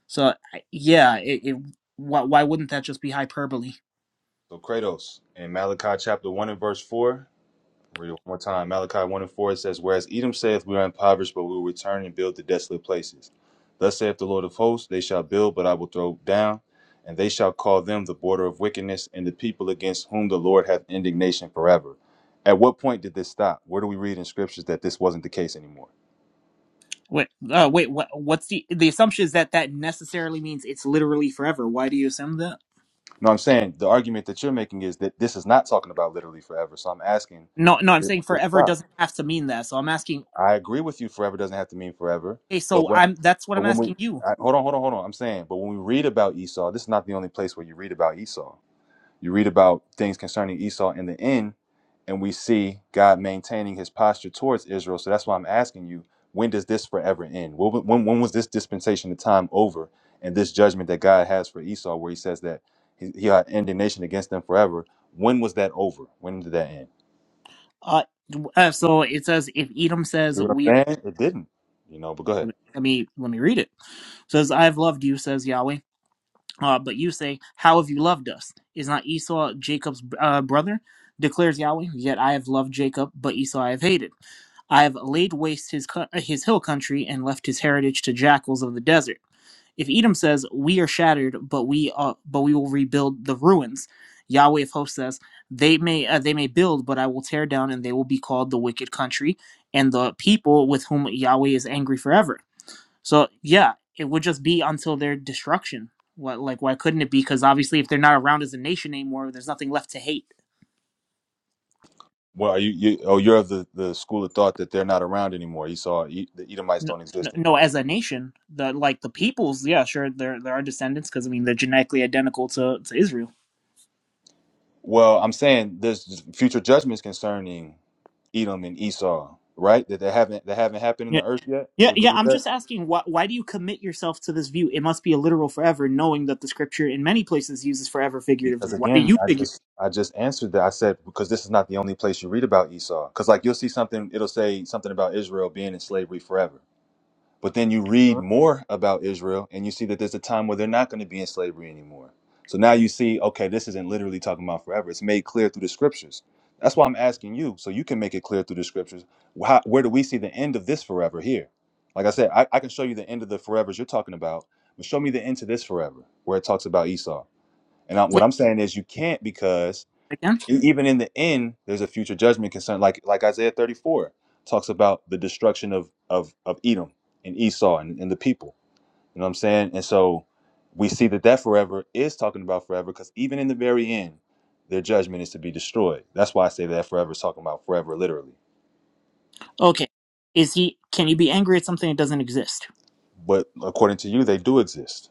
Speaker 9: So I- yeah, it, it why why wouldn't that just be hyperbole?
Speaker 8: So Kratos in Malachi chapter one and verse four. Read it one more time. Malachi 1 and 4 it says, Whereas Edom saith, We are impoverished, but we will return and build the desolate places. Thus saith the Lord of hosts, They shall build, but I will throw down, and they shall call them the border of wickedness, and the people against whom the Lord hath indignation forever. At what point did this stop? Where do we read in scriptures that this wasn't the case anymore?
Speaker 9: Wait, uh, wait, what? What's the the assumption is that that necessarily means it's literally forever? Why do you assume that?
Speaker 8: No, I'm saying the argument that you're making is that this is not talking about literally forever. So I'm asking,
Speaker 9: No, no, I'm
Speaker 8: did
Speaker 9: saying
Speaker 8: did it
Speaker 9: forever
Speaker 8: stop?
Speaker 9: doesn't have to mean that. So I'm asking.
Speaker 8: I agree with you, forever doesn't have to mean forever.
Speaker 9: Okay,
Speaker 8: But
Speaker 9: so
Speaker 8: what
Speaker 9: I'm that's what
Speaker 8: But
Speaker 9: I'm
Speaker 8: when we
Speaker 9: asking you.
Speaker 8: I, hold on, hold on, hold on. I'm saying, but when we read about Esau, this is not the only place where you read about Esau. You read about things concerning Esau in the end, and we see God maintaining His posture towards Israel. So that's why I'm asking you: When does this forever end? When when, when was this dispensation of time over, and this judgment that God has for Esau, where He says that He, he had indignation against them forever? When was that over? When did that end?
Speaker 9: Uh, uh so it says if Edom says
Speaker 8: You know what
Speaker 9: we are
Speaker 8: I'm saying? It didn't. You know, but go
Speaker 9: let
Speaker 8: ahead.
Speaker 9: me let me let me read it. says I've loved you, says Yahweh. Uh, but you say, How have you loved us? Is not Esau Jacob's uh, brother? Declares Yahweh. Yet I have loved Jacob, but Esau I have hated. I have laid waste his co- his hill country and left his heritage to jackals of the desert. If Edom says, "We are shattered, but we are, but we will rebuild the ruins," Yahweh of hosts says, "They may uh, they may build, but I will tear down, and they will be called the wicked country and the people with whom Yahweh is angry forever." So yeah, it would just be until their destruction. What like why couldn't it be? Because obviously, if they're not around as a nation anymore, there's nothing left to hate.
Speaker 8: Well, are you, you oh, you're of the, the school of thought that they're not around anymore. You saw E- the Edomites
Speaker 9: No,
Speaker 8: don't
Speaker 9: no,
Speaker 8: exist
Speaker 9: no,
Speaker 8: anymore.
Speaker 9: as a nation, the like the peoples, yeah, sure, there there are descendants because I mean they're genetically identical to to Israel.
Speaker 8: Well, I'm saying there's future judgments concerning Edom and Esau, right? That they haven't that haven't happened in the earth yet.
Speaker 9: Yeah,
Speaker 8: You
Speaker 9: yeah.
Speaker 8: agree with
Speaker 9: I'm
Speaker 8: that?
Speaker 9: just asking why why do you commit yourself to this view? It must be a literal forever, knowing that the scripture in many places uses forever figuratively.
Speaker 8: Because
Speaker 9: Why do
Speaker 8: again,
Speaker 9: you
Speaker 8: I
Speaker 9: figure?
Speaker 8: just I just answered that. I said because this is not the only place you read about Esau. Because like you'll see something, it'll say something about Israel being in slavery forever. But then you read more about Israel and you see that there's a time where they're not going to be in slavery anymore. So now you see, okay, this isn't literally talking about forever. It's made clear through the scriptures. That's why I'm asking you, so you can make it clear through the scriptures. How, where do we see the end of this forever here? Like I said, I, I can show you the end of the forevers you're talking about, but show me the end to this forever where it talks about Esau. And I, what
Speaker 9: Wait
Speaker 8: I'm saying is you can't because.
Speaker 9: again.
Speaker 8: E- even in the end there's a future judgment concern like like isaiah 34 talks about the destruction of of of edom and esau and, and the people you know what i'm saying and so we see that that forever is talking about forever because even in the very end their judgment is to be destroyed that's why i say that forever is talking about forever literally
Speaker 9: Okay, is he? Can you be angry at something that doesn't exist?
Speaker 8: but according to you they do exist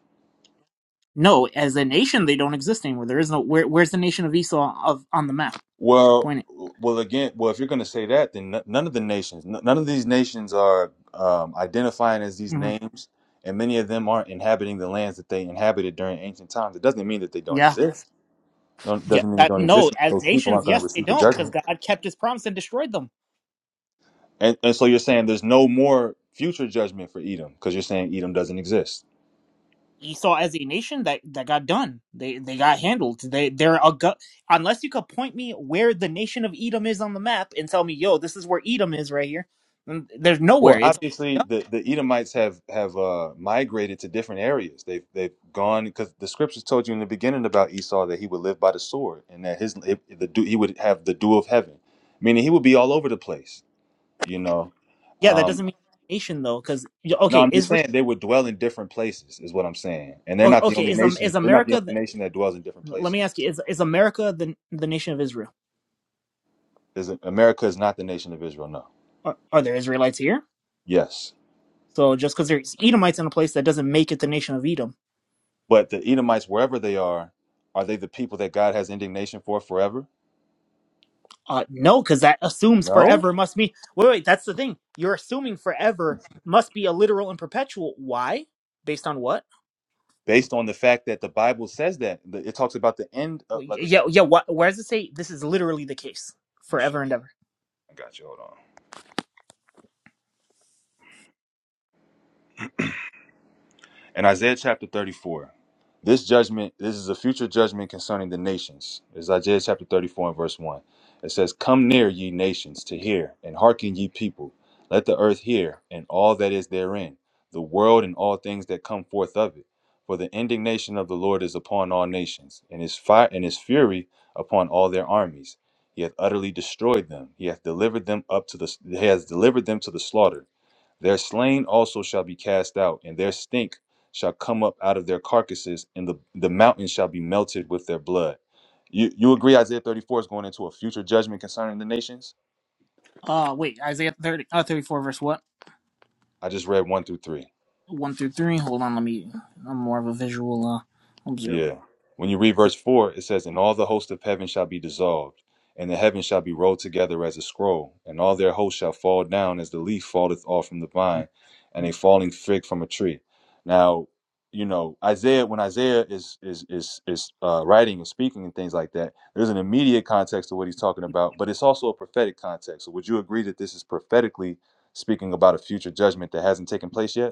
Speaker 9: No, as a nation, they don't exist anymore. There is no where. Where's the nation of Esau of on the map?
Speaker 8: Well,
Speaker 9: Point it.
Speaker 8: well, again, well, if you're going to say that, then n- none of the nations, n- none of these nations are um, identifying as these
Speaker 9: hmm
Speaker 8: names, and many of them aren't inhabiting the lands that they inhabited during ancient times. It doesn't mean that they don't
Speaker 9: Yeah,
Speaker 8: exist. Don't,
Speaker 9: yeah.
Speaker 8: doesn't mean they
Speaker 9: That,
Speaker 8: don't
Speaker 9: no,
Speaker 8: exist.
Speaker 9: as
Speaker 8: Those people
Speaker 9: nations,
Speaker 8: aren't going to
Speaker 9: yes, they
Speaker 8: receive a
Speaker 9: don't, because
Speaker 8: judgment.
Speaker 9: God kept His promise and destroyed them.
Speaker 8: And, and so you're saying there's no more future judgment for Edom because you're saying Edom doesn't exist.
Speaker 9: Esau as a nation that that got done. They they got handled. They they're a gu- unless you could point me where the nation of Edom is on the map and tell me, yo, this is where Edom is right here. then There's nowhere.
Speaker 8: Well,
Speaker 9: It's
Speaker 8: obviously,
Speaker 9: done.
Speaker 8: the, the Edomites have have uh, migrated to different areas. They've they've gone because the scriptures told you in the beginning about Esau that he would live by the sword and that his if the dew- he would have the dew of heaven, meaning he would be all over the place. You know,
Speaker 9: yeah. That
Speaker 8: um,
Speaker 9: doesn't mean nation though, because
Speaker 8: no,
Speaker 9: okay,
Speaker 8: I'm just
Speaker 9: Israel.
Speaker 8: saying they would dwell in different places is what I'm saying, and they're
Speaker 9: o-
Speaker 8: not the
Speaker 9: Okay,
Speaker 8: only
Speaker 9: is um is
Speaker 8: nation. They're not the
Speaker 9: America? The,
Speaker 8: only nation that dwells in different
Speaker 9: let me
Speaker 8: places.
Speaker 9: ask you: Is is America the the nation of Israel?
Speaker 8: Is it- America is not the nation of Israel? No.
Speaker 9: Are, are there Israelites here?
Speaker 8: Yes,
Speaker 9: So just because there's Edomites in a place that doesn't make it the nation of Edom.
Speaker 8: but the Edomites, wherever they are, are they the people that God has indignation for forever?
Speaker 9: Uh, no, because that assumes
Speaker 8: No.
Speaker 9: forever must mean. Wait, wait, that's the thing. You're assuming forever must be a literal and perpetual. Why? Based on what?
Speaker 8: based on the fact that the Bible says that it talks about the end
Speaker 9: Well,
Speaker 8: of like
Speaker 9: yeah,
Speaker 8: again.
Speaker 9: yeah. What? Where does it say this is literally the case
Speaker 8: Let me show.
Speaker 9: forever and ever?
Speaker 8: I got you. Hold on. In Isaiah chapter 34, this judgment, this is a future judgment concerning the nations. It's Isaiah chapter 34 and verse 1. It says, Come near, ye nations, to hear, and hearken, ye people. Let the earth hear, and all that is therein, the world and all things that come forth of it. For the indignation of the Lord is upon all nations, and his fire and his fury upon all their armies. He hath utterly destroyed them. He hath delivered them up to the he has delivered them to the slaughter their slain also shall be cast out, and their stink shall come up out of their carcasses, and the, the mountain shall be melted with their blood. You, you agree Isaiah 34 is going into a future judgment concerning the nations?
Speaker 9: Uh, wait, Isaiah 30, uh, 34, verse what?
Speaker 8: I just read 1 through 3.
Speaker 9: One through three. Hold on, let me. I'm more of a visual uh, observer.
Speaker 8: Yeah. When you read verse 4, it says, And all the host of heaven shall be dissolved, and the heavens shall be rolled together as a scroll, and all their hosts shall fall down as the leaf falleth off from the vine, and a falling fig from a tree. Now, you know, Isaiah, when Isaiah is is is is uh, writing and speaking and things like that, there's an immediate context to what he's talking about, but it's also a prophetic context. So would you agree that this is prophetically speaking about a future judgment that hasn't taken place yet?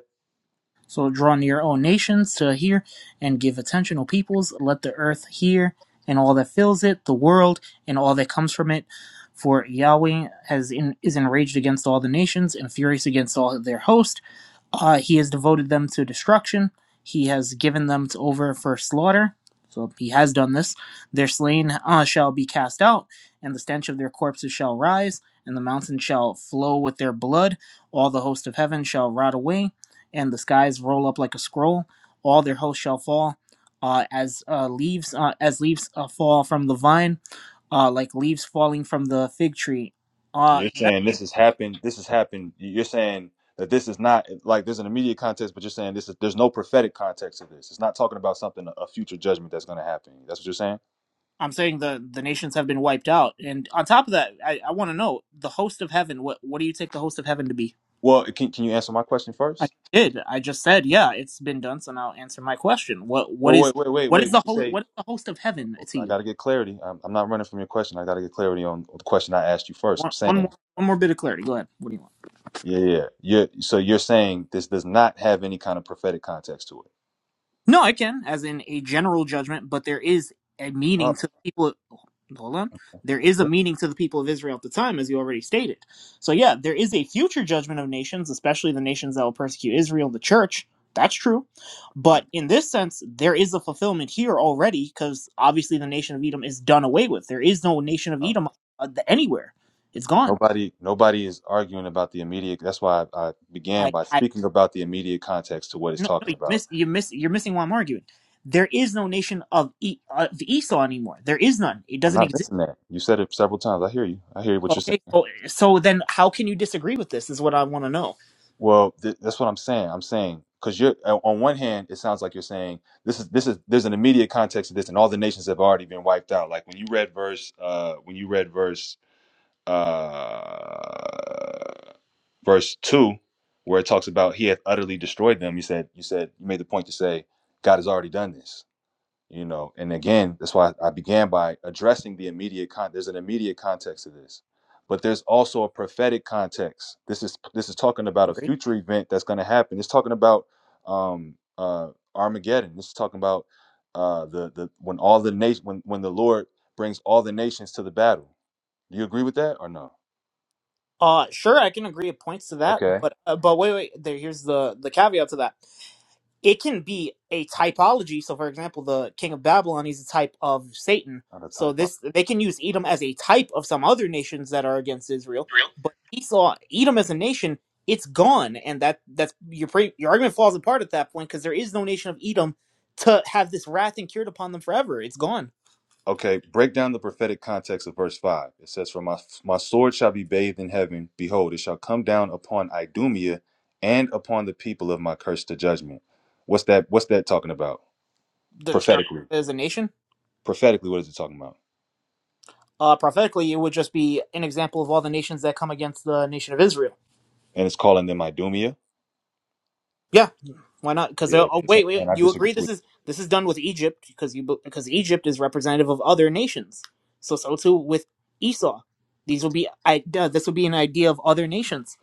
Speaker 9: So draw near, O nations, to hear and give attention, O peoples. Let the earth hear and all that fills it, the world and all that comes from it. For Yahweh has in, is enraged against all the nations and furious against all their hosts. Uh, he has devoted them to destruction. He has given them to over for slaughter. So he has done this. Their slain uh, shall be cast out, and the stench of their corpses shall rise, and the mountain shall flow with their blood. All the host of heaven shall rot away, and the skies roll up like a scroll. All their hosts shall fall, uh, as uh, leaves uh, as leaves uh, fall from the vine, uh, like leaves falling from the fig tree.
Speaker 8: And
Speaker 9: Uh,
Speaker 8: you're
Speaker 9: that's.
Speaker 8: saying this has happened. This has happened. You're saying that this is not like there's an immediate context, but you're saying this is there's no prophetic context to this. It's not talking about something a future judgment that's going to happen. That's what you're saying.
Speaker 9: I'm saying the the nations have been wiped out, and on top of that, I, I want to know the host of heaven. What what do you take the host of heaven to be?
Speaker 8: Well, can can you answer my question
Speaker 9: I
Speaker 8: first?
Speaker 9: did. I just said, yeah, it's been done. So now answer my question. What what
Speaker 8: Well,
Speaker 9: is
Speaker 8: wait, wait, wait,
Speaker 9: what
Speaker 8: wait.
Speaker 9: is
Speaker 8: When
Speaker 9: the
Speaker 8: you
Speaker 9: host?
Speaker 8: say
Speaker 9: What is the host of heaven to
Speaker 8: I
Speaker 9: you?
Speaker 8: got to get clarity, I'm, I'm not running from your question. I got to get clarity on the question I asked you first. I'm
Speaker 9: One one
Speaker 8: saying,
Speaker 9: more one more bit of clarity. Go ahead. What do you want?
Speaker 8: yeah, yeah. You're, so you're saying this does not have any kind of prophetic context to it.
Speaker 9: No, I can, as in a general judgment, but there is a
Speaker 8: Oh,
Speaker 9: meaning to the people. Hold on. There is a
Speaker 8: yeah.
Speaker 9: meaning to the people of Israel at the time, as you already stated. So, yeah, there is a future judgment of nations, especially the nations that will persecute Israel, the church. That's true. But in this sense, there is a fulfillment here already, because obviously the nation of Edom is done away with. There is no nation of Edom uh, th- anywhere, it's gone.
Speaker 8: Nobody, nobody is arguing about the immediate. That's why I, I began
Speaker 9: I,
Speaker 8: by
Speaker 9: I
Speaker 8: speaking about the immediate context to what it's
Speaker 9: no, no,
Speaker 8: talking
Speaker 9: you
Speaker 8: about.
Speaker 9: miss, you miss, you're missing why I'm arguing. There is no nation of, e, of Esau anymore. There is none. It
Speaker 8: I'm
Speaker 9: doesn't
Speaker 8: not
Speaker 9: exist.
Speaker 8: missing that. You said it several times. I hear you. I hear what you're saying.
Speaker 9: Okay, so, so then how can you disagree with this? Is what I want to know.
Speaker 8: Well, th- that's what I'm saying. I'm saying because you're on on one hand, it sounds like you're saying this is this is there's an immediate context to this, and all the nations have already been wiped out. Like when you read verse, uh, when you read verse, uh, verse two, where it talks about he hath utterly destroyed them. You said you said you made the point to say God has already done this you know and again that's why i began by addressing the immediate con there's an immediate context to this but there's also a prophetic context this is this is talking about a
Speaker 9: Agreed.
Speaker 8: future event that's going to happen it's talking about um uh armageddon this is talking about uh the the when all the nation when when the lord brings all the nations to the battle do you agree with that or no
Speaker 9: Uh, sure, I can agree with points to that,
Speaker 8: okay
Speaker 9: but uh, but wait, wait. There, here's the the caveat to that. it can be a typology. So, for example, the king of Babylon is a type of Satan.
Speaker 8: not a
Speaker 9: So
Speaker 8: typo
Speaker 9: this they can use Edom as a type of some other nations that are against Israel. But Esau, Edom as a nation, it's gone, and that that's your pre, your argument falls apart at that point because there is no nation of Edom to have this wrath incurred upon them forever. It's gone.
Speaker 8: Okay, break down the prophetic context of verse 5. It says, For my, my sword shall be bathed in heaven. Behold, it shall come down upon Idumea and upon the people of my curse to judgment. What's that what's that talking about?
Speaker 9: The destruction
Speaker 8: Prophetically.
Speaker 9: as a nation.
Speaker 8: Prophetically, what is it talking about?
Speaker 9: uh, prophetically, it would just be an example of all the nations that come against the nation of Israel.
Speaker 8: And it's calling them Idumea?
Speaker 9: Yeah, why not? Because
Speaker 8: Yeah.
Speaker 9: oh,
Speaker 8: that's what
Speaker 9: wait,
Speaker 8: I'm saying.
Speaker 9: wait,
Speaker 8: I
Speaker 9: you
Speaker 8: disagree
Speaker 9: agree this
Speaker 8: with
Speaker 9: is this is done with Egypt because you because Egypt is representative of other nations. So so too with Esau. These will be I, uh, this will be an idea of other nations.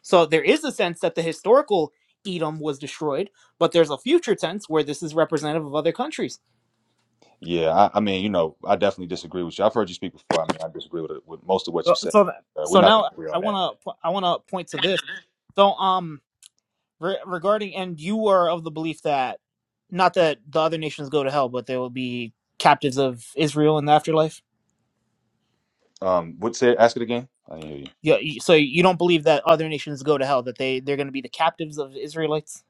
Speaker 9: So there is a sense that the historical Edom was destroyed, but there's a future tense where this is representative of other countries.
Speaker 8: Yeah, I, I mean, you know, I definitely disagree with you. I've heard you speak before. I mean, I disagree with, with most of what you
Speaker 9: So
Speaker 8: said.
Speaker 9: so,
Speaker 8: Uh, we're
Speaker 9: so
Speaker 8: not gonna
Speaker 9: now
Speaker 8: agree on
Speaker 9: I
Speaker 8: that.
Speaker 9: want to I want to point to this. So um Re- regarding, and you are of the belief that not that the other nations go to hell, but they will be captives of Israel in the afterlife.
Speaker 8: Um, what say ask it again? I didn't hear you.
Speaker 9: Yeah, you- so you don't believe that other nations go to hell, that they they're going to be the captives of Israelites,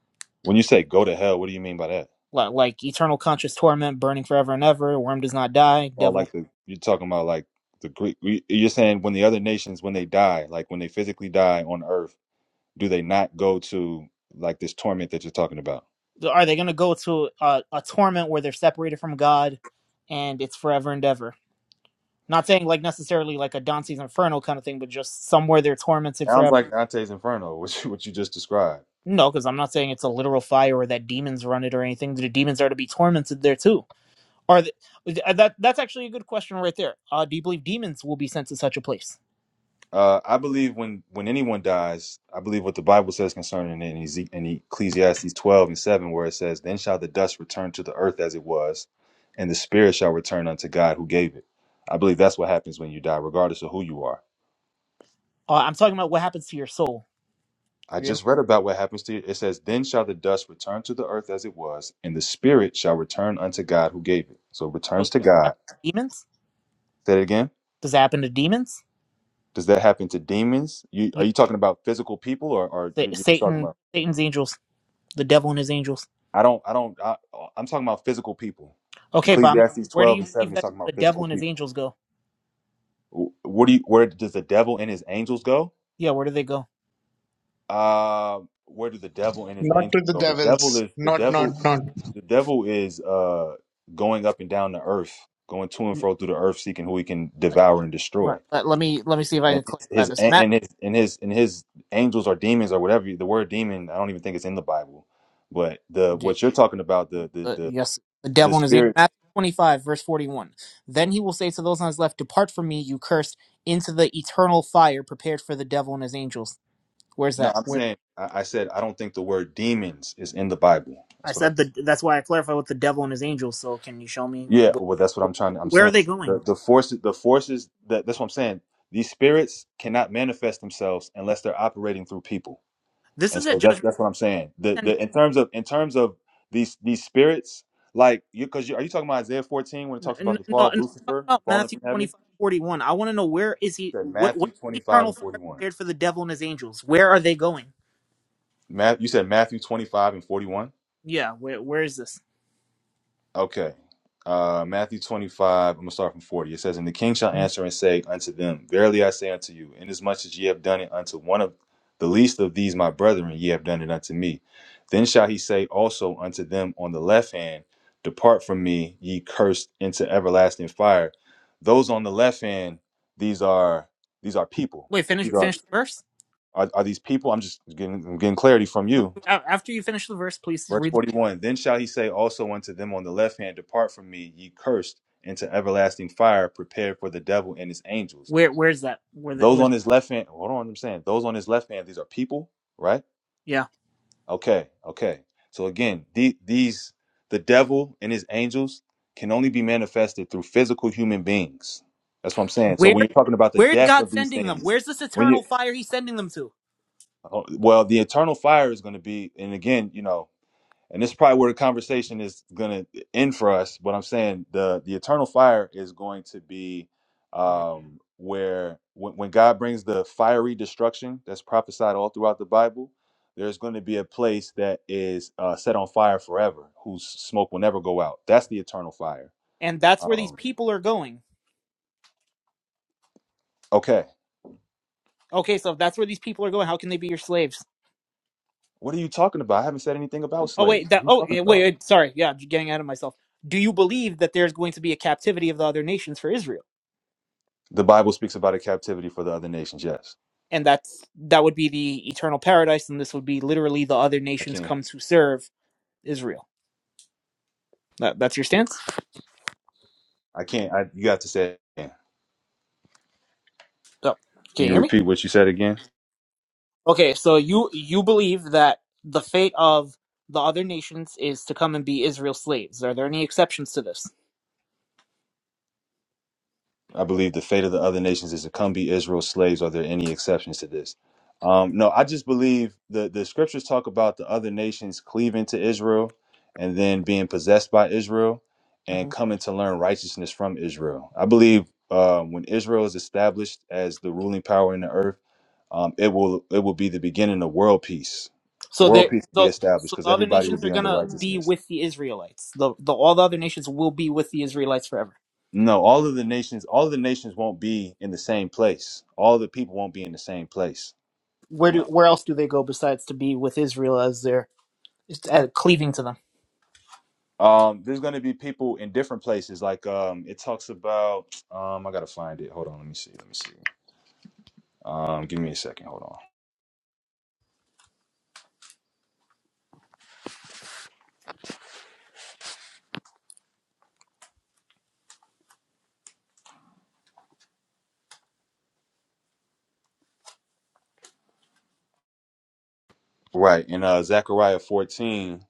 Speaker 8: When you say go to hell, what do you mean by that?
Speaker 9: Li- like eternal conscious torment, burning forever and ever, worm does not die,
Speaker 8: Oh,
Speaker 9: devil.
Speaker 8: like the you're talking about like the Greek. we- You're saying when the other nations, when they die, like when they physically die on Earth, do they not go to like this torment that you're talking about?
Speaker 9: Are they going to go to a, a torment where they're separated from God, and it's forever and ever? Not saying like necessarily like a Dante's Inferno kind of thing, but just somewhere they're tormented forever.
Speaker 8: Sounds like Dante's Inferno, which what you just described.
Speaker 9: No, because I'm not saying it's a literal fire or that demons run it or anything. The demons are to be tormented there too. Are th- that that's actually a good question right there. Uh, do you believe demons will be sent to such a place?
Speaker 8: Uh, I believe when when anyone dies, I believe what the Bible says concerning it in, Eze- in Ecclesiastes 12 and 7, where it says, "Then shall the dust return to the earth as it was, and the spirit shall return unto God who gave it." I believe that's what happens when you die, regardless of who you are
Speaker 9: Uh, I'm talking about what happens to your soul.
Speaker 8: I
Speaker 9: Your im-
Speaker 8: just read about what happens to you. It says, Then shall the dust return to the earth as it was, and the spirit shall return unto God who gave it. So it
Speaker 9: oh,
Speaker 8: returns to God.
Speaker 9: happen to demons?
Speaker 8: Say that again.
Speaker 9: Does it happen to demons?
Speaker 8: Does that happen to demons? You are
Speaker 9: Yeah,
Speaker 8: you talking about physical people or are
Speaker 9: Sa-
Speaker 8: you you're just talking
Speaker 9: Satan,
Speaker 8: about
Speaker 9: Satan's angels, the devil and his angels.
Speaker 8: I don't I don't I, I'm talking about physical people.
Speaker 9: Okay, Bob,
Speaker 8: Ecclesiastes
Speaker 9: where do
Speaker 8: 12
Speaker 9: you
Speaker 8: and 7
Speaker 9: believe
Speaker 8: is
Speaker 9: that
Speaker 8: talking
Speaker 9: the
Speaker 8: about
Speaker 9: devil
Speaker 8: physical
Speaker 9: and his
Speaker 8: people.
Speaker 9: angels go?
Speaker 8: Wh- What do you where does the devil and his angels go?
Speaker 9: Yeah, where do they go?
Speaker 8: Uh where do the devil and his
Speaker 10: Not
Speaker 8: angels
Speaker 10: to the
Speaker 8: go? The devil
Speaker 10: devils.
Speaker 8: is the
Speaker 10: Not, not,
Speaker 8: devil
Speaker 10: not.
Speaker 8: The devil is uh going up and down the earth, going to and
Speaker 9: Uh,
Speaker 8: fro through the earth, seeking who he can devour and destroy.
Speaker 9: Let, let me let me see if I
Speaker 8: And
Speaker 9: can clarify
Speaker 8: his, his
Speaker 9: this.
Speaker 8: and his and his and his angels or demons or whatever you- the word demon, I don't even think it's in the Bible. But the
Speaker 9: Matt,
Speaker 8: what you're talking about, the the
Speaker 9: Uh,
Speaker 8: the
Speaker 9: yes, the
Speaker 8: the
Speaker 9: devil and his angels.
Speaker 8: spirits.
Speaker 9: Matthew 25, verse 41. Then he will say to those on his left, Depart from me, you cursed, into the eternal fire prepared for the devil and his angels. Where's
Speaker 8: No,
Speaker 9: that?
Speaker 8: I'm
Speaker 9: Where
Speaker 8: saying I, I said I don't think the word demons is in the Bible.
Speaker 9: I
Speaker 8: That's what I.
Speaker 9: said the, that's why I clarified with the devil and his angels. So can you show me
Speaker 8: Yeah, well, that's
Speaker 9: wh-
Speaker 8: what I'm trying.
Speaker 9: wh-
Speaker 8: I'm
Speaker 9: where are
Speaker 8: saying
Speaker 9: they going?
Speaker 8: the the forces, the forces that that's what I'm saying. These spirits cannot manifest themselves unless they're operating through people
Speaker 9: This
Speaker 8: And
Speaker 9: is at
Speaker 8: so that's
Speaker 9: judgment.
Speaker 8: that's what I'm saying. The
Speaker 9: Sending.
Speaker 8: the in terms of in terms of these these spirits, like you because you, are you talking about Isaiah 14 when it
Speaker 9: No,
Speaker 8: talks
Speaker 9: no,
Speaker 8: about the
Speaker 9: no,
Speaker 8: fall
Speaker 9: I'm
Speaker 8: of
Speaker 9: talking
Speaker 8: Lucifer
Speaker 9: about
Speaker 8: falling
Speaker 9: Matthew
Speaker 8: from heaven?
Speaker 9: 25, 41. I want to know where is he?
Speaker 8: You said
Speaker 9: What, what
Speaker 8: Matthew
Speaker 9: is
Speaker 8: 25
Speaker 9: eternal
Speaker 8: and
Speaker 9: fire
Speaker 8: 41.
Speaker 9: prepared for the devil and his angels? Where are they going?
Speaker 8: Matt, you said Matthew 25 and 41.
Speaker 9: Yeah, where, where is this?
Speaker 8: Okay. Uh, Matthew 25, I'm going to start from 40. It says, And the king shall answer and say unto them, Verily I say unto you, inasmuch as ye have done it unto one of the least of these my brethren, ye have done it unto me. Then shall he say also unto them on the left hand, Depart from me, ye cursed, into everlasting fire. Those on the left hand, these are these are people.
Speaker 9: Wait, finish,
Speaker 8: These are
Speaker 9: finish the verse.
Speaker 8: are, are these people? I'm just getting, I'm getting clarity from
Speaker 9: No,
Speaker 8: you.
Speaker 9: After you finish the verse, please
Speaker 8: Verse
Speaker 9: read the,
Speaker 8: 41 Then shall he say also unto them on the left hand, Depart from me, ye cursed, into everlasting fire, prepared for the devil and his angels.
Speaker 9: where where's that? Where the
Speaker 8: Those
Speaker 9: where
Speaker 8: on his left hand, hold on, I'm saying, those on his left hand, these are people, right?
Speaker 9: yeah.
Speaker 8: Okay, okay. So again, the, these, the devil and his angels can only be manifested through physical human beings. That's what I'm saying. So
Speaker 9: Where
Speaker 8: when you're talking about the
Speaker 9: where's
Speaker 8: death of
Speaker 9: God
Speaker 8: these
Speaker 9: sending them?
Speaker 8: things,
Speaker 9: Where's this
Speaker 8: when you,
Speaker 9: eternal fire he's sending them to?
Speaker 8: oh, well, the eternal fire is going to be, and again, you know, and this is probably where the conversation is going to end for us but i'm saying the the eternal fire is going to be
Speaker 9: Uh,
Speaker 8: um where when, when god brings the fiery destruction that's prophesied all throughout the bible there's going to be a place that is uh, set on fire forever whose smoke will never go out that's the eternal fire
Speaker 9: And that's where these
Speaker 8: um
Speaker 9: people are going.
Speaker 8: okay
Speaker 9: Okay, so if that's where these people are going, how can they be your slaves?
Speaker 8: what are you talking about i haven't said anything about
Speaker 9: Oh
Speaker 8: slaves
Speaker 9: wait,
Speaker 8: what
Speaker 9: that
Speaker 8: are you
Speaker 9: oh
Speaker 8: talking
Speaker 9: yeah, wait,
Speaker 8: about
Speaker 9: wait, sorry. Yeah, j- getting out of myself. Do you believe that there's going to be a captivity of the other nations for Israel?
Speaker 8: the bible speaks about a captivity for the other nations yes
Speaker 9: And that's that would be the eternal paradise and this would be literally the other
Speaker 8: i
Speaker 9: nations
Speaker 8: can't
Speaker 9: come to serve Israel. That, that's your stance?
Speaker 8: i can't I, you have to say it again.
Speaker 9: So, can
Speaker 8: can
Speaker 9: you
Speaker 8: you
Speaker 9: hear me?
Speaker 8: repeat what you said again
Speaker 9: Okay, so you you believe that the fate of the other nations is to come and be Israel's slaves. Are there any exceptions to this?
Speaker 8: I believe the fate of the other nations is to come be Israel's slaves. Are there any exceptions to this? Um, no, I just believe the, the scriptures talk about the other nations cleaving to Israel and then being possessed by Israel and
Speaker 9: hmm
Speaker 8: coming to learn righteousness from Israel. I believe um, when Israel is established as the ruling power in the earth, um, it will it will be the beginning of world peace.
Speaker 9: So
Speaker 8: World
Speaker 9: they
Speaker 8: peace will be
Speaker 9: so
Speaker 8: established
Speaker 9: so
Speaker 8: because
Speaker 9: the other
Speaker 8: everybody
Speaker 9: nations
Speaker 8: will
Speaker 9: are
Speaker 8: be under
Speaker 9: gonna be
Speaker 8: righteousness.
Speaker 9: with the Israelites. The the all the other nations will be with the Israelites forever.
Speaker 8: No, all of the nations, all of the nations won't be in the same place. All the people won't be in the same place.
Speaker 9: Where do
Speaker 8: No.
Speaker 9: where else do they go besides to be with Israel as they're uh, cleaving to them?
Speaker 8: Um, there's going to be people in different places. Like um, it talks about. Um, I gotta find it. Hold on. Let me see. Let me see. Um, give me a second. Hold on. Right in uh, Zechariah 14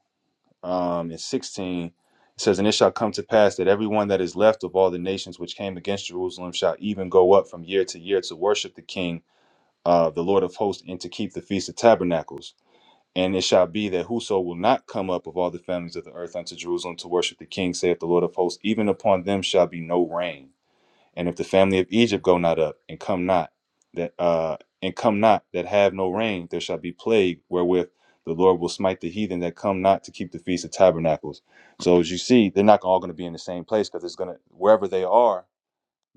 Speaker 8: um, and 16. It says, And it shall come to pass that everyone that is left of all the nations which came against Jerusalem shall even go up from year to year to worship the King, uh, the Lord of hosts, and to keep the Feast of Tabernacles. And it shall be that whoso will not come up of all the families of the earth unto Jerusalem to worship the king, saith the Lord of hosts, even upon them shall be no rain. And if the family of Egypt go not up and come not, that uh and come not that have no rain, there shall be plague wherewith the Lord will smite the heathen that come not to keep the feast of tabernacles. So as you see, they're not all going to be in the same place because it's going to wherever they are,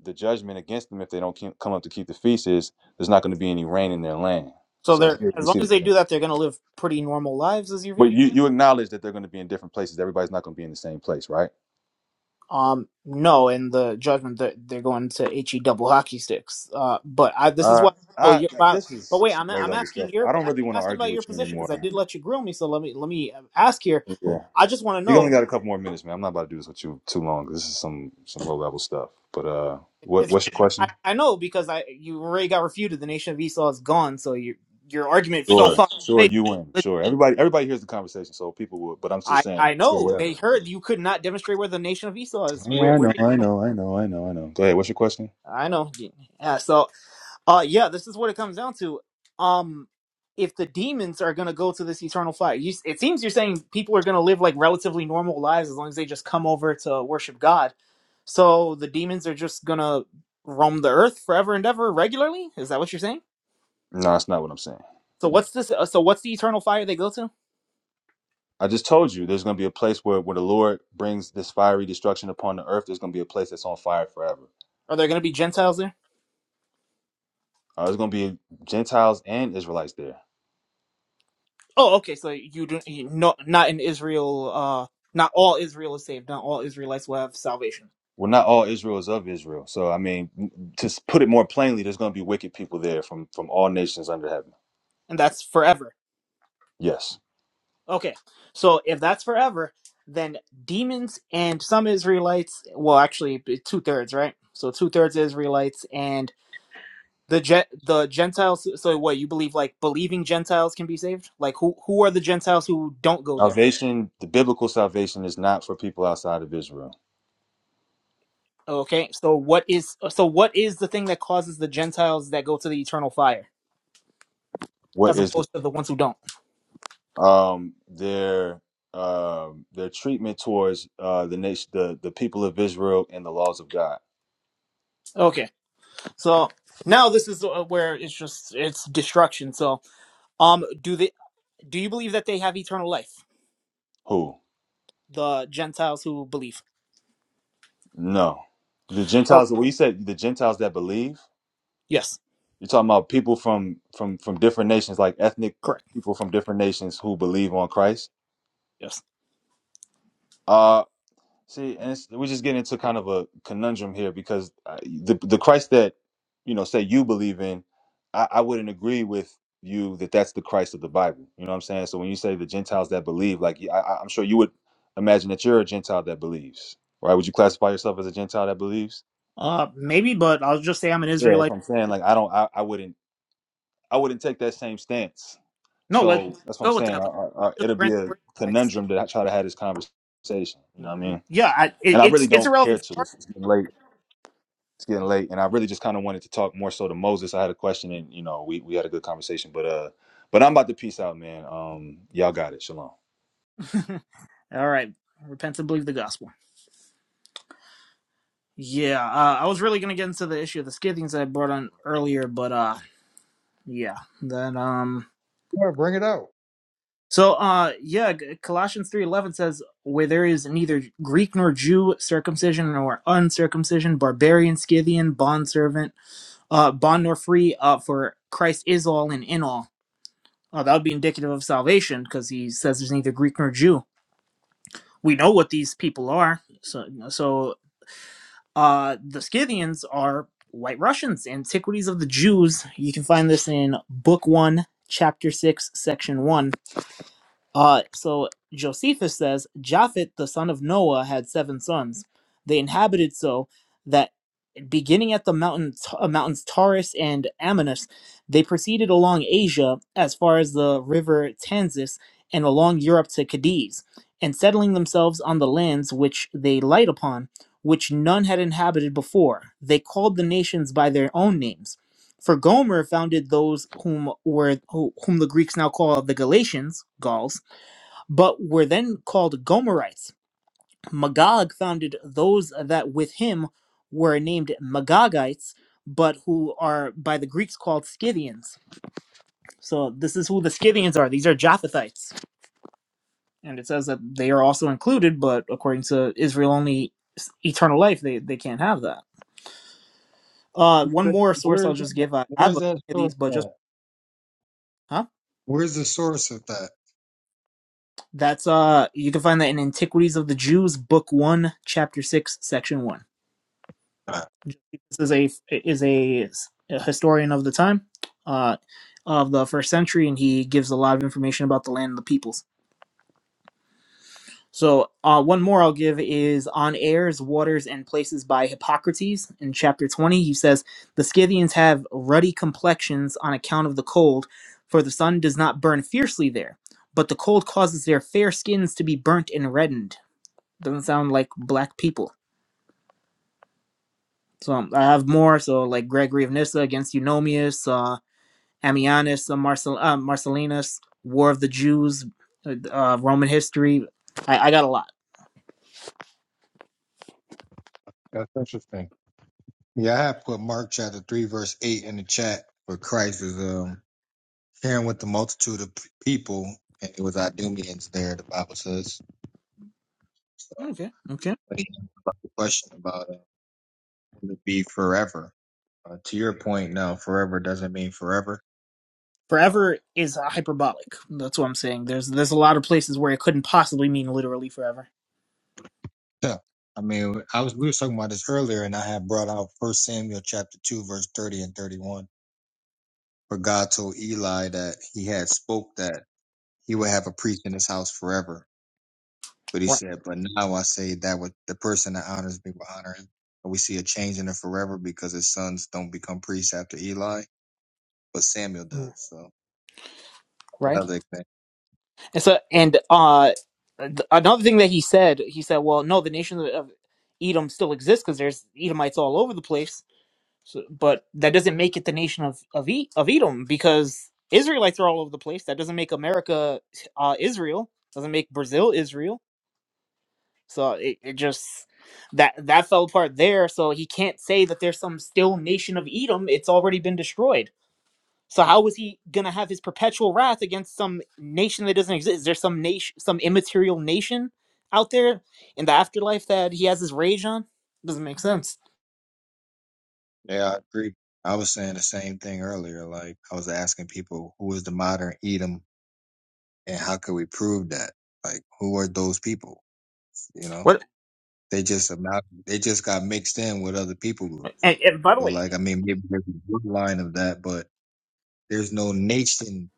Speaker 8: the judgment against them if they don't keep, come up to keep the feast is there's not going to be any rain in their land.
Speaker 9: So
Speaker 8: So
Speaker 9: they're
Speaker 8: here
Speaker 9: as
Speaker 8: we
Speaker 9: long
Speaker 8: see
Speaker 9: as they
Speaker 8: that.
Speaker 9: do that, they're gonna live pretty normal lives, is your
Speaker 8: But
Speaker 9: view?
Speaker 8: you, you acknowledge that they're going to be in different places. Everybody's not going to be in the same place, right?
Speaker 9: Um, no, in the judgment they're, they're going to he double hockey sticks. Uh, but I this is
Speaker 8: Uh,
Speaker 9: what oh
Speaker 8: I,
Speaker 9: you're but,
Speaker 8: this
Speaker 9: but
Speaker 8: is
Speaker 9: wait,
Speaker 8: some
Speaker 9: I'm
Speaker 8: low
Speaker 9: I'm
Speaker 8: level
Speaker 9: asking
Speaker 8: stuff. I
Speaker 9: your
Speaker 8: don't
Speaker 9: I'm
Speaker 8: really want to
Speaker 9: asking
Speaker 8: argue
Speaker 9: about your
Speaker 8: with you
Speaker 9: position because I
Speaker 8: anymore.
Speaker 9: did let you grill me, so let me let me uh, ask here.
Speaker 8: Yeah,
Speaker 9: I just want to
Speaker 8: you only
Speaker 9: know.
Speaker 8: got a couple more minutes, man. I'm not about to do this with you too long. This is some some low level stuff. But uh, what
Speaker 9: It's
Speaker 8: what's your
Speaker 9: I,
Speaker 8: question?
Speaker 9: I know because I you already got refuted. The nation of Esau is gone, so your your argument fell
Speaker 8: Sure,
Speaker 9: flat. on
Speaker 8: sure,
Speaker 9: its
Speaker 8: you win.
Speaker 9: face.
Speaker 8: Sure, everybody everybody hears the conversation, so people would. But I'm
Speaker 9: I
Speaker 8: just saying,
Speaker 9: I
Speaker 8: sure,
Speaker 9: know they
Speaker 8: whatever.
Speaker 9: heard you could not demonstrate where the nation of Esau is.
Speaker 8: Yeah,
Speaker 9: Where
Speaker 8: I
Speaker 9: where
Speaker 8: know, I know, I know, I know, I know. Go ahead. What's your question?
Speaker 9: I know. Yeah. So Uh yeah, this is what it comes down to. Um if the demons are going to go to this eternal fire. You, it seems you're saying people are going to live like relatively normal lives as long as they just come over to worship God. So the demons are just going to roam the earth forever and ever regularly? Is that what you're saying?
Speaker 8: No, that's not what I'm saying.
Speaker 9: So what's this uh, so what's the eternal fire they go to?
Speaker 8: I just told you there's going to be a place where, where the Lord brings this fiery destruction upon the earth. There's going to be a place that's on fire forever.
Speaker 9: Are there going to be gentiles there?
Speaker 8: Uh, there's going to be Gentiles and Israelites there.
Speaker 9: Oh, okay, so you do you, no not in Israel uh not all Israel is saved. Not all Israelites will have salvation.
Speaker 8: Well, not all Israel is of Israel. So, I mean, to s- put it more plainly, there's going to be wicked people there from, from all nations under heaven.
Speaker 9: And that's forever.
Speaker 8: Yes.
Speaker 9: Okay, so if that's forever, then demons and some Israelites, well, actually, two thirds, right? So two thirds Israelites and the Gen- the Gentiles. So so what you believe, like believing Gentiles can be saved? Like who who are the Gentiles who don't go there?
Speaker 8: Salvation, the biblical salvation is not for people outside of Israel.
Speaker 9: Okay, so what is so what is the thing that causes the Gentiles that go to the eternal fire,
Speaker 8: What
Speaker 9: as
Speaker 8: is
Speaker 9: opposed to the ones who don't?
Speaker 8: um, their um, their treatment towards uh, the nation, the, the people of Israel and the laws of God?
Speaker 9: Okay, so now this is uh, where it's just it's destruction. So um, do they do you believe that they have eternal life?
Speaker 8: Who?
Speaker 9: the Gentiles who believe.
Speaker 8: No, the
Speaker 9: Oh,
Speaker 8: Gentiles. Well, you said the Gentiles that believe,
Speaker 9: Yes,
Speaker 8: you're talking about people from from from different nations, like ethnic
Speaker 9: correct.
Speaker 8: people from different nations who believe on Christ.
Speaker 9: Yes.
Speaker 8: Uh see, and it's, we just get into kind of a conundrum here because uh, the the Christ that you know say you believe in, I, I wouldn't agree with you that that's the Christ of the Bible. You know what I'm saying? So when you say the Gentiles that believe, like yeah, I, I- I'm sure you would imagine that you're a Gentile that believes, right? Would you classify yourself as a Gentile that believes?
Speaker 9: Uh, maybe, but I'll just say I'm an
Speaker 8: Yeah, that's
Speaker 9: Israelite.
Speaker 8: what I'm saying. Like I don't, I, I wouldn't I wouldn't take that same stance.
Speaker 9: No, let's,
Speaker 8: So that's what I'm
Speaker 9: go with
Speaker 8: saying.
Speaker 9: that.
Speaker 8: I,
Speaker 9: Let's,
Speaker 8: I,
Speaker 9: I'll
Speaker 8: I,
Speaker 9: just
Speaker 8: it'll
Speaker 9: grant
Speaker 8: be
Speaker 9: that
Speaker 8: a
Speaker 9: we're Israelites.
Speaker 8: conundrum that I try to have this conversation. You know what I
Speaker 9: Well,
Speaker 8: mean?
Speaker 9: Yeah, I, it,
Speaker 8: And I
Speaker 9: it's
Speaker 8: really
Speaker 9: it's
Speaker 8: don't care
Speaker 9: irrelevant.
Speaker 8: to. It's, it's getting late. It's getting late, and I really just kind of wanted to talk more so to Moses. I had a question, and you know, we we had a good conversation, but uh, but I'm about to peace out, man. Um, y'all got it. Shalom.
Speaker 9: All right, repent and believe the gospel. Yeah, uh, I was really gonna get into the issue of the Scythians that I brought on earlier, but uh, yeah, then um,
Speaker 1: Yeah, bring it out.
Speaker 9: so uh, yeah, G- Colossians three eleven says, "Where there is neither Greek nor Jew, circumcision nor uncircumcision, barbarian, Scythian, bondservant." uh, bond nor free, uh, for Christ is all and in all. Uh, that would be indicative of salvation because he says there's neither Greek nor Jew. We know what these people are. So, so uh, the Scythians are white Russians, Antiquities of the Jews. You can find this in Book 1, Chapter 6, Section 1. Uh, so Josephus says Japhet, the son of Noah, had seven sons. They inhabited so that Beginning at the mountain, uh, mountains Taurus and Amanus, they proceeded along Asia as far as the river Tansis and along Europe to Cadiz, and settling themselves on the lands which they light upon, which none had inhabited before, they called the nations by their own names. For Gomer founded those whom were who- whom the Greeks now call the Galatians, Gauls, but were then called Gomerites Magog founded those that with him were named Magogites, but who are by the Greeks called Scythians. So this is who the Scythians are. These are Japhethites. And it says that they are also included, but according to Israel only s- eternal life, they, they can't have that. Uh, one more source I'll
Speaker 1: Where's
Speaker 9: just
Speaker 1: that?
Speaker 9: give. I have
Speaker 1: Where's
Speaker 9: a few
Speaker 1: that
Speaker 9: of
Speaker 1: source
Speaker 9: these, but just
Speaker 1: at?
Speaker 9: huh?
Speaker 1: Where's the source of that?
Speaker 9: That's uh, you can find that in Antiquities of the Jews, Book One, Chapter Six, Section One.
Speaker 1: at?
Speaker 9: This is a is a, a historian of the time, uh, of the first century, and he gives a lot of information about the land and the peoples. So uh, one more I'll give is on airs, waters, and places by Hippocrates in chapter twenty. He says the Scythians have ruddy complexions on account of the cold, for the sun does not burn fiercely there, but the cold causes their fair skins to be burnt and reddened. Doesn't sound like black people. So um, I have more. So like Gregory of Nyssa against Eunomius. Uh, Ammianus, uh, Marcel, uh, Marcellinus, War of the Jews, uh, uh, Roman history. I, I got a lot.
Speaker 1: That's interesting. Yeah, I had put Mark chapter three verse eight in the chat For Christ is um sharing with the multitude of p- people, and it was Idumeans there. The Bible says. So,
Speaker 9: Okay, okay.
Speaker 1: but he asked about the question about uh, will it be forever? Uh, to your point, no, forever doesn't mean forever. Uh,
Speaker 9: Forever is uh, hyperbolic. That's what I'm saying. There's there's a lot of places where it couldn't possibly mean literally forever.
Speaker 1: yeah. I mean, I was we were talking about this earlier, and I had brought out First Samuel chapter two, verse thirty and thirty-one For God told Eli that he had spoke that he would have a priest in his house forever. But he
Speaker 9: Right.
Speaker 1: said, But now I say that with the person that honors me will honor him. And we see a change in it forever because his sons don't become priests after Eli, but Samuel does.
Speaker 9: Mm.
Speaker 1: So
Speaker 9: Right.
Speaker 1: another thing.
Speaker 9: And so and uh, th- another thing that he said, he said, well, no, the nation of of Edom still exists because there's Edomites all over the place So, but that doesn't make it the nation of of, e- of Edom because Israelites are all over the place. That doesn't make America uh, Israel. Doesn't make Brazil Israel. So it, it just that that fell apart there. So he can't say that there's some still nation of Edom. It's already been destroyed. So how is he gonna have his perpetual wrath against some nation that doesn't exist? Is there some nation, some immaterial nation out there in the afterlife that he has his rage on? Doesn't make sense.
Speaker 1: Yeah, I agree. I was saying the same thing earlier. Like I was asking people who is the modern Edom and how could we prove that? Like who are those people? You know?
Speaker 9: What?
Speaker 1: They just amount. they just got mixed in with other people groups.
Speaker 9: And, and by the
Speaker 1: So
Speaker 9: way,
Speaker 1: like, I mean, maybe there's a line of that, but there's no nation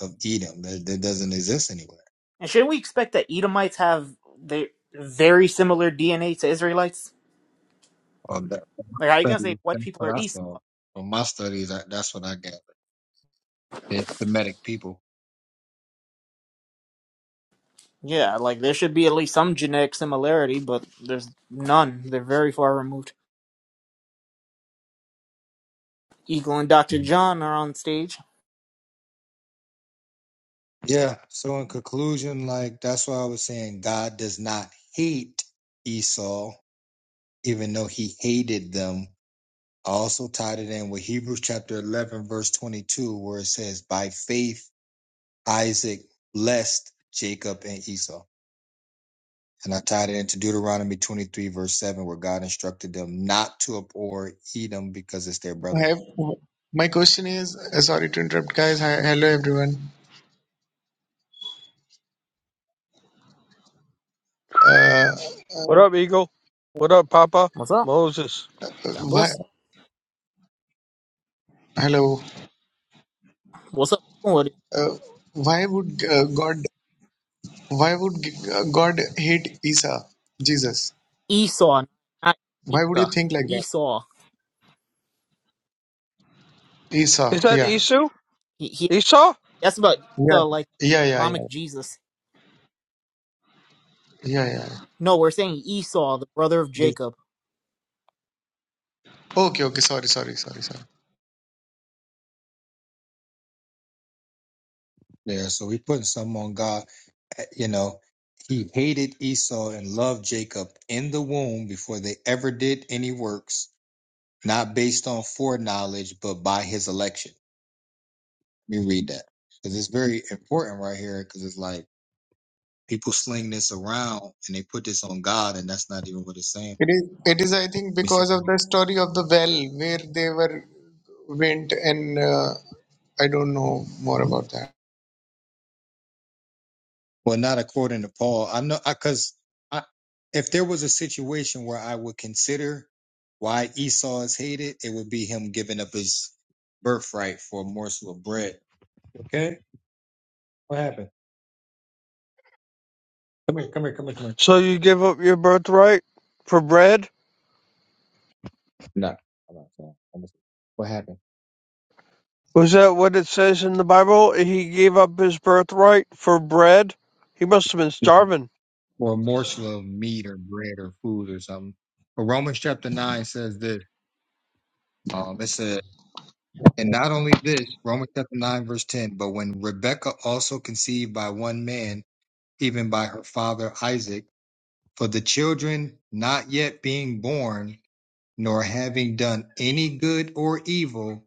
Speaker 1: of Edom that, that doesn't exist anywhere.
Speaker 9: And shouldn't we expect that Edomites have they very similar DNA to Israelites?
Speaker 1: Well, that,
Speaker 9: Like, how you gonna
Speaker 1: studies,
Speaker 9: say white
Speaker 1: that's
Speaker 9: people
Speaker 1: what
Speaker 9: are
Speaker 1: I
Speaker 9: Esau?
Speaker 1: saw from my studies. I, that's what I gathered. It's Semitic people.
Speaker 9: Yeah, like there should be at least some genetic similarity, but there's none. They're very far removed. Eagle and Dr. John are on stage.
Speaker 1: Yeah. So in conclusion, like that's why I was saying God does not hate Esau, even though he hated them. I also tied it in with Hebrews chapter 11, verse 22, where it says, by faith, Isaac blessed Jacob and Esau. And I tied it into Deuteronomy 23, verse 7, where God instructed them not to abhor Edom because it's their
Speaker 10: I
Speaker 1: brother.
Speaker 10: have, my question is, uh, sorry to interrupt, guys. Hi, hello, everyone. Uh,
Speaker 11: What up,
Speaker 10: uh,
Speaker 11: Eagle? What up, Papa?
Speaker 9: What's up?
Speaker 11: Moses.
Speaker 9: God
Speaker 10: why,
Speaker 9: bless.
Speaker 10: hello.
Speaker 9: What's up? What-
Speaker 10: Uh, why would uh, God? Why would uh, God hate Esau, Jesus?
Speaker 9: Esau, not
Speaker 10: Why would you
Speaker 9: Esau.
Speaker 10: think like that?
Speaker 9: Esau.
Speaker 10: Esau.
Speaker 11: Is that
Speaker 10: Yeah.
Speaker 11: Esau?
Speaker 9: He, he,
Speaker 11: Esau?
Speaker 9: that's about
Speaker 10: Yeah.
Speaker 9: Esau, like
Speaker 10: Yeah. Yeah. Yeah. Yeah.
Speaker 9: Islamic Jesus.
Speaker 10: Yeah. yeah.
Speaker 9: No, we're saying Esau, the brother of
Speaker 10: Jesus.
Speaker 9: Jacob.
Speaker 10: Okay. Okay. Sorry. Sorry. Sorry. Sorry.
Speaker 1: Yeah. So we putting something on God. Eh, You know, he hated Esau and loved Jacob in the womb before they ever did any works, not based on foreknowledge, but by his election. Let me read that. Because it's very important right here, because it's like people sling this around and they put this on God, and that's not even what it's saying.
Speaker 10: It is, it is, I think,
Speaker 1: Let me see.
Speaker 10: because of the story of the well where they were went and uh, I don't know more about that.
Speaker 1: Well, not according to Paul. I know because I- if there was a situation where I would consider why Esau is hated, it would be him giving up his birthright for a morsel of bread. Okay, what happened? Come here, come here, come here, come here.
Speaker 11: So you give up your birthright for bread?
Speaker 1: No, I'm not saying. I'm just- What happened?
Speaker 11: Was that what it says in the Bible? He gave up his birthright for bread? He must have been starving.
Speaker 1: Or a morsel of meat or bread or food or something. But Romans chapter nine says this. Um, it says, and not only this, Romans chapter nine verse ten. But when Rebekah also conceived by one man even by her father Isaac, for the children not yet being born, nor having done any good or evil,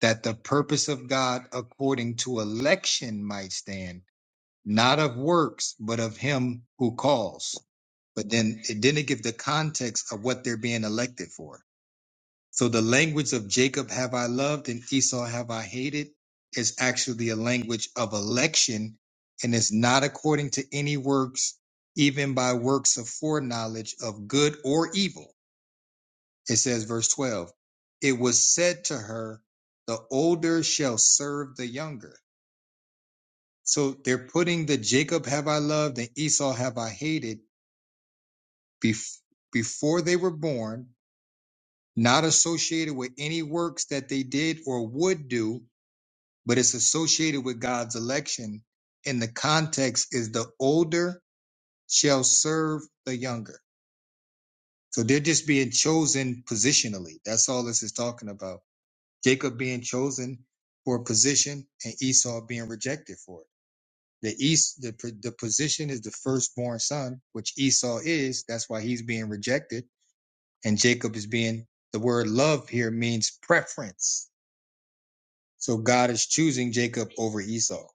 Speaker 1: that the purpose of God according to election might stand, not of works, but of him who calls. But then it didn't give the context of what they're being elected for. So the language of Jacob have I loved and Esau have I hated is actually a language of election and is not according to any works, even by works of foreknowledge of good or evil. It says, verse 12, it was said to her, the older shall serve the younger. So they're putting the Jacob have I loved and Esau have I hated bef- before they were born, not associated with any works that they did or would do but it's associated with God's election. And the context is the older shall serve the younger. So they're just being chosen positionally. That's all this is talking about. Jacob being chosen for a position and Esau being rejected for it. The east, the, the position is the firstborn son, which Esau is. That's why he's being rejected. And Jacob is being, the word love here means preference. So God is choosing Jacob over Esau.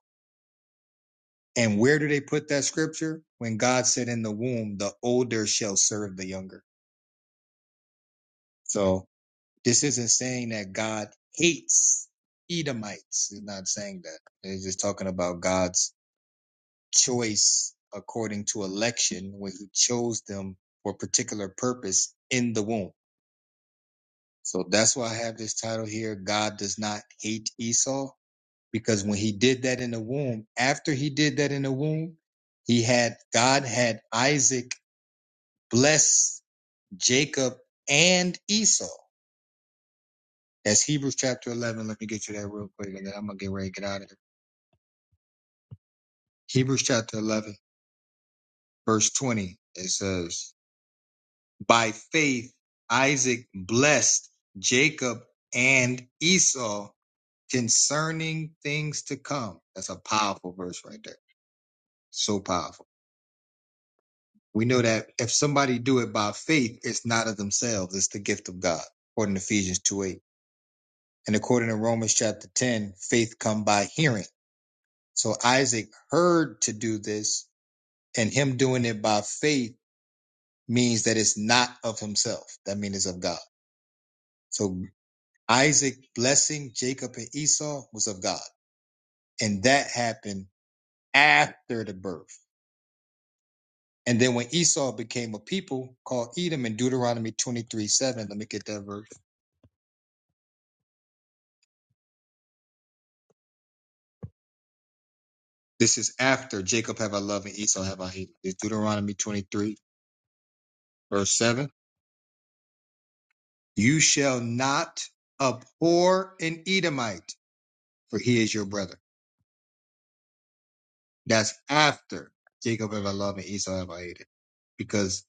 Speaker 1: And where do they put that scripture? When God said in the womb, the older shall serve the younger. So this isn't saying that God hates Edomites. It's not saying that. It's just talking about God's choice according to election when he chose them for a particular purpose in the womb. So that's why I have this title here. God does not hate Esau because when he did that in the womb, after he did that in the womb, he had, God had Isaac Bless Jacob and Esau. That's Hebrews chapter 11. Let me get you that real quick and then I'm going to get ready to get out of here. Hebrews chapter 11, verse 20. It says, By faith, Isaac blessed Jacob and Esau concerning things to come. That's a powerful verse right there. So powerful. We know that if somebody do it by faith, it's not of themselves. It's the gift of God, according to Ephesians two eight. And according to Romans chapter 10, faith come by hearing. So Isaac heard to do this, and him doing it by faith means that it's not of himself. That means it's of God. So Isaac blessing Jacob and Esau was of God. And that happened after the birth. And then when Esau became a people called Edom in Deuteronomy 23 7, let me get that verse. This is after Jacob have I loved and Esau have I hated. It's Deuteronomy 23, verse 7 You shall not abhor an Edomite, for he is your brother. That's after Jacob have I loved and Esau have I hated. Because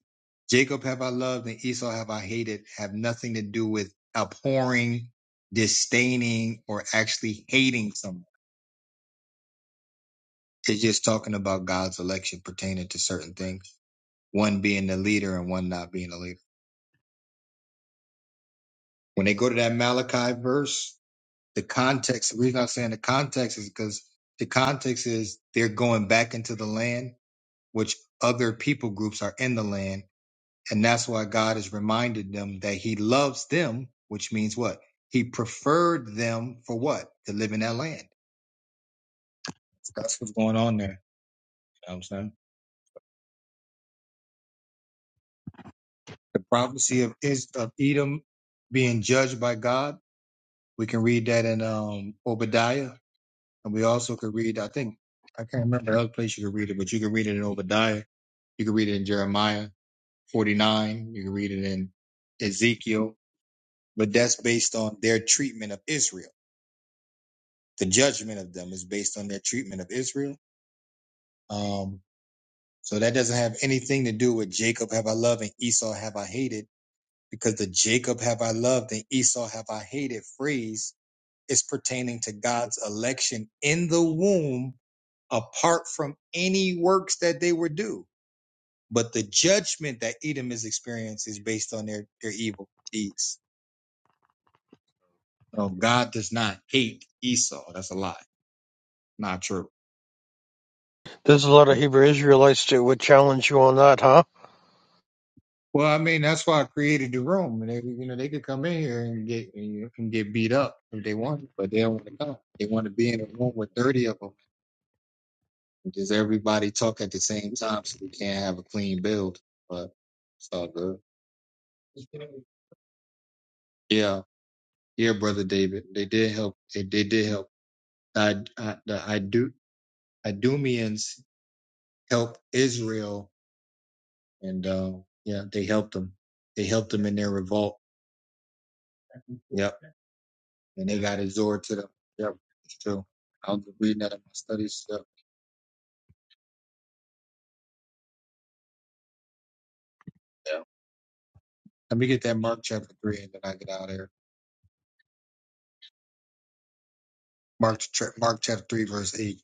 Speaker 1: Jacob have I loved and Esau have I hated have nothing to do with abhorring, disdaining, or actually hating someone. It's just talking about God's election pertaining to certain things, one being the leader and one not being the leader. When they go to that Malachi verse, the context, the reason I'm saying the context is because the context is they're going back into the land, which other people groups are in the land. And that's why God has reminded them that he loves them, which means what? He preferred them for what? To live in that land. So That's what's going on there. You know what I'm saying? The prophecy of, is, of Edom being judged by God. We can read that in um, Obadiah. And we also could read, I think, I can't remember the other place you could read it, but you can read it in Obadiah You can read it in Jeremiah 49. You can read it in Ezekiel. But that's based on their treatment of Israel. The judgment of them is based on their treatment of Israel. Um, so that doesn't have anything to do with Jacob have I loved and Esau have I hated, because the Jacob have I loved and Esau have I hated phrase is pertaining to God's election in the womb apart from any works that they were due. but the judgment that Edom is experiencing is based on their, their evil deeds. No, God does not hate Esau. That's a lie. Not true.
Speaker 11: There's a lot of Hebrew Israelites that would challenge you on that, huh?
Speaker 1: Well, I mean, that's why I created the room. And they, you know, they could come in here and get you can get beat up if they want, but they don't want to come. They want to be in a room with thirty of them. Does everybody talk at the same time so we can't have a clean build? But it's all good. Yeah, yeah, brother David. They did help. They, they did help. I, I, the I do. Idumeans help Israel, and uh, yeah, they helped them. They helped them in their revolt. Yep, and they got exhorted to them. Yep, it's true. I was reading that in my studies. Yep. Yeah. Let me get that Mark chapter three, and then I get out of here. Mark, Mark chapter three, verse eight.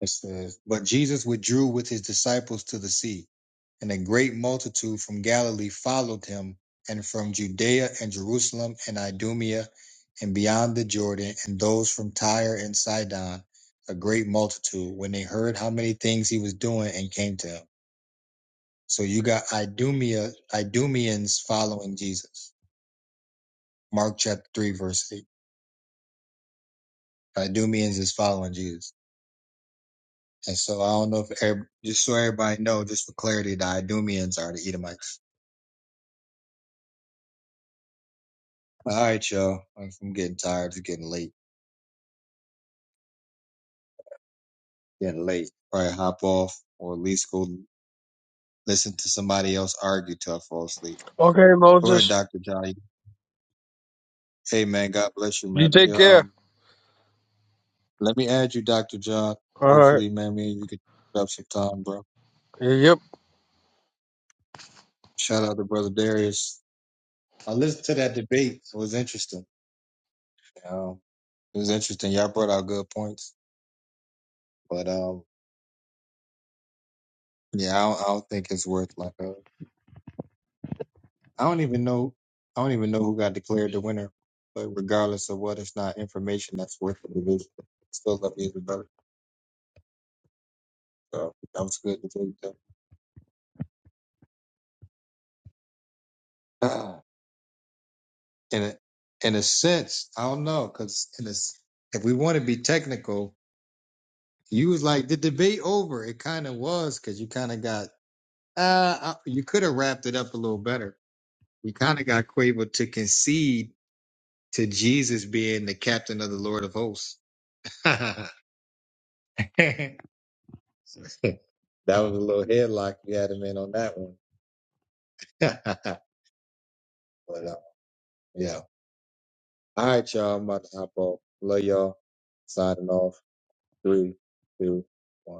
Speaker 1: It says, But Jesus withdrew with his disciples to the sea, and a great multitude from Galilee followed him, and from Judea and Jerusalem and Idumea and beyond the Jordan, and those from Tyre and Sidon, a great multitude, when they heard how many things he was doing and came to him. So you got Idumea, Idumeans following Jesus. Mark chapter 3, verse 8. Idumeans is following Jesus. And so I don't know if every, just so everybody know, just for clarity, the Idumeans are the Edomites. All right, y'all. I'm getting tired. It's getting late. Getting late. Probably hop off or at least go listen to somebody else argue till I fall asleep.
Speaker 11: Okay,
Speaker 1: Go ahead,
Speaker 11: Moses.
Speaker 1: Dr. John. Hey, man. God bless you, man.
Speaker 11: You
Speaker 1: Let me,
Speaker 11: take care.
Speaker 1: um, let me add you, Dr. John.
Speaker 11: All right.
Speaker 1: Hopefully, man, me and you could pick up some time, bro.
Speaker 11: Yep.
Speaker 1: Shout out to Brother Darius. I listened to that debate. It was interesting. Um, it was interesting. Y'all brought out good points, but, um, Yeah, I don't, I don't think it's worth like a. I don't even know. I don't even know who got declared the winner. But regardless of what, it's not information that's worth the division. It's Still up either better. So that was good to take that. Ah. In a in a sense, I don't know because in a s if we want to be technical, you was like the debate over. It kind of was because you kind of got uh I- you could have wrapped it up a little better. You kind of got Quavo to concede to Jesus being the captain of the Lord of Hosts. that was a little headlock you had him in on that one. but uh, yeah. All right, y'all. I'm about to hop off. Love y'all. Signing off. Three, two, one.